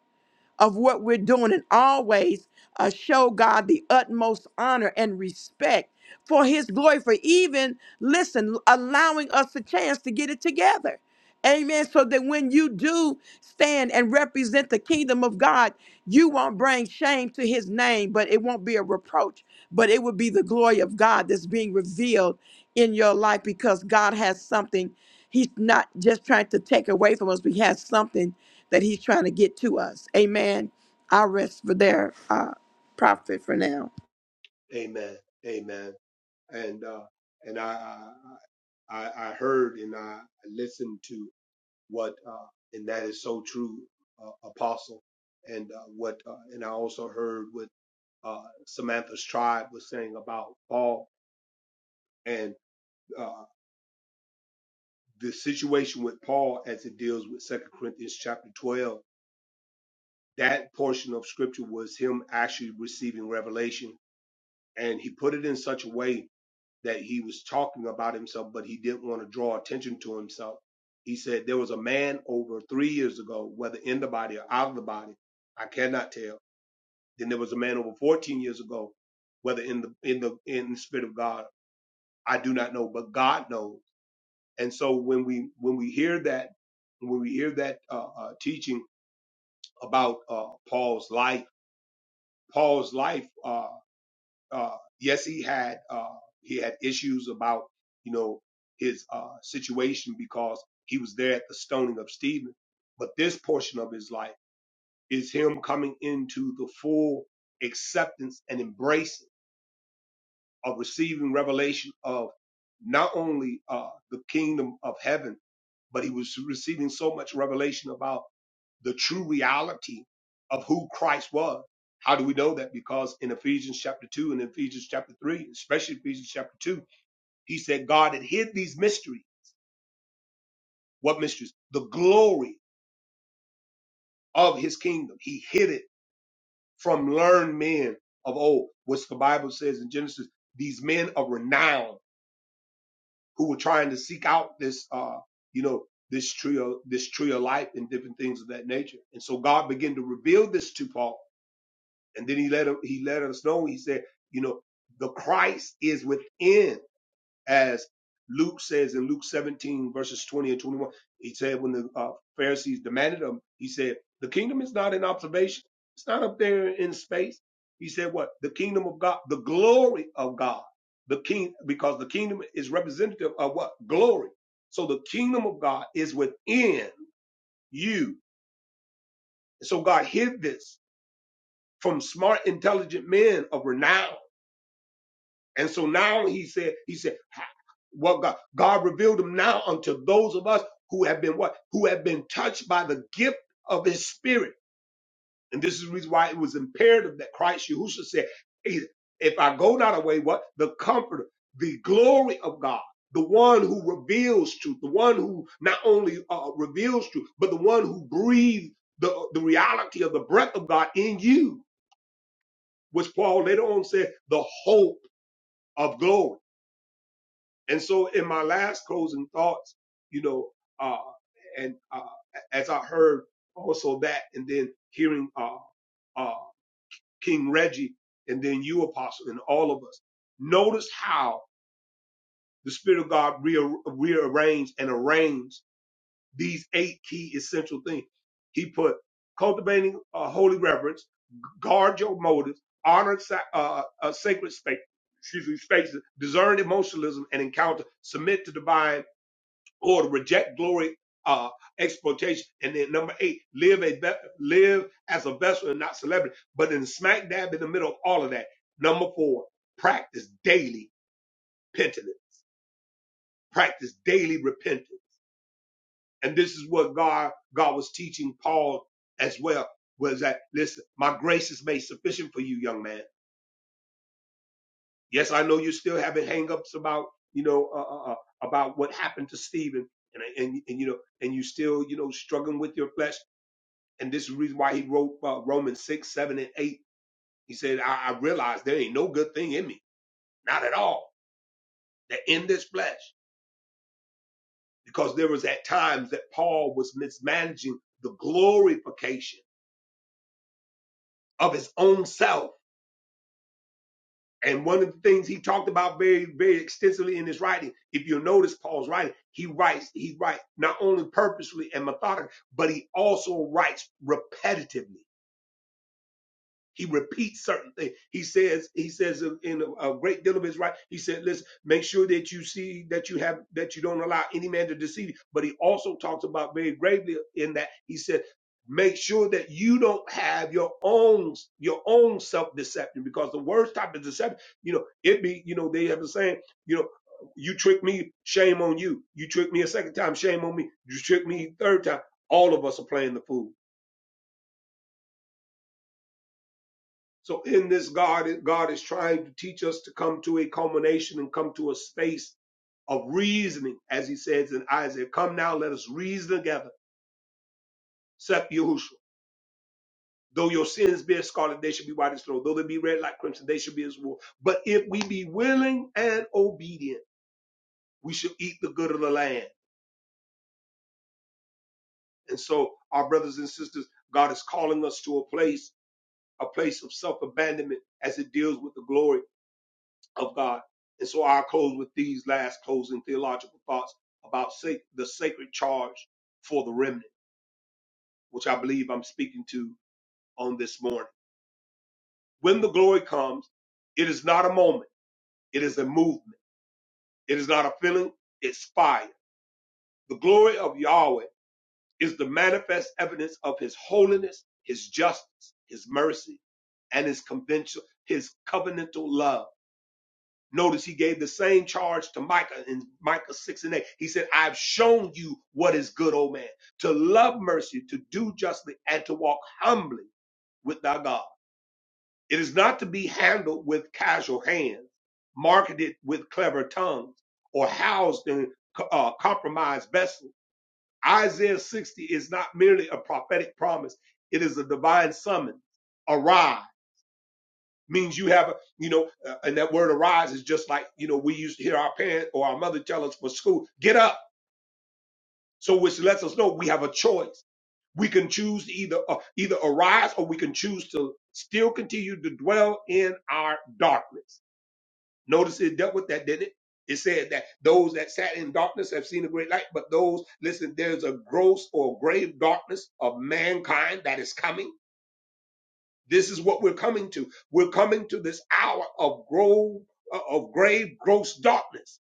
Speaker 1: of what we're doing and always uh, show God the utmost honor and respect for his glory for even listen allowing us a chance to get it together Amen. So that when you do stand and represent the kingdom of God, you won't bring shame to his name, but it won't be a reproach, but it will be the glory of God that's being revealed in your life because God has something. He's not just trying to take away from us, but he has something that he's trying to get to us. Amen. I rest for there, uh, prophet, for now.
Speaker 2: Amen. Amen. and uh, and I, I I I heard and I listened to what uh, and that is so true, uh, Apostle, and uh, what uh, and I also heard what uh, Samantha's tribe was saying about Paul and uh, the situation with Paul as it deals with Second Corinthians chapter twelve. That portion of scripture was him actually receiving revelation, and he put it in such a way that he was talking about himself, but he didn't want to draw attention to himself. He said, There was a man over three years ago, whether in the body or out of the body, I cannot tell. Then there was a man over 14 years ago, whether in the in the in the spirit of God, I do not know, but God knows. And so when we when we hear that when we hear that uh, uh, teaching about uh, Paul's life, Paul's life. uh, uh, yes, he had uh, he had issues about you know his uh, situation because he was there at the stoning of Stephen. But this portion of his life is him coming into the full acceptance and embracing of receiving revelation of not only uh, the kingdom of heaven, but he was receiving so much revelation about the true reality of who Christ was. How do we know that? Because in Ephesians chapter 2 and Ephesians chapter 3, especially Ephesians chapter 2, he said God had hid these mysteries. What mysteries? The glory of his kingdom. He hid it from learned men of old, which the Bible says in Genesis, these men of renown who were trying to seek out this uh you know this tree of this tree of life and different things of that nature and so god began to reveal this to paul and then he let him he let us know he said you know the christ is within as Luke says in Luke 17, verses 20 and 21. He said, when the uh, Pharisees demanded him, he said, The kingdom is not in observation, it's not up there in space. He said, What? The kingdom of God, the glory of God, the king, because the kingdom is representative of what? Glory. So the kingdom of God is within you. So God hid this from smart, intelligent men of renown And so now he said, he said, what God, God revealed him now unto those of us who have been what? Who have been touched by the gift of his spirit. And this is the reason why it was imperative that Christ Yahushua said, "Hey, if I go not away, what? The comforter, the glory of God. The one who reveals truth, the one who not only uh, reveals truth, but the one who breathed the, the reality of the breath of God in you, which Paul later on said, the hope of glory. And so in my last closing thoughts, you know, uh, and uh, as I heard also that, and then hearing uh, uh, King Reggie, and then you, Apostle, and all of us, notice how the Spirit of God rear- rearranged and arranged these eight key essential things. He put cultivating uh, holy reverence, guard your motives, honor sa- uh, uh, sacred space, excuse me, spaces, discern emotionalism and encounter, submit to divine or to reject glory, uh, exploitation. And then number eight, live a be- live as a vessel and not celebrity, but in smack dab in the middle of all of that. Number four, practice daily penitence, practice daily repentance. And this is what God God was teaching Paul as well was that listen, my grace is made sufficient for you, young man. Yes, I know you're still having hangups about you know uh, uh, uh, about what happened to Stephen, and, and and you know and you still you know struggling with your flesh And this is the reason why he wrote uh, Romans 6, 7, and 8. He said, I, I realized there ain't no good thing in me, not at all, that in this flesh. Because there was at times that Paul was mismanaging the glorification of his own self. And one of the things he talked about very, very extensively in his writing, if you will notice Paul's writing, he writes, he writes not only purposefully and methodically, but he also writes repetitively He repeats certain things. He says, he says in a, great deal of his right, he said, listen, make sure that you see that you have, that you don't allow any man to deceive you. But he also talks about very gravely in that he said, make sure that you don't have your own, your own self-deception because the worst type of deception, you know, it be, you know, they have a saying, you know, you trick me, shame on you. You trick me a second time, shame on me. You trick me a third time. All of us are playing the fool So in this God, God is trying to teach us to come to a culmination and come to a space of reasoning, as he says in Isaiah, come now, let us reason together, saith Yahushua. Though your sins be as scarlet, they should be white as snow. Though they be red like crimson, they should be as wool. But if we be willing and obedient, we shall eat the good of the land. And so, our brothers and sisters, God is calling us to a place, a place of self abandonment as it deals with the glory of God. And so I close with these last closing theological thoughts about sa- the sacred charge for the remnant, which I believe I'm speaking to on this morning. When the glory comes, it is not a moment, it is a movement. It is not a feeling, it's fire. The glory of Yahweh is the manifest evidence of his holiness, his justice, his mercy, and his conventional, his covenantal love. Notice he gave the same charge to Micah in Micah 6 and 8. He said, I've shown you what is good, O man, to love mercy, to do justly, and to walk humbly with thy God. It is not to be handled with casual hands, marketed with clever tongues, or housed in uh, compromised vessels. Isaiah 60 is not merely a prophetic promise, it is a divine summons. Arise means you have a, you know, uh, and that word arise is just like, you know, we used to hear our parent or our mother tell us for school, get up. So which lets us know we have a choice. We can choose to either uh, either arise or we can choose to still continue to dwell in our darkness. Notice it dealt with that, didn't it? It said that those that sat in darkness have seen a great light, but those, listen, there's a gross or grave darkness of mankind that is coming This is what we're coming to. We're coming to this hour of grove, of grave, gross darkness.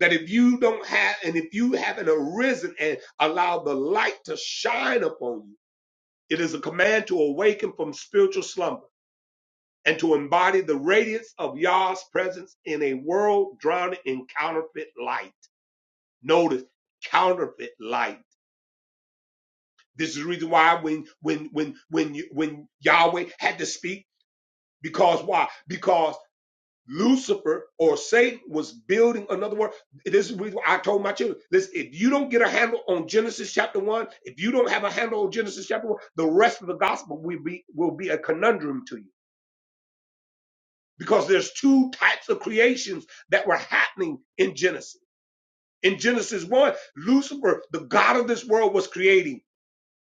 Speaker 2: That if you don't have, and if you haven't arisen and allowed the light to shine upon you, it is a command to awaken from spiritual slumber and to embody the radiance of Yah's presence in a world drowning in counterfeit light. Notice counterfeit light. This is the reason why when when when when you, when Yahweh had to speak because why? Because Lucifer or Satan was building another world. This is what I told my children. Listen, if you don't get a handle on Genesis chapter one, if you don't have a handle on Genesis chapter one, the rest of the gospel will be will be a conundrum to you because there's two types of creations that were happening in Genesis. In Genesis one, Lucifer, the god of this world, was creating.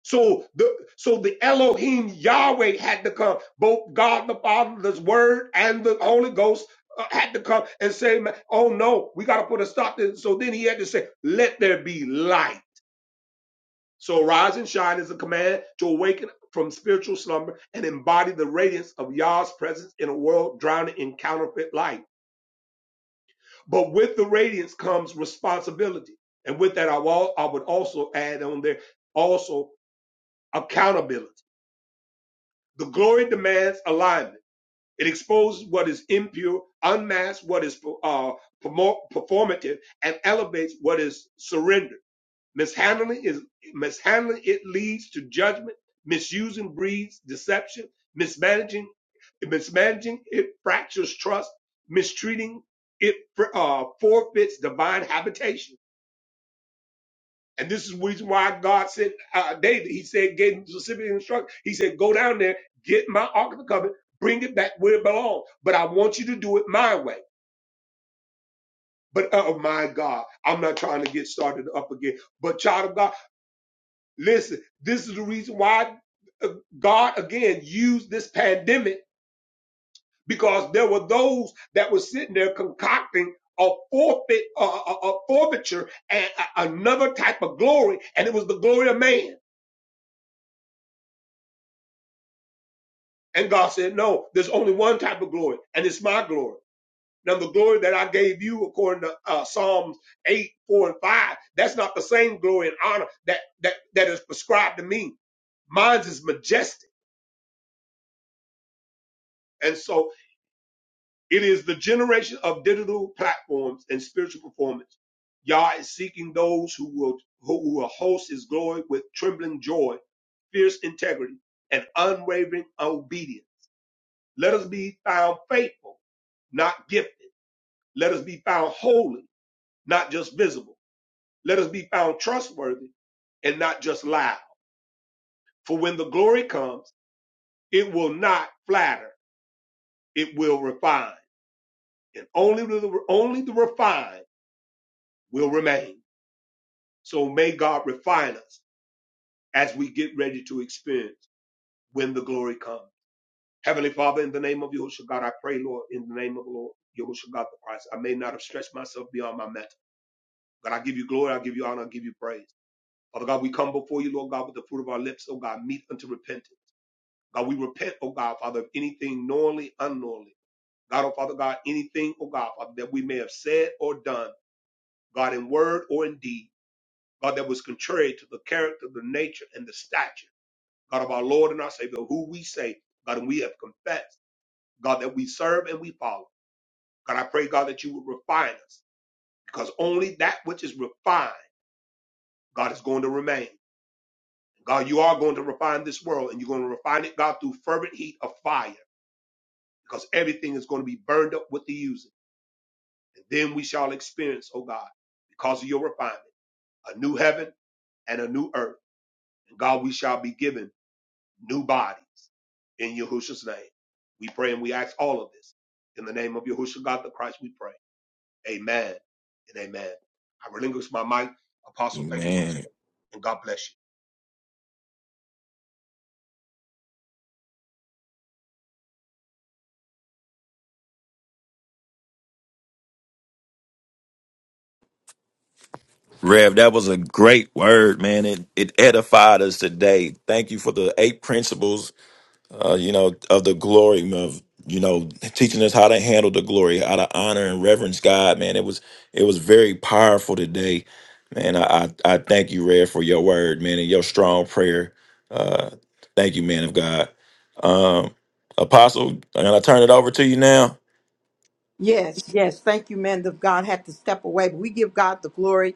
Speaker 2: So the so the Elohim Yahweh had to come. Both God the Father, the Word, and the Holy Ghost uh, had to come and say, "Ma- "Oh no, we got to put a stop to." this." So then he had to say, "Let there be light." So rise and shine is a command to awaken from spiritual slumber and embody the radiance of Yah's presence in a world drowning in counterfeit light. But with the radiance comes responsibility, and with that, I, will, I would also add on there also accountability The glory demands alignment. It exposes what is impure, unmasks what is uh, performative, and elevates what is surrendered. Mishandling is mishandling. It leads to judgment. Misusing breeds deception. Mismanaging mismanaging it fractures trust. Mistreating it uh, forfeits divine habitation and this is the reason why God said, uh, David, he said, gave him specific instruction. He said, go down there, get my Ark of the Covenant, bring it back where it belongs. But I want you to do it my way. But uh, oh my God, I'm not trying to get started up again. But child of God, listen, this is the reason why uh, God again used this pandemic because there were those that were sitting there concocting a forfeit, a, a a forfeiture and a- another type of glory. And it was the glory of man. And God said, No, there's only one type of glory, and it's my glory. Now, the glory that I gave you, according to uh, Psalms 8, 4, and 5, that's not the same glory and honor that, that, that is prescribed to me. Mine's is majestic. And so it is the generation of digital platforms and spiritual performance. Yah is seeking those who will, who will host his glory with trembling joy, fierce integrity, and unwavering obedience. Let us be found faithful, not gifted Let us be found holy, not just visible. Let us be found trustworthy and not just loud. For when the glory comes, it will not flatter, it will refine. And only the, only the refined will remain. So may God refine us as we get ready to experience when the glory comes. Heavenly Father, in the name of Yahushua God, I pray, Lord, in the name of the Lord, Yahushua God the Christ, I may not have stretched myself beyond my mental. God, I give you glory, I give you honor, I give you praise. Father God, we come before you, Lord God, with the fruit of our lips, oh God, meet unto repentance. God, we repent, oh God, Father, of anything knowingly, unknowingly. God, oh Father God, anything, oh God, Father, that we may have said or done, God, in word or in deed, God, that was contrary to the character, the nature, and the stature, God, of our Lord and our Savior, who we say, God, and we have confessed, God, that we serve and we follow. God, I pray, God, that you would refine us, because only that which is refined, God, is going to remain. God, you are going to refine this world and you're going to refine it, God, through fervent heat of fire because everything is going to be burned up with the using. And then we shall experience, oh God, because of your refinement, a new heaven and a new earth. And God, we shall be given new bodies in Yahushua's name. We pray and we ask all of this in the name of Yahushua God the Christ. We pray. Amen and amen. I relinquish my mic. Apostle, thank you for this.
Speaker 5: Amen.
Speaker 2: And God bless
Speaker 5: Rev, that was a great word, man. It it edified us today. Thank you for the eight principles, uh, you know, of the glory of you know, teaching us how to handle the glory, how to honor and reverence God, man. It was it was very powerful today. Man, I I, I thank you, Rev, for your word, man, and your strong prayer. Uh thank you, man of God. Um Apostle, I'm gonna turn it over to you now.
Speaker 1: Yes, yes. Thank you, man. Of God had to step away, but we give God the glory.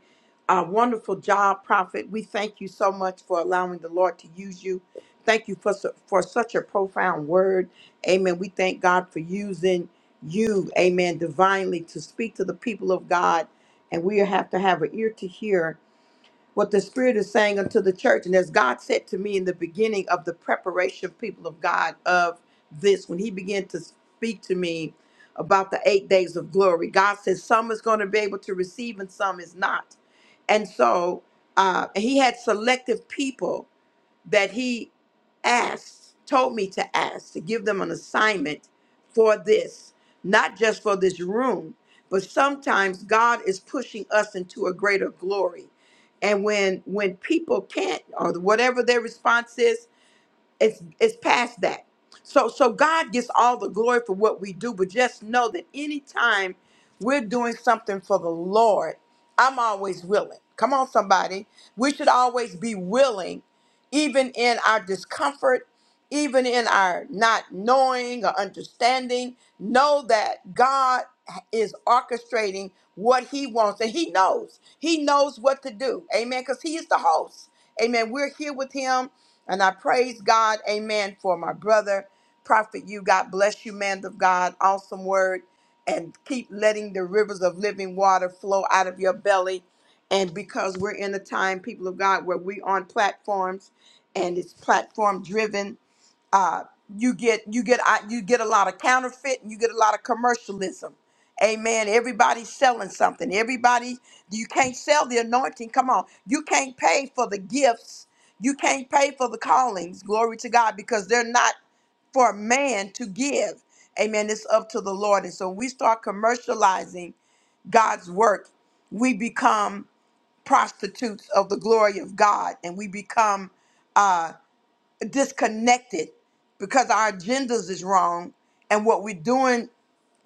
Speaker 1: Uh, wonderful job, prophet. We thank you so much for allowing the Lord to use you. Thank you for su- for such a profound word. Amen. We thank God for using you, Amen, divinely to speak to the people of God, and we have to have an ear to hear what the Spirit is saying unto the church. And as God said to me in the beginning of the preparation, people of God, of this, when He began to speak to me about the eight days of glory, God says some is going to be able to receive and some is not. And so uh, He had selective people that he asked, told me to ask, to give them an assignment for this, not just for this room, but sometimes God is pushing us into a greater glory. And when when people can't or whatever their response is, it's it's past that. So so God gets all the glory for what we do, but just know that anytime we're doing something for the Lord, I'm always willing. Come on, somebody. We should always be willing even in our discomfort, even in our not knowing or understanding, know that God is orchestrating what He wants and He knows. He knows what to do. Amen. Because He is the host. Amen. We're here with Him. And I praise God. Amen. For my brother, Prophet, you. God bless you, man of God. Awesome word and keep letting the rivers of living water flow out of your belly. And because we're in a time, people of God, where we on platforms and it's platform driven, uh, you get you get uh, you get a lot of counterfeit and you get a lot of commercialism. Amen. Everybody's selling something. Everybody, you can't sell the anointing. Come on, you can't pay for the gifts. You can't pay for the callings. Glory to God, because they're not for man to give. Amen. It's up to the Lord. And so we start commercializing God's work, we become prostitutes of the glory of God and we become uh, disconnected because our agendas is wrong and what we're doing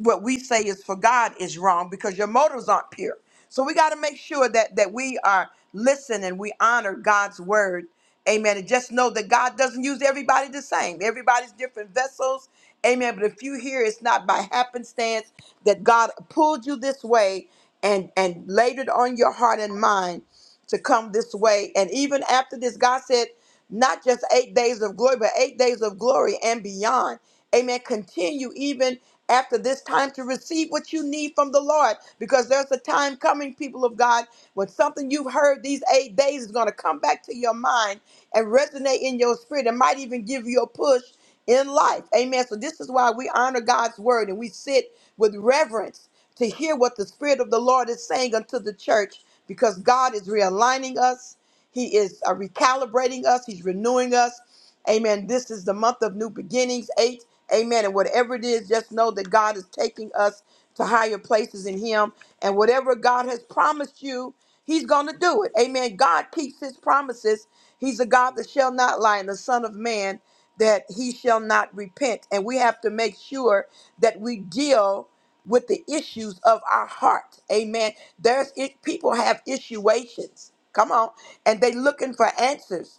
Speaker 1: what we say is for God is wrong because your motives aren't pure. So we got to make sure that that we are listening, we honor God's word. Amen. And just know that God doesn't use everybody the same. Everybody's different vessels. Amen. But if you hear it's not by happenstance that God pulled you this way and and laid it on your heart and mind to come this way. And even after this, God said, not just eight days of glory, but eight days of glory and beyond. Amen. Continue even after this time to receive what you need from the Lord because there's a time coming, people of God, when something you've heard these eight days is going to come back to your mind and resonate in your spirit and might even give you a push in life. Amen. So this is why we honor God's word and we sit with reverence to hear what the Spirit of the Lord is saying unto the church because God is realigning us. He is uh, recalibrating us. He's renewing us. Amen. This is the month of new beginnings, eight. Amen. And whatever it is, just know that God is taking us to higher places in Him. And whatever God has promised you, He's going to do it. Amen. God keeps His promises. He's a God that shall not lie, and the Son of Man that He shall not repent. And we have to make sure that we deal with the issues of our heart. Amen. There's it, people have issuations. Come on, and they looking for answers.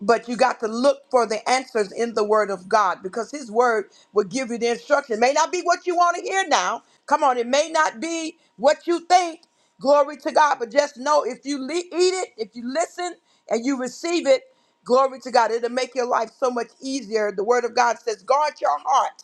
Speaker 1: But you got to look for the answers in the Word of God because His Word will give you the instruction. It may not be what you want to hear now. Come on, it may not be what you think. Glory to God. But just know if you le- eat it, if you listen and you receive it, glory to God, it'll make your life so much easier. The Word of God says, guard your heart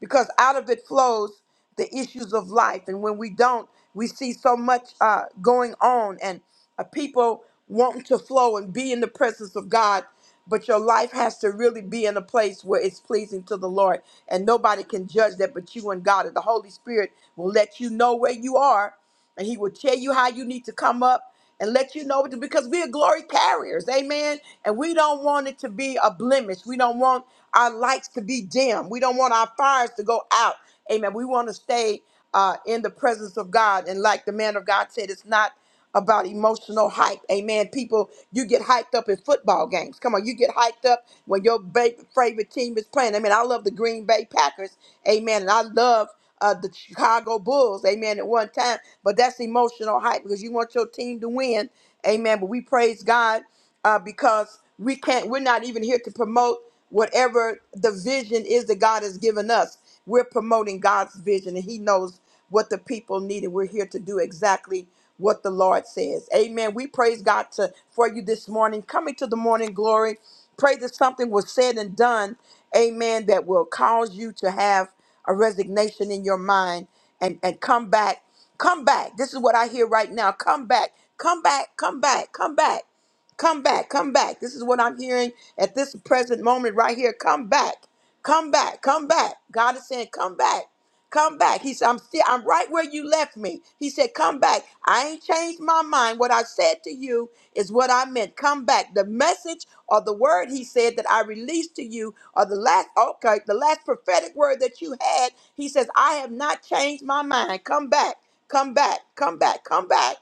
Speaker 1: because out of it flows the issues of life. And when we don't, we see so much uh, going on and uh, people wanting to flow and be in the presence of God. But your life has to really be in a place where it's pleasing to the Lord. And nobody can judge that but you and God. And the Holy Spirit will let you know where you are and he will tell you how you need to come up and let you know because we are glory carriers. Amen. And we don't want it to be a blemish. We don't want our lights to be dim. We don't want our fires to go out. Amen. We want to stay uh, in the presence of God. And like the man of God said, it's not about emotional hype. Amen. People, you get hyped up in football games. Come on, you get hyped up when your ba- favorite team is playing. I mean, I love the Green Bay Packers. Amen. And I love uh, the Chicago Bulls, amen, at one time. But that's emotional hype because you want your team to win, amen. But we praise God uh, because we can't, we're not even here to promote whatever the vision is that God has given us. We're promoting God's vision, and He knows what the people needed. We're here to do exactly what the Lord says. Amen. We praise God to, for you this morning. Coming to the morning glory. Pray that something was said and done. Amen. That will cause you to have a resignation in your mind and, and come back. Come back. This is what I hear right now. Come back. Come back. Come back. Come back. Come back, come back. This is what I'm hearing at this present moment right here. Come back, come back, come back. God is saying, come back, come back. He said, I'm still, I'm right where you left me. He said, come back. I ain't changed my mind. What I said to you is what I meant. Come back. The message or the word he said that I released to you or the last, okay, the last prophetic word that you had, he says, I have not changed my mind. Come back, come back, come back, come back.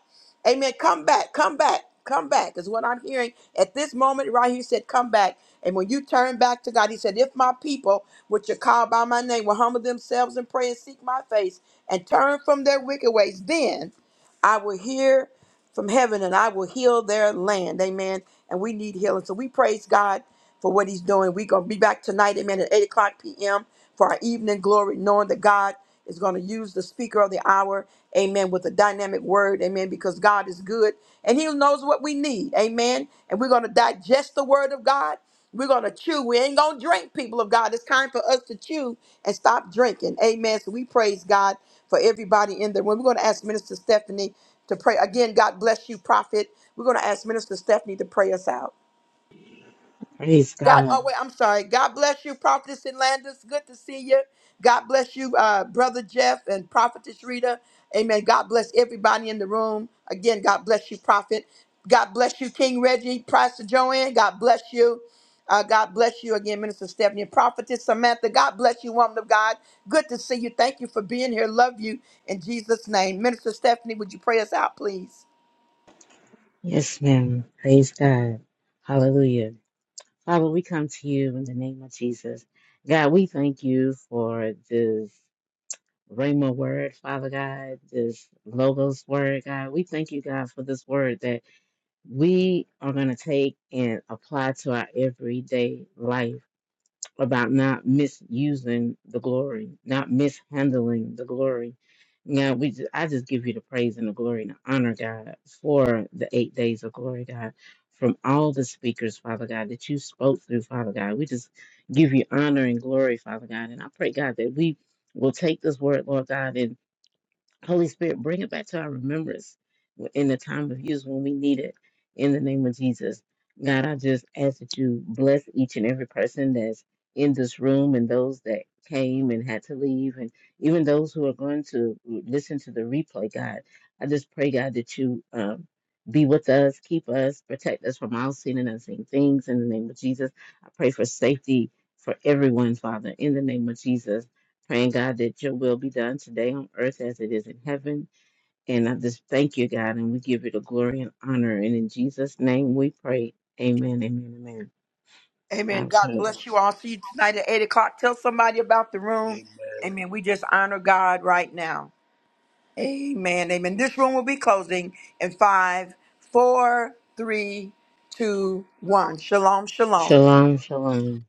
Speaker 1: Amen. Come back, come back, come back is what I'm hearing at this moment right here. He said, Come back. And when you turn back to God, He said, If my people, which are called by my name, will humble themselves and pray and seek my face and turn from their wicked ways, then. I will hear from heaven and I will heal their land. Amen. And we need healing. So we praise God for what he's doing. We're going to be back tonight, amen, at 8 o'clock p.m. for our evening glory, knowing that God is going to use the speaker of the hour, amen, with a dynamic word, amen, because God is good and he knows what we need, amen. And we're going to digest the word of God. We're going to chew. We ain't going to drink, people of God. It's time for us to chew and stop drinking. Amen. So we praise God for everybody in the room. We're going to ask Minister Stephanie to pray. Again, God bless you, Prophet. We're going to ask Minister Stephanie to pray us out.
Speaker 4: Praise
Speaker 1: God,
Speaker 4: God.
Speaker 1: oh wait, I'm sorry. God bless you, Prophetess Landis. Good to see you. God bless you, uh, Brother Jeff and Prophetess Rita. Amen. God bless everybody in the room. Again, God bless you, Prophet. God bless you, King Reggie, Pastor Joanne. God bless you. Uh, God bless you again, Minister Stephanie, Prophetess Samantha. God bless you, woman of God. Good to see you. Thank you for being here. Love you in Jesus' name. Minister Stephanie, would you pray us out, please?
Speaker 4: Yes, ma'am. Praise God. Hallelujah. Father, we come to you in the name of Jesus. God, we thank you for this Rhema word, Father God, this Logos word, God. We thank you, God, for this word that we are going to take and apply to our everyday life. about not misusing the glory, not mishandling the glory. Now we, ju- I just give you the praise and the glory and the honor, God, for the eight days of glory, God, from all the speakers, Father God, that you spoke through, Father God. We just give you honor and glory, Father God, and I pray, God, that we will take this word, Lord God, Holy Spirit, bring it back to our remembrance in the time of use when we need it. In the name of Jesus, God, I just ask that you bless each and every person that's in this room and those that came and had to leave, and even those who are going to listen to the replay. God, I just pray, God, that you um, be with us, keep us, protect us from all sin and unseen things. In the name of Jesus, I pray for safety for everyone, Father. In the name of Jesus. Praying, God, that your will be done today on earth as it is in heaven. And I just thank you, God, and we give you the glory and honor. And in Jesus' name we pray. Amen, amen, amen.
Speaker 1: Amen.
Speaker 4: I've
Speaker 1: God
Speaker 4: heard.
Speaker 1: bless you all. See you tonight at 8 o'clock. Tell somebody about the
Speaker 2: you.
Speaker 1: room.
Speaker 2: Amen.
Speaker 1: Amen. We just honor God right now. Amen. Amen. This room will be closing in five, four, three, two, one. Shalom, shalom.
Speaker 4: Shalom, shalom.